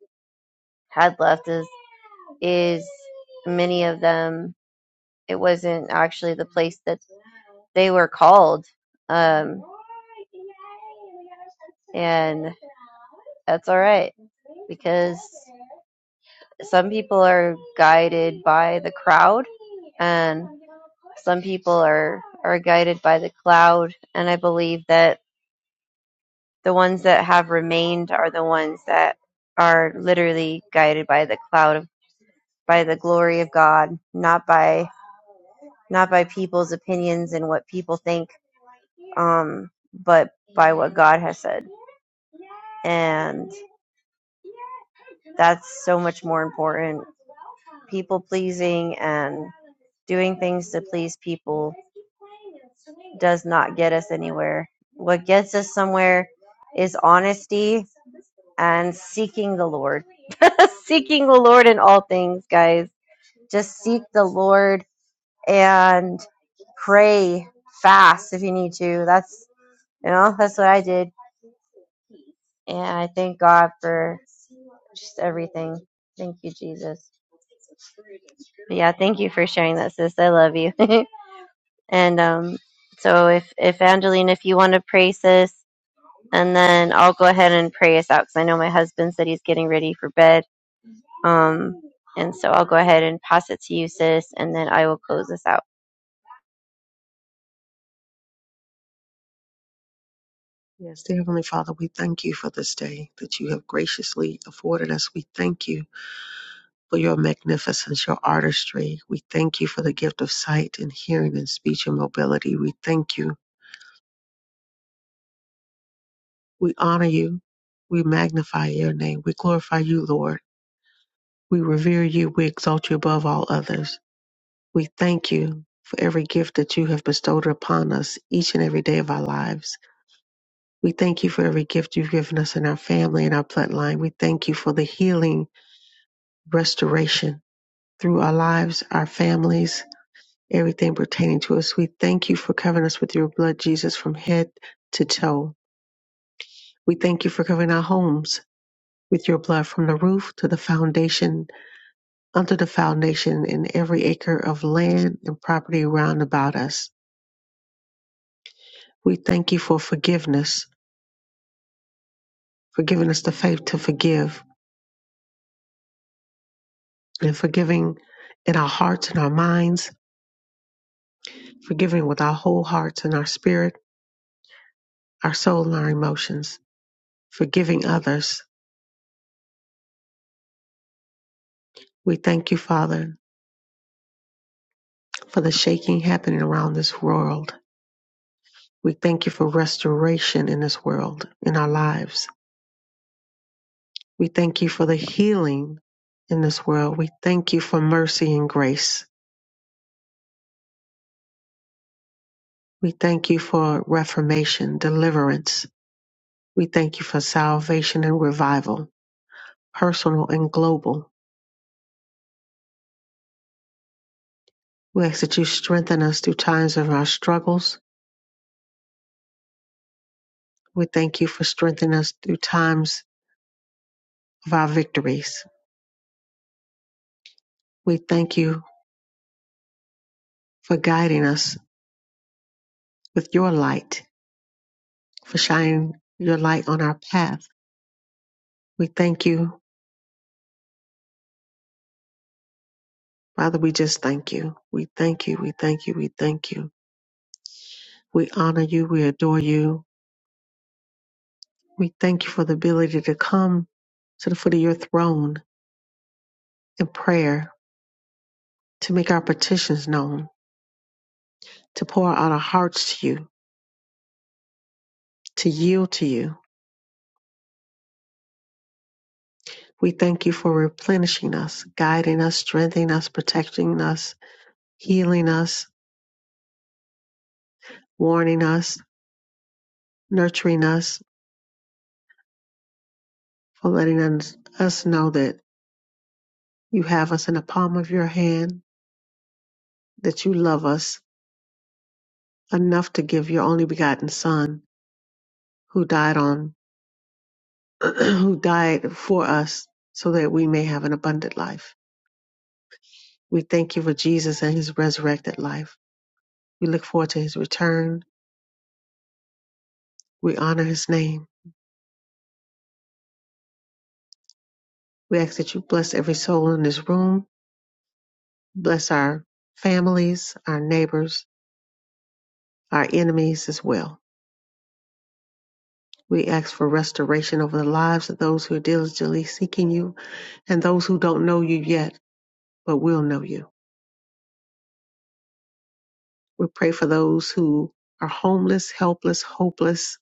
had left is is many of them it wasn't actually the place that they were called. Um, and that's all right because some people are guided by the crowd and some people are are guided by the cloud and i believe that the ones that have remained are the ones that are literally guided by the cloud of by the glory of god not by not by people's opinions and what people think um but by what god has said and That's so much more important. People pleasing and doing things to please people does not get us anywhere. What gets us somewhere is honesty and seeking the Lord. seeking the Lord in all things, guys. Just seek the Lord and pray fast if you need to. That's you know, that's what I did And I thank God for just everything. Thank you, Jesus. But yeah, thank you for sharing that, sis. I love you. and um, so if if Angeline, if you want to pray, sis, and then I'll go ahead and pray us out because I know my husband said he's getting ready for bed. Um, and so I'll go ahead and pass it to you, sis, and then I will close this out. Yes, dear Heavenly Father, we thank you for this day that you have graciously afforded us. We thank you for your magnificence, your artistry. We thank you for the gift of sight and hearing and speech and mobility. We thank you We honor you. We magnify your name. We glorify you, Lord. We revere you. We exalt you above all others. We thank you for every gift that you have bestowed upon us each and every day of our lives. We thank you for every gift you've given us in our family and our bloodline. We thank you for the healing, restoration through our lives, our families, everything pertaining to us. We thank you for covering us with your blood, Jesus, from head to toe. We thank you for covering our homes with your blood from the roof to the foundation, under the foundation and every acre of land and property round about us. We thank you for forgiveness, for giving us the faith to forgive, and forgiving in our hearts and our minds, forgiving with our whole hearts and our spirit, our soul and our emotions, forgiving others. We thank you, Father, for the shaking happening around this world. We thank you for restoration in this world, in our lives. We thank you for the healing in this world. We thank you for mercy and grace. We thank you for reformation, deliverance. We thank you for salvation and revival, personal and global. We ask that you strengthen us through times of our struggles. We thank you for strengthening us through times of our victories. We thank you for guiding us with your light, for shining your light on our path. We thank you. Father, we just thank you. We thank you. We thank you. We thank you. We honor you. We adore you. We thank you for the ability to come to the foot of your throne in prayer, to make our petitions known, to pour out our hearts to you, to yield to you. We thank you for replenishing us, guiding us, strengthening us, protecting us, healing us, warning us, nurturing us, for letting us us know that you have us in the palm of your hand, that you love us enough to give your only begotten Son who died on who died for us so that we may have an abundant life. We thank you for Jesus and his resurrected life. We look forward to his return. We honor his name. We ask that you bless every soul in this room, bless our families, our neighbors, our enemies as well. We ask for restoration over the lives of those who are diligently seeking you and those who don't know you yet, but will know you. We pray for those who are homeless, helpless, hopeless,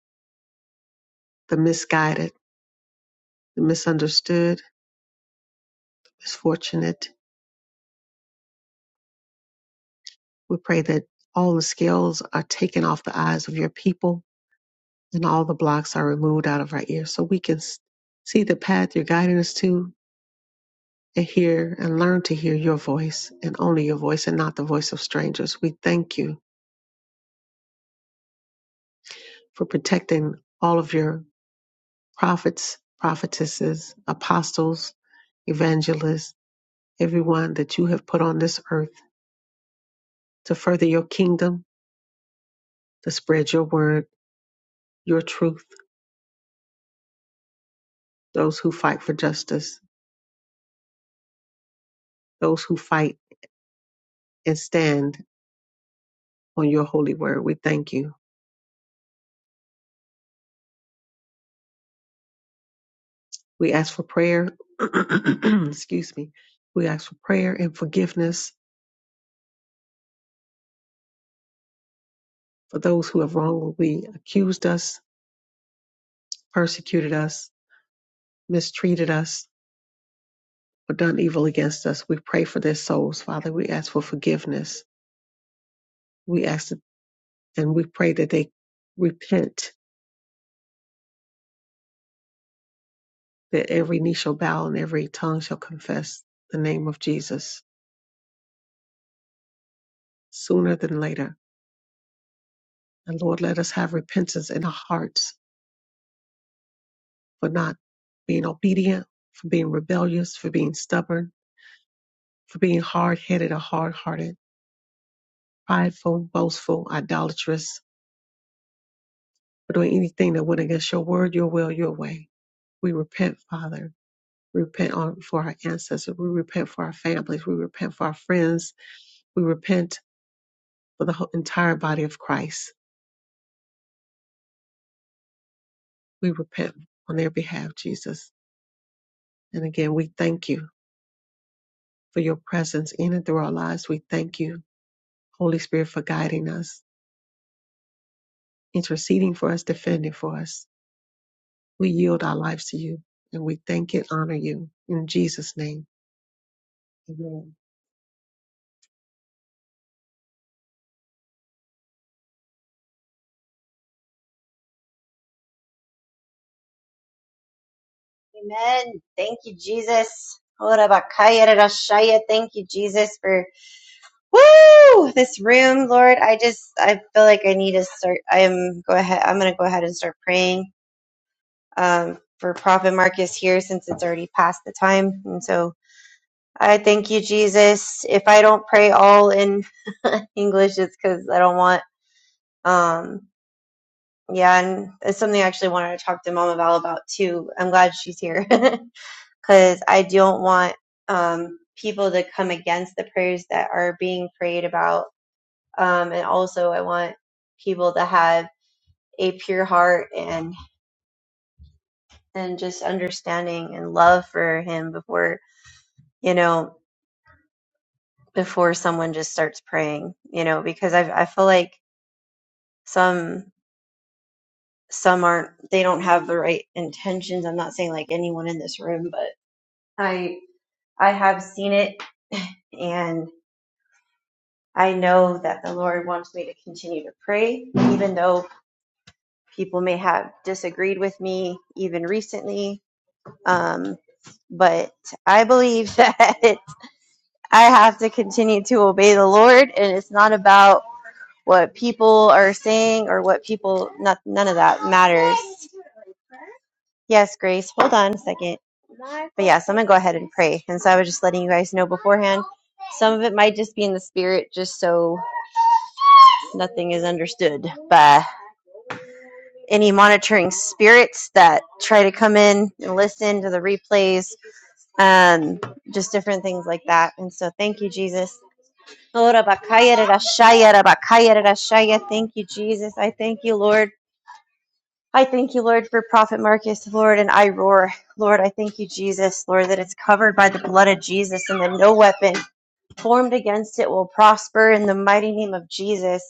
the misguided. the misunderstood, misfortunate. We pray that all the scales are taken off the eyes of your people and all the blocks are removed out of our ears so we can s- see the path you're guiding us to and hear and learn to hear your voice and only your voice and not the voice of strangers. We thank you for protecting all of your prophets, prophetesses, apostles, evangelists, everyone that you have put on this earth to further your kingdom, to spread your word, your truth those who fight for justice, those who fight and stand on your holy word. We thank you. We ask for prayer. Excuse me. We ask for prayer and forgiveness for those who have wrongly accused us, persecuted us, mistreated us, or done evil against us. We pray for their souls, Father. We ask for forgiveness. We ask that, and we pray that they repent, that every knee shall bow and every tongue shall confess the name of Jesus sooner than later. And Lord, let us have repentance in our hearts for not being obedient, for being rebellious, for being stubborn, for being hard headed or hard hearted, prideful, boastful, idolatrous, for doing anything that went against your word, your will, your way. We repent, Father. We repent on, for our ancestors. We repent for our families. We repent for our friends. We repent for the whole, entire body of Christ. We repent on their behalf, Jesus. And again, we thank you for your presence in and through our lives. We thank you Holy Spirit, for guiding us, interceding for us, defending for us. We yield our lives to you and we thank and honor you in Jesus' name. Amen. Amen. Thank you, Jesus. Ora bakaya rara Thank you, Jesus, for woo this room, Lord. I just I feel like I need to start. I am go ahead. I'm gonna go ahead and start praying um, for Prophet Marcus here since it's already past the time, and so I thank you, Jesus. If I don't pray all in English, it's because I don't want. Um, yeah, and it's something I actually wanted to talk to Mama Val about too. I'm glad she's here. because I don't want um, people to come against the prayers that are being prayed about. Um, and also, I want people to have a pure heart and and just understanding and love for Him before you know before someone just starts praying. You know, because I I feel like some some aren't they don't have the right intentions. I'm not saying like anyone in this room, but I I have seen it and. I know that the Lord wants me to continue to pray, even though people may have disagreed with me even recently. Um, but I believe that I have to continue to obey the Lord, and it's not about what people are saying or what people, not, none of that matters. Yes, Grace, hold on a second. But yes, I'm going to go ahead and pray. And so I was just letting you guys know beforehand. Some of it might just be in the spirit, just so nothing is understood. But any monitoring spirits that try to come in and listen to the replays, um, just different things like that. And so, thank you, Jesus. Lord, Abakaya Rarashaya, Rabakaya Rarashaya. Thank you, Jesus. I thank you, Lord. I thank you, Lord, for Prophet Marcus, Lord, and I roar. Lord, I thank you, Jesus, Lord, that it's covered by the blood of Jesus and that no weapon formed against it will prosper in the mighty name of Jesus.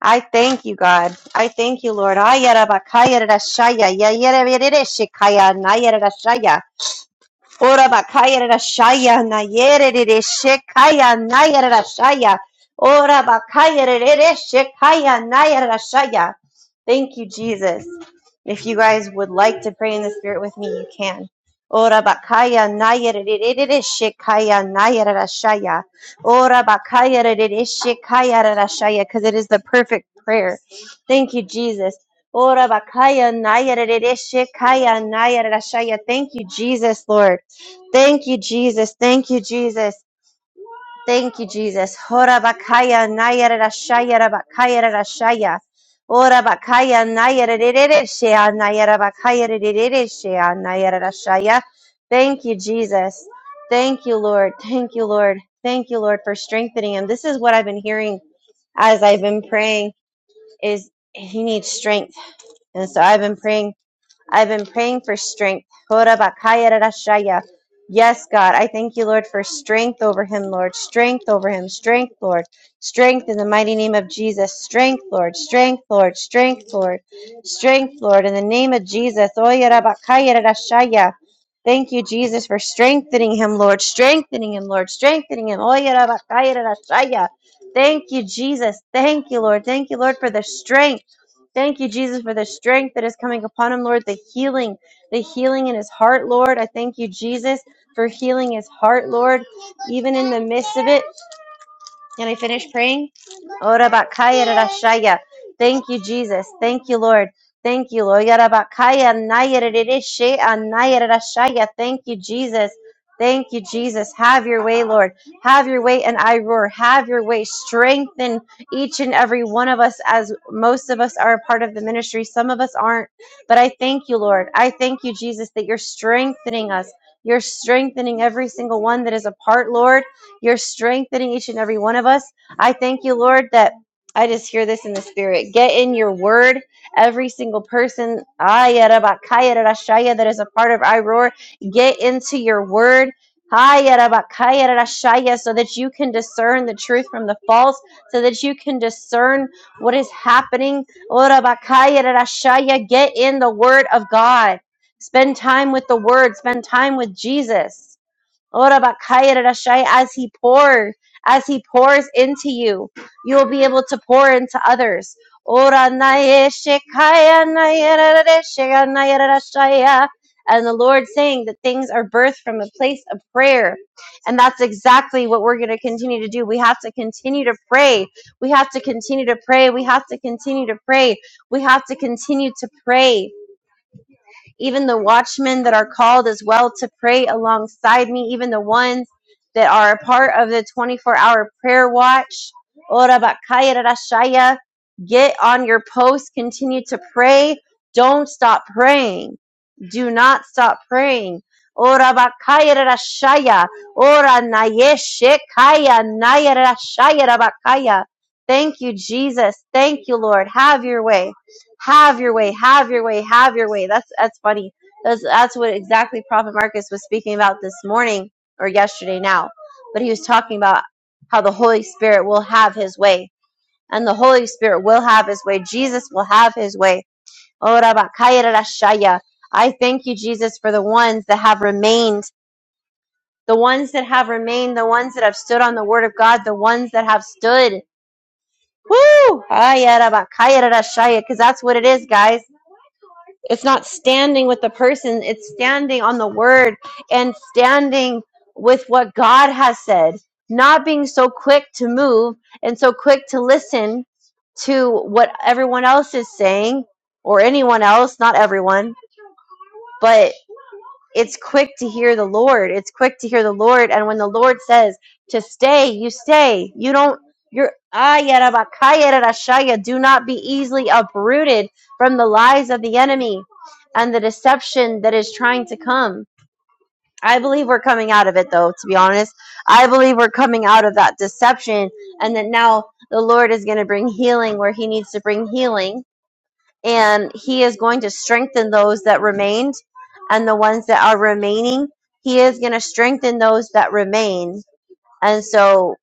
I thank you, God. I thank you, Lord. Ayarabakayarashaya, yayareberereshikaya, nayarashaya. Ora bakaya rashaya na yere rere shekaya na yere rashaya. Ora bakaya rere shekaya na yere rashaya. Thank you, Jesus. If you guys would like to pray in the spirit with me, you can. Ora bakaya na yere rere shekaya na yere rashaya. Ora bakaya rere shekaya re rashaya, because it is the perfect prayer. Thank you, Jesus. Ora bakaya na yere rere shekaya na yere rashaya. Thank you, Jesus, Lord. Thank you, Jesus. Thank you, Jesus. Thank you, Jesus. Hora bakaya nayara rashaya rabakaya rashaya. Ora bakaya nayara rerere shea nayara bakaya rerere shea nayara rashaya. Thank you, Jesus. Thank you, Lord. Thank you, Lord. Thank you, Lord, for strengthening him. This is what I've been hearing as I've been praying is he needs strength. And so I've been praying I've been praying for strength. Yes, God. I thank you, Lord, for strength over him, Lord. Strength over him. Strength, Lord. Strength in the mighty name of Jesus. Strength, Lord. Strength, Lord. Strength, Lord. Strength, Lord. In the name of Jesus. Thank you, Jesus, for strengthening him, Lord. Strengthening him, Lord. Strengthening him. Thank you, Jesus. Thank you, Lord. Thank you, Lord, for the strength. Thank you, Jesus, for the strength that is coming upon him, Lord, the healing, the healing in his heart, Lord. I thank you, Jesus, for healing his heart, Lord, even in the midst of it. Can I finish praying? Ora bakaya rarashaya. Thank you, Jesus. Thank you, Lord. Thank you, Lord. Yara bakaya naya rarereshe anaya rarashaya. Thank you, Jesus. Thank you, Jesus. Have your way, Lord. Have your way, and I roar. Have your way. Strengthen each and every one of us, as most of us are a part of the ministry. Some of us aren't. But I thank you, Lord. I thank you, Jesus, that you're strengthening us. You're strengthening every single one that is a part, Lord. You're strengthening each and every one of us. I thank you, Lord, that I just hear this in the spirit. Get in your word, every single person that is a part of I Get into your word. So that you can discern the truth from the false, so that you can discern what is happening. Get in the word of God. Spend time with the word, spend time with Jesus. Ora bakaya rarashai, As he pours, as he pours into you, you'll be able to pour into others. Ora naye shekaya naye rarare shega naye rarashaya. And the Lord saying that things are birthed from a place of prayer. And that's exactly what we're going to continue to do. We have to continue to pray. We have to continue to pray. We have to continue to pray. We have to continue to pray even the watchmen that are called as well to pray alongside me, even the ones that are a part of the 24 hour prayer watch. Ora bakaya rarashaya. Get on your post, continue to pray. Don't stop praying. Do not stop praying. Ora bakaya rarashaya. Ora nayeshekaya naya rabakaya. Thank you, Jesus. Thank you, Lord. Have your way have your way, have your way, have your way. That's that's funny. That's that's what exactly Prophet Marcus was speaking about this morning or yesterday now. But he was talking about how the Holy Spirit will have his way. And the Holy Spirit will have his way. Jesus will have his way. Oh, Rabakayarashaya. I thank you, Jesus, for the ones that have remained, the ones that have remained, the ones that have stood on the word of God, the ones that have stood. Woo! Because that's what it is, guys It's not standing with the person, it's standing on the word and standing with what God has said, not being so quick to move and so quick to listen to what everyone else is saying or anyone else, not everyone, but it's quick to hear the lord it's quick to hear the lord and when the lord says to stay you stay you don't you're Ayarabakayarashaya, do not be easily uprooted from the lies of the enemy and the deception that is trying to come i believe we're coming out of it though to be honest i believe we're coming out of that deception and that now the lord is going to bring healing where he needs to bring healing and he is going to strengthen those that remained and the ones that are remaining he is going to strengthen those that remain and so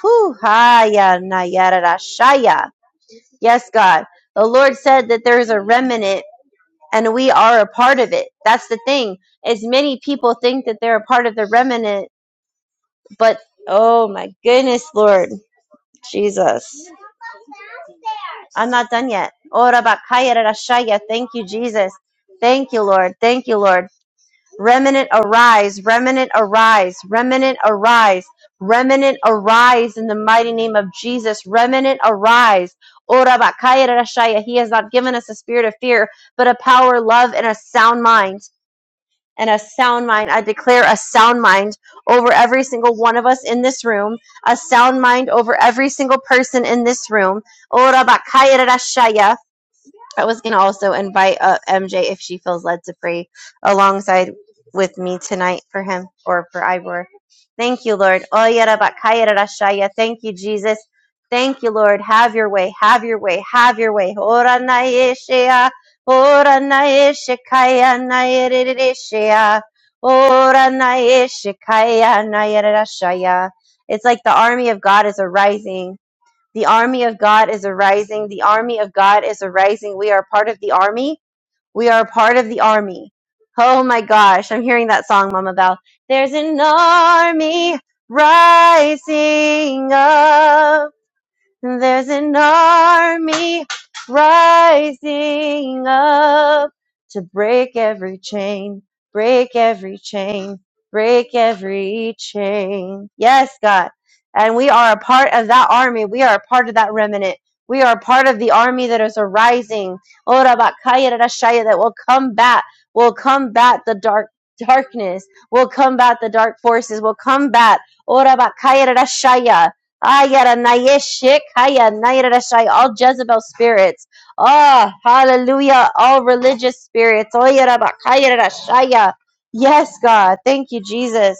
whew, ha, ya na nah, yeah, da, da, shaya. yes god the lord said that there is a remnant and we are a part of it that's the thing as many people think that they're a part of the remnant but oh my goodness lord jesus i'm not done yet Ora bakaya da, da, shaya. thank you jesus Thank you, Lord. Thank you, Lord. Remnant arise, remnant arise, remnant arise, remnant arise in the mighty name of Jesus. Remnant arise. Ora bakaya rashaya. He has not given us a spirit of fear, but a power, love, and a sound mind. And a sound mind. I declare a sound mind over every single one of us in this room. A sound mind over every single person in this room. Ora bakaya rashaya. I was going to also invite uh, MJ if she feels led to pray alongside with me tonight for him or for Ivor. Thank you, Lord. Oya raba kaya rara shaya. Thank you, Jesus. Thank you, Lord. Have your way. Have your way. Have your way. Ora na yeshea. Ora na yeshe kaya na yerere shea. Ora na yeshe kaya na yerere It's like the army of God is arising the army of God is arising. The army of God is arising. We are part of the army. We are part of the army. Oh my gosh, I'm hearing that song, Mama Val. There's an army rising up. There's an army rising up to break every chain, break every chain, break every chain. Yes, God. And we are a part of that army. We are a part of that remnant. We are a part of the army that is arising. Ora bakaya rarashaya, That will combat, will combat the dark darkness, will combat the dark forces, will combat. Ora bakaya rarashaya. Ayaranayeshik, hayanayarashai, all Jezebel spirits. Ah, hallelujah, all religious spirits. Oyarabakayarashaya. Yes, God. Thank you, Jesus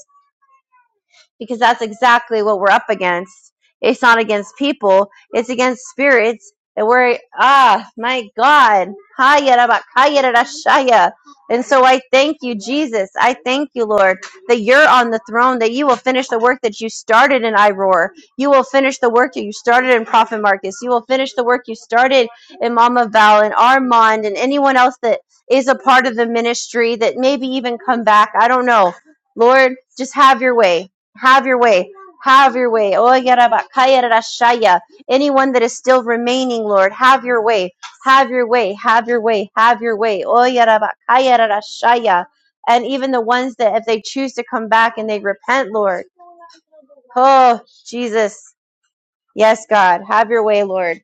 because that's exactly what we're up against. It's not against people, it's against spirits that we're, ah, my God. Haya raba- kaya rara shaya. And so I thank you, Jesus. I thank you, Lord, that you're on the throne, that you will finish the work that you started in Iroar. You will finish the work that you started in Prophet Marcus. You will finish the work you started in Mama Val and Armand and anyone else that is a part of the ministry that maybe even come back. I don't know. Lord, just have your way have your way. Have your way. Oh, yarabakaya rashaya. Anyone that is still remaining, Lord, have your way. Have your way. Have your way. Have your way. Oh, yarabakaya rashaya. And even the ones that, if they choose to come back and they repent, Lord. Oh, Jesus. Yes, God. Have your way, Lord.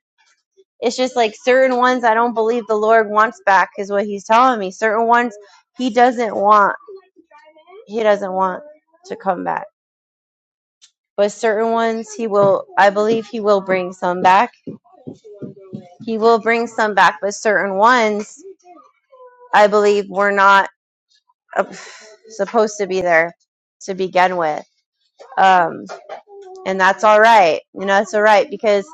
It's just like certain ones I don't believe the Lord wants back, is what He's telling me. Certain ones He doesn't want. He doesn't want to come back. but certain ones he will i believe he will bring some back he will bring some back but certain ones i believe were not uh, supposed to be there to begin with um and that's all right you know that's all right because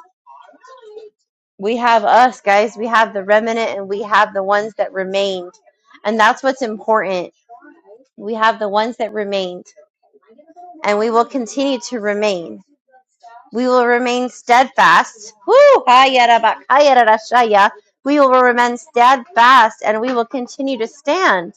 we have us guys we have the remnant and we have the ones that remained and that's what's important we have the ones that remained and we will continue to remain We will remain steadfast. Woo! We will remain steadfast and we will continue to stand.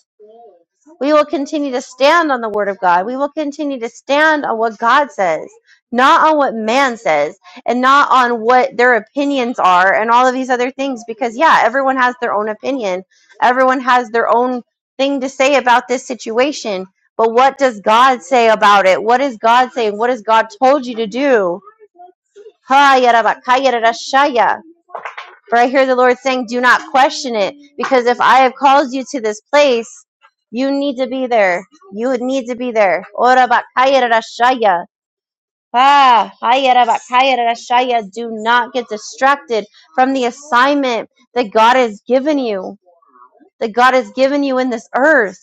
We will continue to stand on the word of God. We will continue to stand on what God says, not on what man says, and not on what their opinions are and all of these other things. Because, yeah, everyone has their own opinion, everyone has their own thing to say about this situation. But what does God say about it? What is God saying? What has God told you to do? Ha yarabakaya For I hear the Lord saying, Do not question it, because if I have called you to this place, you need to be there. You need to be there. Ora bakaya rarashaya. Ah, Do not get distracted from the assignment that God has given you, that God has given you in this earth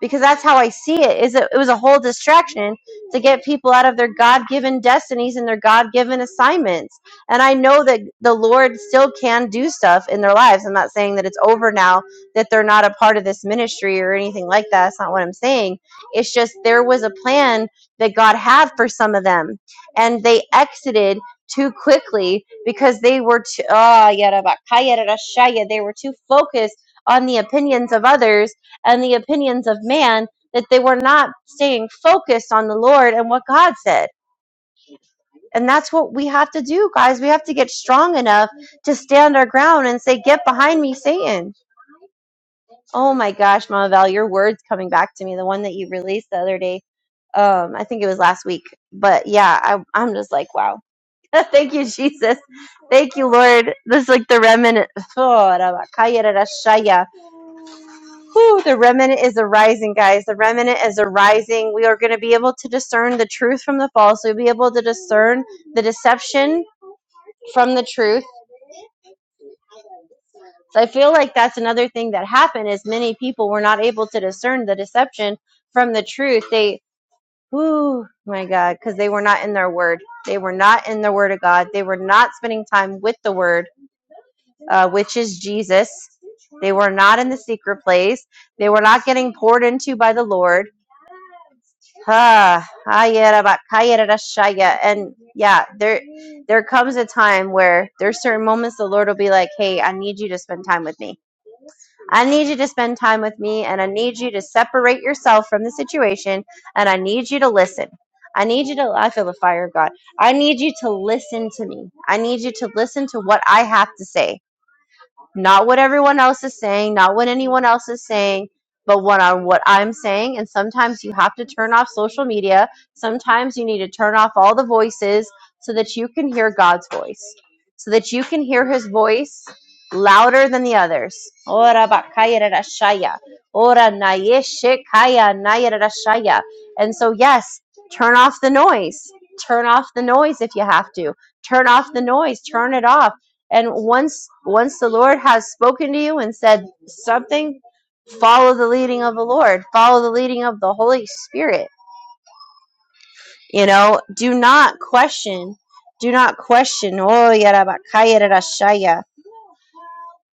because that's how I see it. Is it, it was a whole distraction to get people out of their God given destinies and their God given assignments. And I know that the Lord still can do stuff in their lives. I'm not saying that it's over now that they're not a part of this ministry or anything like that. That's not what I'm saying. It's just there was a plan that God had for some of them, and they exited too quickly because they were too ah, they were too focused on the opinions of others and the opinions of man that they were not staying focused on the Lord and what God said. And that's what we have to do, guys. We have to get strong enough to stand our ground and say, Get behind me, Satan. Oh my gosh, Mama Val, your word's coming back to me. The one that you released the other day. Um, I think it was last week. But yeah, I, I'm just like, wow. Thank you, Jesus. Thank you, Lord. This is like the remnant. Whew, the remnant is arising, guys. The remnant is arising. We are going to be able to discern the truth from the false. We'll be able to discern the deception from the truth. So I feel like that's another thing that happened is many people were not able to discern the deception from the truth. They, oh my God, because they were not in their word. They were not in the word of God. They were not spending time with the word, uh, which is Jesus. They were not in the secret place. They were not getting poured into by the Lord. Ha, ayera ba- kayera da shaya. And yeah, there there comes a time where there's certain moments the Lord will be like, Hey, I need you to spend time with me. I need you to spend time with me and I need you to separate yourself from the situation and I need you to listen. I need you to I feel the fire of God. I need you to listen to me. I need you to listen to what I have to say not what everyone else is saying, not what anyone else is saying, but what on what I'm saying. And sometimes you have to turn off social media. Sometimes you need to turn off all the voices so that you can hear God's voice, so that you can hear His voice louder than the others. Ora bakaya rarashaya. Ora nayeshekaya nayarashaya. And so, yes, turn off the noise. Turn off the noise if you have to. Turn off the noise. Turn it off and once once the Lord has spoken to you and said something, follow the leading of the Lord, follow the leading of the Holy Spirit. You know, do not question. Do not question. Oh, yarabakaya rashaya.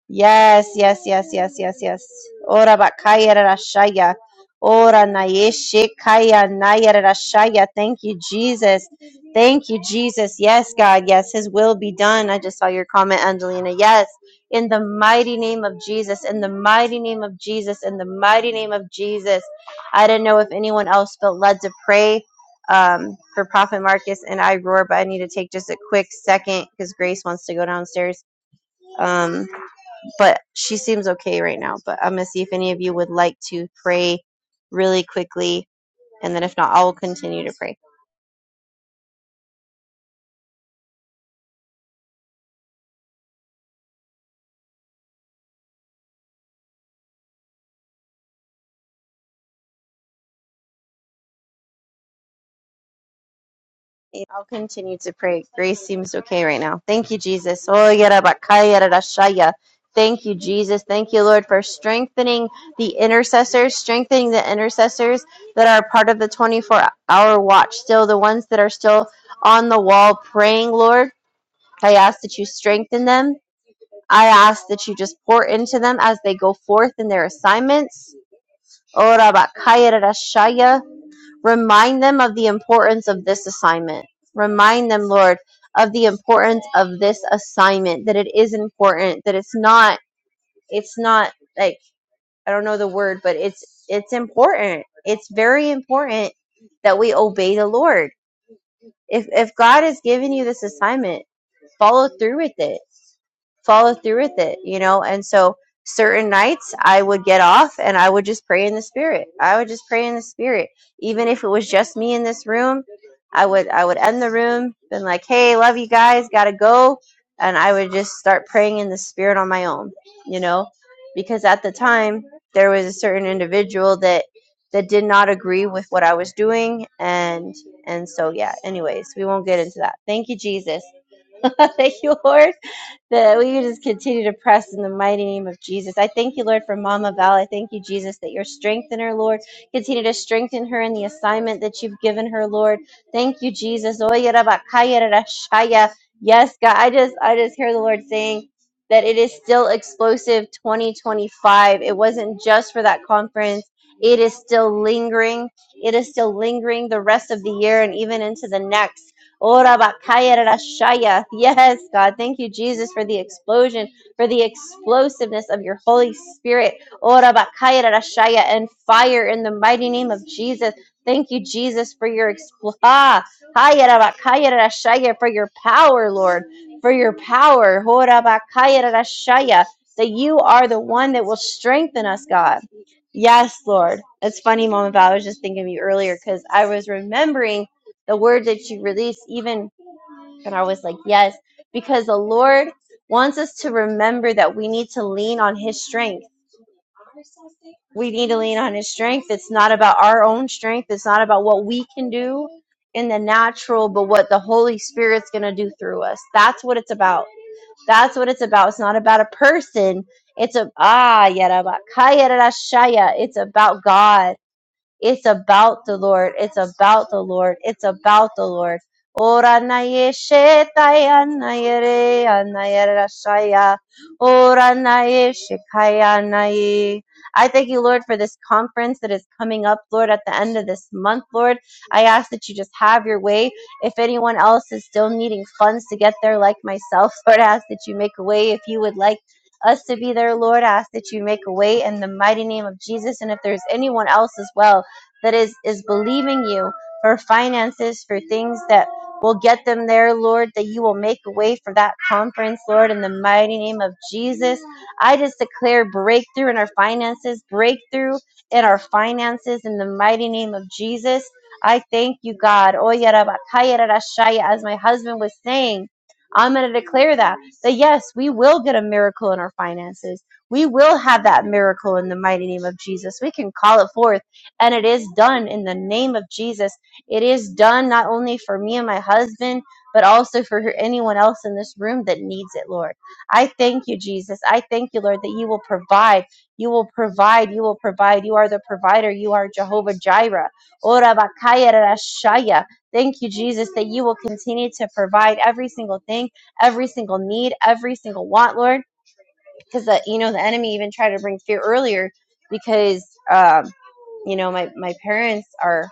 Yes, yes, yes, yes, yes, yes. Ora bakaya rashaya. Ora nayeshe kaya naya rashaya. Thank you, Jesus. Thank you, Jesus. Yes, God. Yes, His will be done. I just saw your comment, Angelina. Yes, in the mighty name of Jesus. In the mighty name of Jesus. In the mighty name of Jesus. I didn't know if anyone else felt led to pray um, for Prophet Marcus and I roar, but I need to take just a quick second because Grace wants to go downstairs. Um, but she seems okay right now. But I'm gonna see if any of you would like to pray really quickly, and then if not, I will continue to pray. I'll continue to pray. Grace seems okay right now. Thank you, Jesus. Oh, yada bakaya da da Thank you, Jesus. Thank you, Lord, for strengthening the intercessors, strengthening the intercessors that are part of the 24 hour watch, still the ones that are still on the wall praying, Lord. I ask that you strengthen them I ask that you just pour into them as they go forth in their assignments. Ora bakaya rarashaya. Remind them of the importance of this assignment. Remind them, Lord, of the importance of this assignment, that it is important, that it's not, it's not like, I don't know the word, but it's, it's important. It's very important that we obey the Lord. If, if God has given you this assignment, follow through with it follow through with it, you know? And so certain nights I would get off and I would just pray in the spirit. I would just pray in the spirit. Even if it was just me in this room, I would I would end the room, been like, Hey, love you guys, gotta go and I would just start praying in the spirit on my own, you know? Because at the time there was a certain individual that that did not agree with what I was doing and and so yeah, anyways, we won't get into that. Thank you, Jesus. thank you, Lord, that we just continue to press in the mighty name of Jesus. I thank you, Lord, for Mama Val. I thank you, Jesus, that you're strengthening her, Lord. Continue to strengthen her in the assignment that you've given her, Lord. Thank you, Jesus. Oye, raba, kaya, rara, shaya. Yes, God. I just I just hear the Lord saying that it is still explosive 2025. It wasn't just for that conference. It is still lingering. It is still lingering the rest of the year and even into the next. Ora bakaya rashaya. Yes, God. Thank you, Jesus, for the explosion, for the explosiveness of your Holy Spirit. Ora bakaya rashaya and fire in the mighty name of Jesus. Thank you, Jesus, for your expl- ah, haya rabakaya rashaya, for your power, Lord, for your power. Ora bakaya rashaya, That you are the one that will strengthen us, God. Yes, Lord. It's funny, Mama Val. I was just thinking of you earlier because I was remembering the word that you release, even, and I was like, yes, because the Lord wants us to remember that we need to lean on His strength. We need to lean on His strength. It's not about our own strength, it's not about what we can do in the natural, but what the Holy Spirit's going to do through us. That's what it's about. That's what it's about. It's not about a person. It's a ah yada ba- It's about God. It's about the Lord. It's about the Lord. It's about the Lord. Ora na ye shetaya na ye re ana Ora na ye shikaya na ye. I thank you, Lord, for this conference that is coming up, Lord, at the end of this month, Lord. I ask that you just have your way. If anyone else is still needing funds to get there, like myself, Lord, I ask that you make a way. If you would like us to be there, Lord, I ask that you make a way in the mighty name of Jesus. And if there's anyone else as well, that is is believing you for finances for things that will get them there lord that you will make a way for that conference lord in the mighty name of jesus i just declare breakthrough in our finances breakthrough in our finances in the mighty name of jesus i thank you god Oya raba kaya rara shaya, as my husband was saying i'm going to declare that that yes we will get a miracle in our finances we will have that miracle in the mighty name of jesus we can call it forth and it is done in the name of Jesus. It is done not only for me and my husband, but also for anyone else in this room that needs it, Lord. I thank you, Jesus. I thank you, Lord, that you will provide. You will provide. You will provide. You are the provider. You are Jehovah Jireh. Ora bakaya rashaya. Thank you, Jesus, that you will continue to provide every single thing, every single need, every single want, Lord because the you know the enemy even tried to bring fear earlier because um, you know my my parents are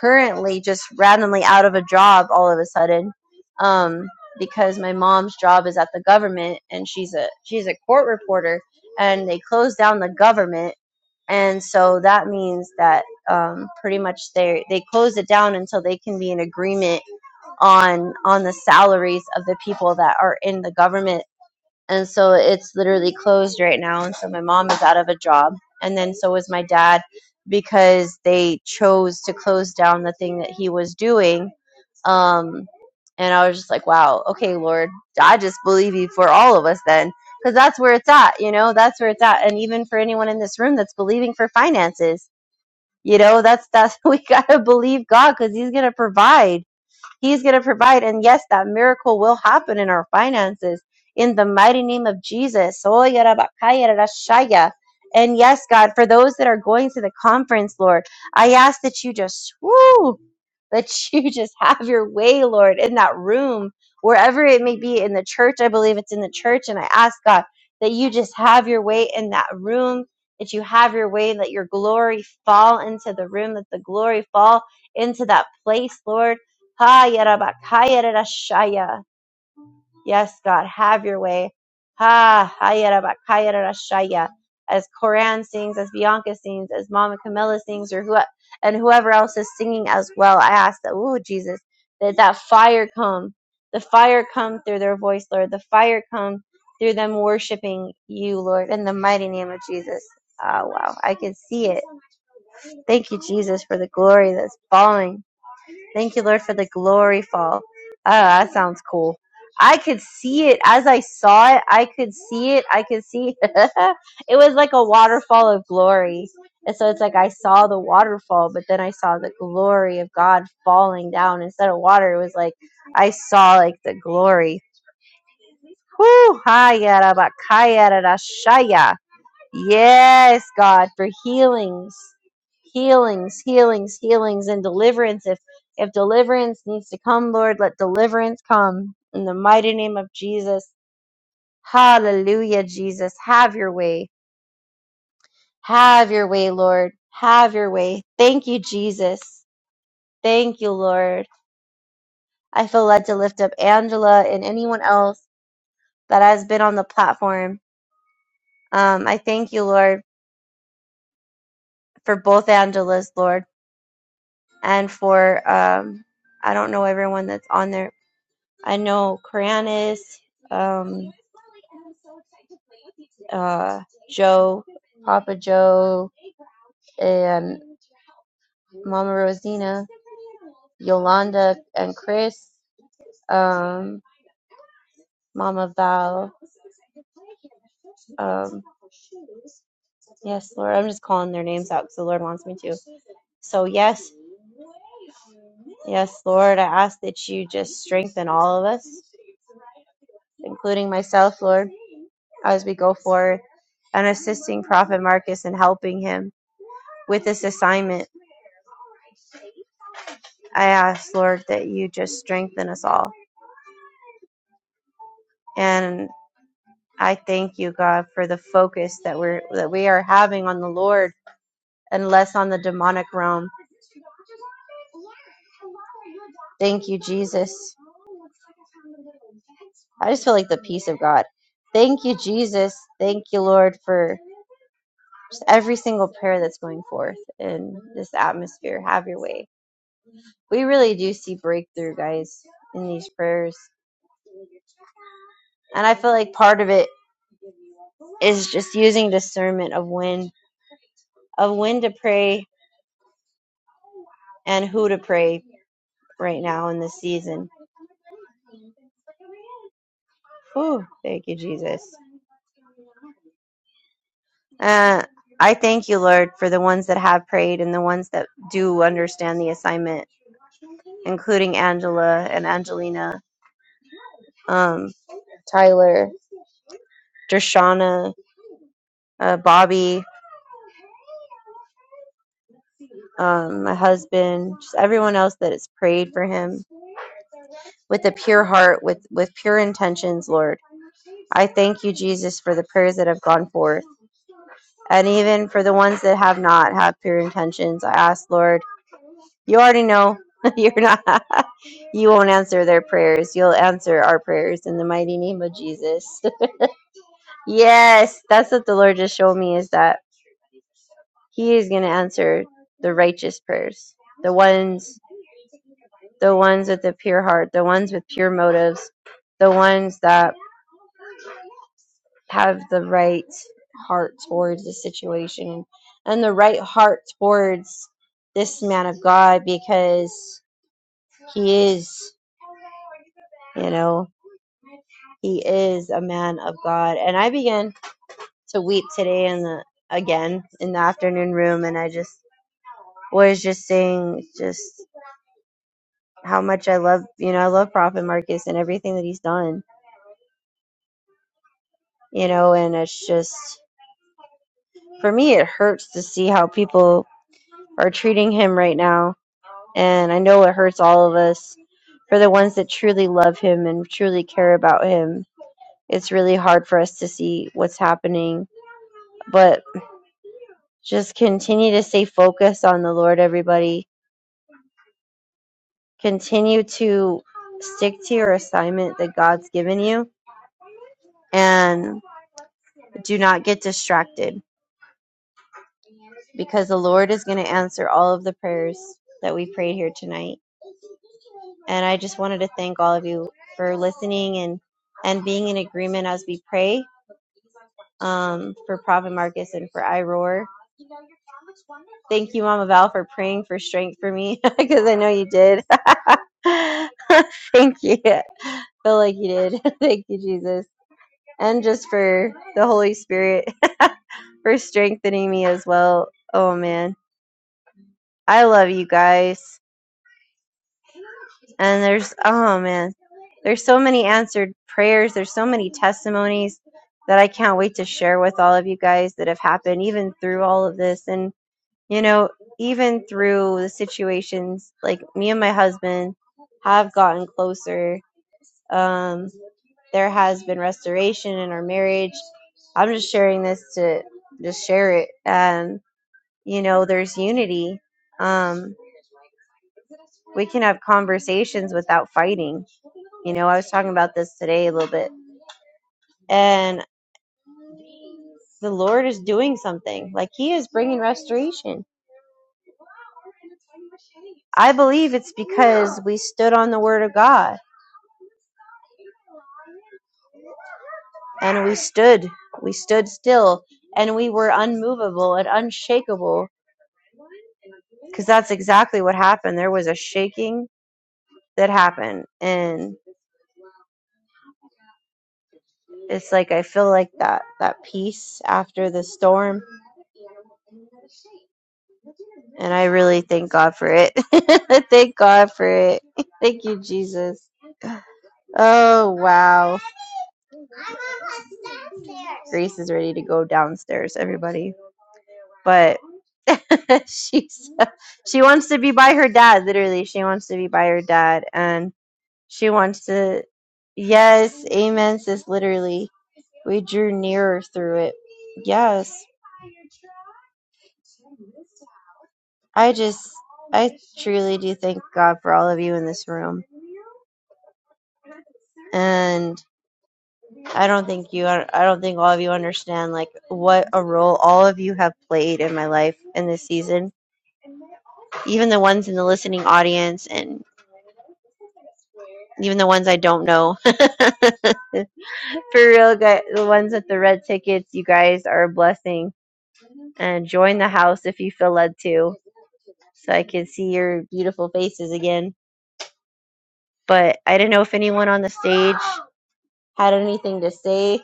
currently just randomly out of a job all of a sudden um, because my mom's job is at the government and she's a she's a court reporter and they closed down the government and so that means that um, pretty much they they close it down until they can be in agreement on on the salaries of the people that are in the government and so it's literally closed right now and so my mom is out of a job and then so is my dad because they chose to close down the thing that he was doing um and i was just like wow okay lord i just believe you for all of us then because that's where it's at you know that's where it's at and even for anyone in this room that's believing for finances you know that's that's we gotta believe god because he's gonna provide He's going to provide. And yes, that miracle will happen in our finances in the mighty name of Jesus. And yes, God, for those that are going to the conference, Lord, I ask that you just, woo, that you just have your way, Lord, in that room, wherever it may be in the church. I believe it's in the church. And I ask, God, that you just have your way in that room, that you have your way, and let your glory fall into the room, that the glory fall into that place, Lord Ha yarabakaya yarashaya. Yes, God, have your way. Ha ha yarabakaya yarashaya. As Koran sings, as Bianca sings, as Mama Camilla sings, or who and whoever else is singing as well, I ask that, ooh, Jesus, that that fire come, the fire come through their voice, Lord, the fire come through them worshiping you, Lord, in the mighty name of Jesus. Ah, wow, I can see it. Thank you, Jesus, for the glory that's falling. Thank you, Lord, for the glory fall. Oh, that sounds cool. I could see it as I saw it. I could see it. I could see it was like a waterfall of glory. And so it's like I saw the waterfall, but then I saw the glory of God falling down instead of water. It was like I saw like the glory. Whoo! Hi, yada, bakaya, da, da, shaya. Yes, God, for healings, healings, healings, healings, and deliverance. If if deliverance needs to come, Lord, let deliverance come in the mighty name of Jesus. Hallelujah, Jesus. Have your way. Have your way, Lord. Have your way. Thank you, Jesus. Thank you, Lord. I feel led to lift up Angela and anyone else that has been on the platform. Um, I thank you, Lord, for both Angelas, Lord. and for um, I don't know everyone that's on there. I know Karanis, um, uh, Joe, Papa Joe, and Mama Rosina, Yolanda, and Chris. Um, Mama Val. Um, yes, Lord. I'm just calling their names out because the Lord wants me to. So, yes, yes, Lord, I ask that you just strengthen all of us, including myself, Lord, as we go forward and assisting Prophet Marcus and helping him with this assignment. I ask, Lord, that you just strengthen us all. and. I thank you, God, for the focus that we're that we are having on the Lord and less on the demonic realm. Thank you, Jesus. I just feel like the peace of God. Thank you, Jesus. Thank you, Lord, for just every single prayer that's going forth in this atmosphere. Have your way. We really do see breakthrough, guys, in these prayers. And I feel like part of it is just using discernment of when of when to pray and who to pray right now in this season. Whew, thank you, Jesus. Uh, I thank you, Lord, for the ones that have prayed and the ones that do understand the assignment, including Angela and Angelina, um, Tyler, Dershana, uh, Bobby. um, my husband, just everyone else that has prayed for him with a pure heart, with, with pure intentions, Lord. I thank you, Jesus, for the prayers that have gone forth. And even for the ones that have not had pure intentions, I ask, Lord, you already know you're not, you won't answer their prayers. You'll answer our prayers in the mighty name of Jesus. yes, that's what the Lord just showed me is that He is going to answer the righteous prayers, the ones the ones with the pure heart, the ones with pure motives, the ones that have the right heart towards the situation and the right heart towards this man of God because he is, you know, he is a man of God. And I began to weep today in the again in the afternoon room and I just was just saying just how much I love, you know, I love Prophet Marcus and everything that he's done, you know, and it's just For me, it hurts to see how people are treating him right now. And I know it hurts all of us. For the ones that truly love him and truly care about him, it's really hard for us to see what's happening. But just continue to stay focused on the Lord, everybody. Continue to stick to your assignment that God's given you and do not get distracted because the Lord is going to answer all of the prayers that we prayed here tonight. And I just wanted to thank all of you for listening and and being in agreement as we pray um, for Prophet Marcus and for Iroar. Thank you, Mama Val, for praying for strength for me because I know you did. Thank you. I Feel like you did. Thank you, Jesus, and just for the Holy Spirit for strengthening me as well. Oh man. I love you guys. And there's, oh man, there's so many answered prayers. There's so many testimonies that I can't wait to share with all of you guys that have happened, even through all of this. And, you know, even through the situations, like me and my husband have gotten closer. Um, there has been restoration in our marriage. I'm just sharing this to just share it. And, you know, there's unity. Um, we can have conversations without fighting You know, I was talking about this today a little bit, and the Lord is doing something. Like He is bringing restoration. I believe it's because we stood on the Word of God, and we stood, we stood still, and we were unmovable and unshakable, because that's exactly what happened. There was a shaking that happened, and it's like I feel like that that peace after the storm, and I really thank God for it. thank God for it. thank you, Jesus. Oh, wow. Grace is ready to go downstairs, everybody. But she's she wants to be by her dad, literally. She wants to be by her dad and she wants to Yes, amen, sis, literally. We drew nearer through it. Yes. I just I truly do thank God for all of you in this room. and. I don't think you are, I don't think all of you understand like what a role all of you have played in my life in this season. Even the ones in the listening audience and even the ones I don't know. For real, guys, the ones with the red tickets, you guys are a blessing. And join the house if you feel led to so I can see your beautiful faces again. But I didn't know if anyone on the stage had anything to say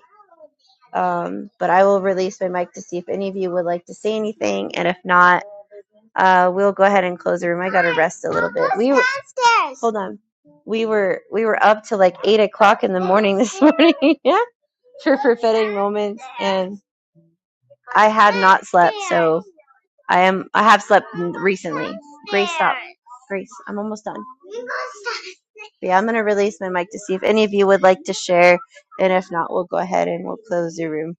Um, but I will release my mic to see if any of you would like to say anything, and if not, uh, we'll go ahead and close the room. I gotta rest a little bit. We were hold on. We were we were up till like eight o'clock in the morning this morning. yeah, for prophetic moments, and I had not slept, so I am I have slept recently. Grace, stop. Grace, I'm almost done. But yeah, I'm gonna release my mic to see if any of you would like to share, and if not, we'll go ahead and we'll close the room.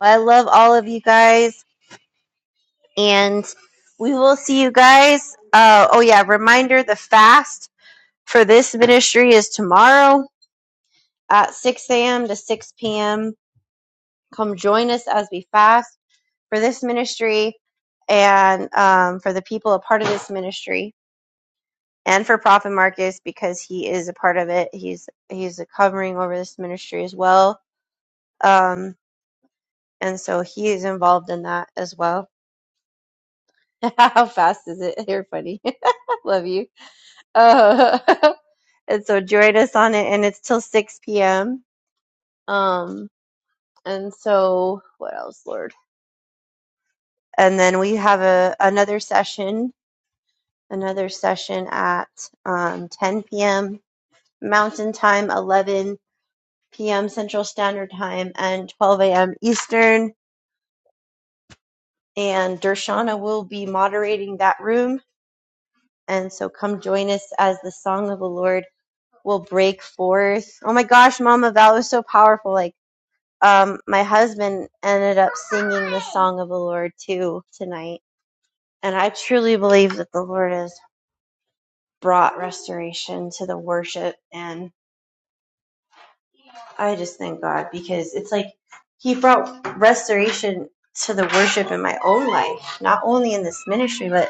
Well, I love all of you guys. and we will see you guys. Uh, oh yeah, reminder: the fast for this ministry is tomorrow at 6 a.m. to 6 p.m. Come join us as we fast for this ministry and um, for the people a part of this ministry and for prophet marcus because he is a part of it he's he's covering over this ministry as well um, and so he is involved in that as well how fast is it you're funny love you Uh, And so join us on it, and it's till 6 p.m. Um, and so what else, Lord? And then we have a another session, another session at um, 10 p.m. Mountain Time, 11 p.m. Central Standard Time, and 12 a.m. Eastern. And Dershana will be moderating that room. And so come join us as the song of the Lord will break forth. Oh my gosh, Mama, that was so powerful. Like um, my husband ended up singing the song of the Lord too tonight. And I truly believe that the Lord has brought restoration to the worship. And I just thank God because it's like He brought restoration to the worship in my own life, not only in this ministry, but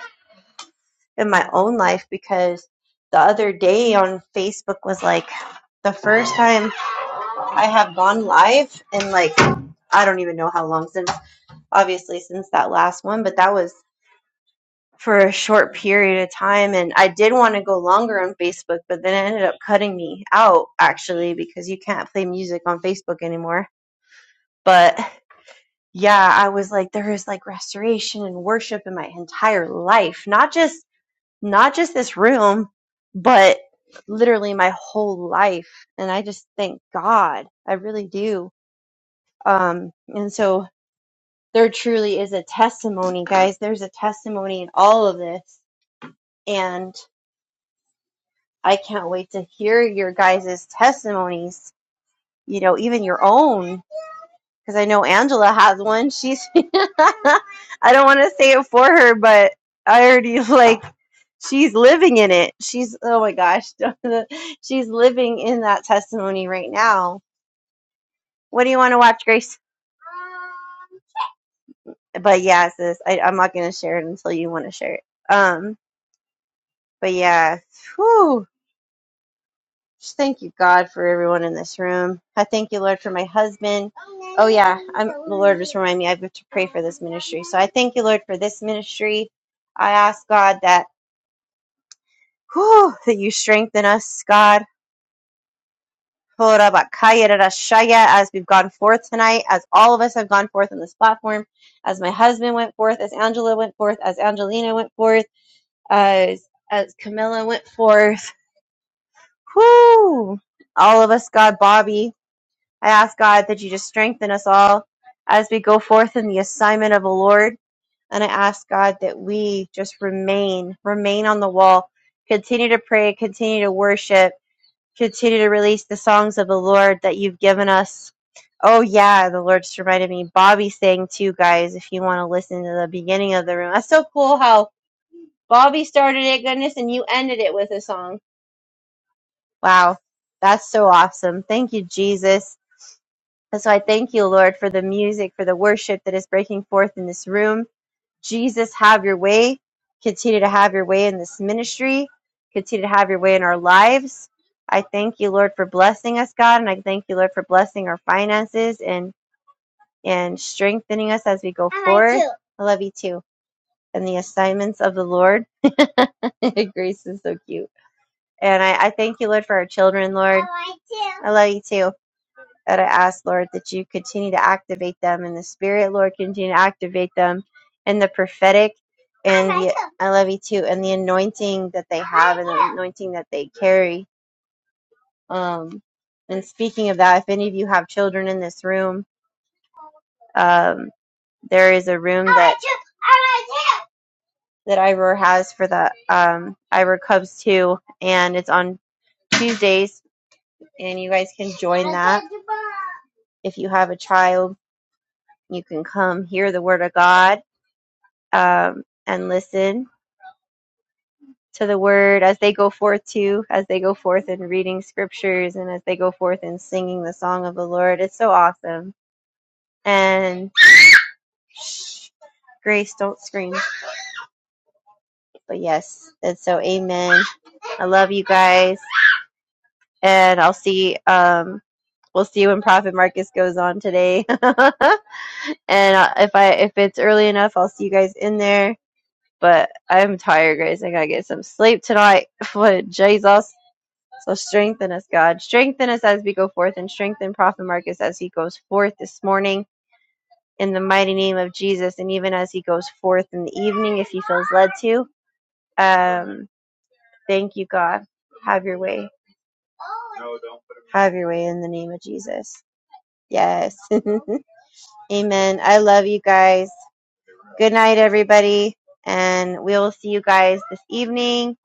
in my own life. Because the other day on Facebook was like the first time I have gone live and like I don't even know how long since obviously since that last one, but that was for a short period of time and I did want to go longer on Facebook, but then it ended up cutting me out actually because you can't play music on Facebook anymore. But yeah, I was like there is like restoration and worship in my entire life, not just not just this room, but literally my whole life and I just thank God. I really do. Um and so there truly is a testimony, guys. There's a testimony in all of this. and. I can't wait to hear your guys' testimonies, you know, even your own. Because I know Angela has one. She's, I don't want to say it for her, but I already like, she's living in it. She's, oh my gosh, she's living in that testimony right now. What do you want to watch, Grace? But yeah, sis, I, I'm not going to share it until you want to share it. Um, but yeah, whew. Just thank you, God, for everyone in this room. I thank you, Lord, for my husband. Oh yeah, I'm the Lord just reminded me I have to pray for this ministry. So I thank you, Lord, for this ministry. I ask God that whew, that you strengthen us, God. As we've gone forth tonight, as all of us have gone forth on this platform, as my husband went forth, as Angela went forth, as Angelina went forth, as as Camilla went forth, whoo, all of us, God, Bobby, I ask God that you just strengthen us all as we go forth in the assignment of the Lord. And I ask God that we just remain, remain on the wall, continue to pray, continue to worship, continue to release the songs of the Lord that you've given us. Oh yeah, the Lord just reminded me. Bobby sang too, guys. If you want to listen to the beginning of the room, that's so cool how Bobby started it, goodness, and you ended it with a song. Wow, that's so awesome. Thank you, Jesus. And so I thank you, Lord, for the music, for the worship that is breaking forth in this room. Jesus, have your way. Continue to have your way in this ministry. Continue to have your way in our lives. I thank you, Lord, for blessing us, God, and I thank you, Lord, for blessing our finances and and strengthening us as we go forward. I love you too. And the assignments of the Lord. Grace is so cute. And I, I thank you, Lord, for our children, Lord. I love you too. That I ask, Lord, that you continue to activate them in the spirit, Lord, continue to activate them in the prophetic and the, I love you too, and the anointing that they have and the anointing that they carry. Um, and speaking of that, if any of you have children in this room, um, there is a room that that Ivor has for the um, Ivor Cubs too, and it's on Tuesdays, and you guys can join that. If you have a child, you can come hear the word of God um, and listen to the word as they go forth too, as they go forth in reading scriptures and as they go forth in singing the song of the Lord. It's so awesome. And shh, Grace, don't scream. But yes, and so amen. I love you guys, and I'll see. Um, we'll see when Prophet Marcus goes on today. and uh, if I if it's early enough, I'll see you guys in there. But I'm tired, guys. I gotta get some sleep tonight. For Jesus. So strengthen us, God. Strengthen us as we go forth and strengthen Prophet Marcus as he goes forth this morning in the mighty name of Jesus. And even as he goes forth in the evening, if he feels led to. Um, thank you, God. Have your way. Have your way in the name of Jesus. Yes. Amen. I love you guys. Good night, everybody. And we'll see you guys this evening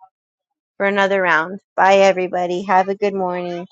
for another round. Bye, everybody. Have a good morning.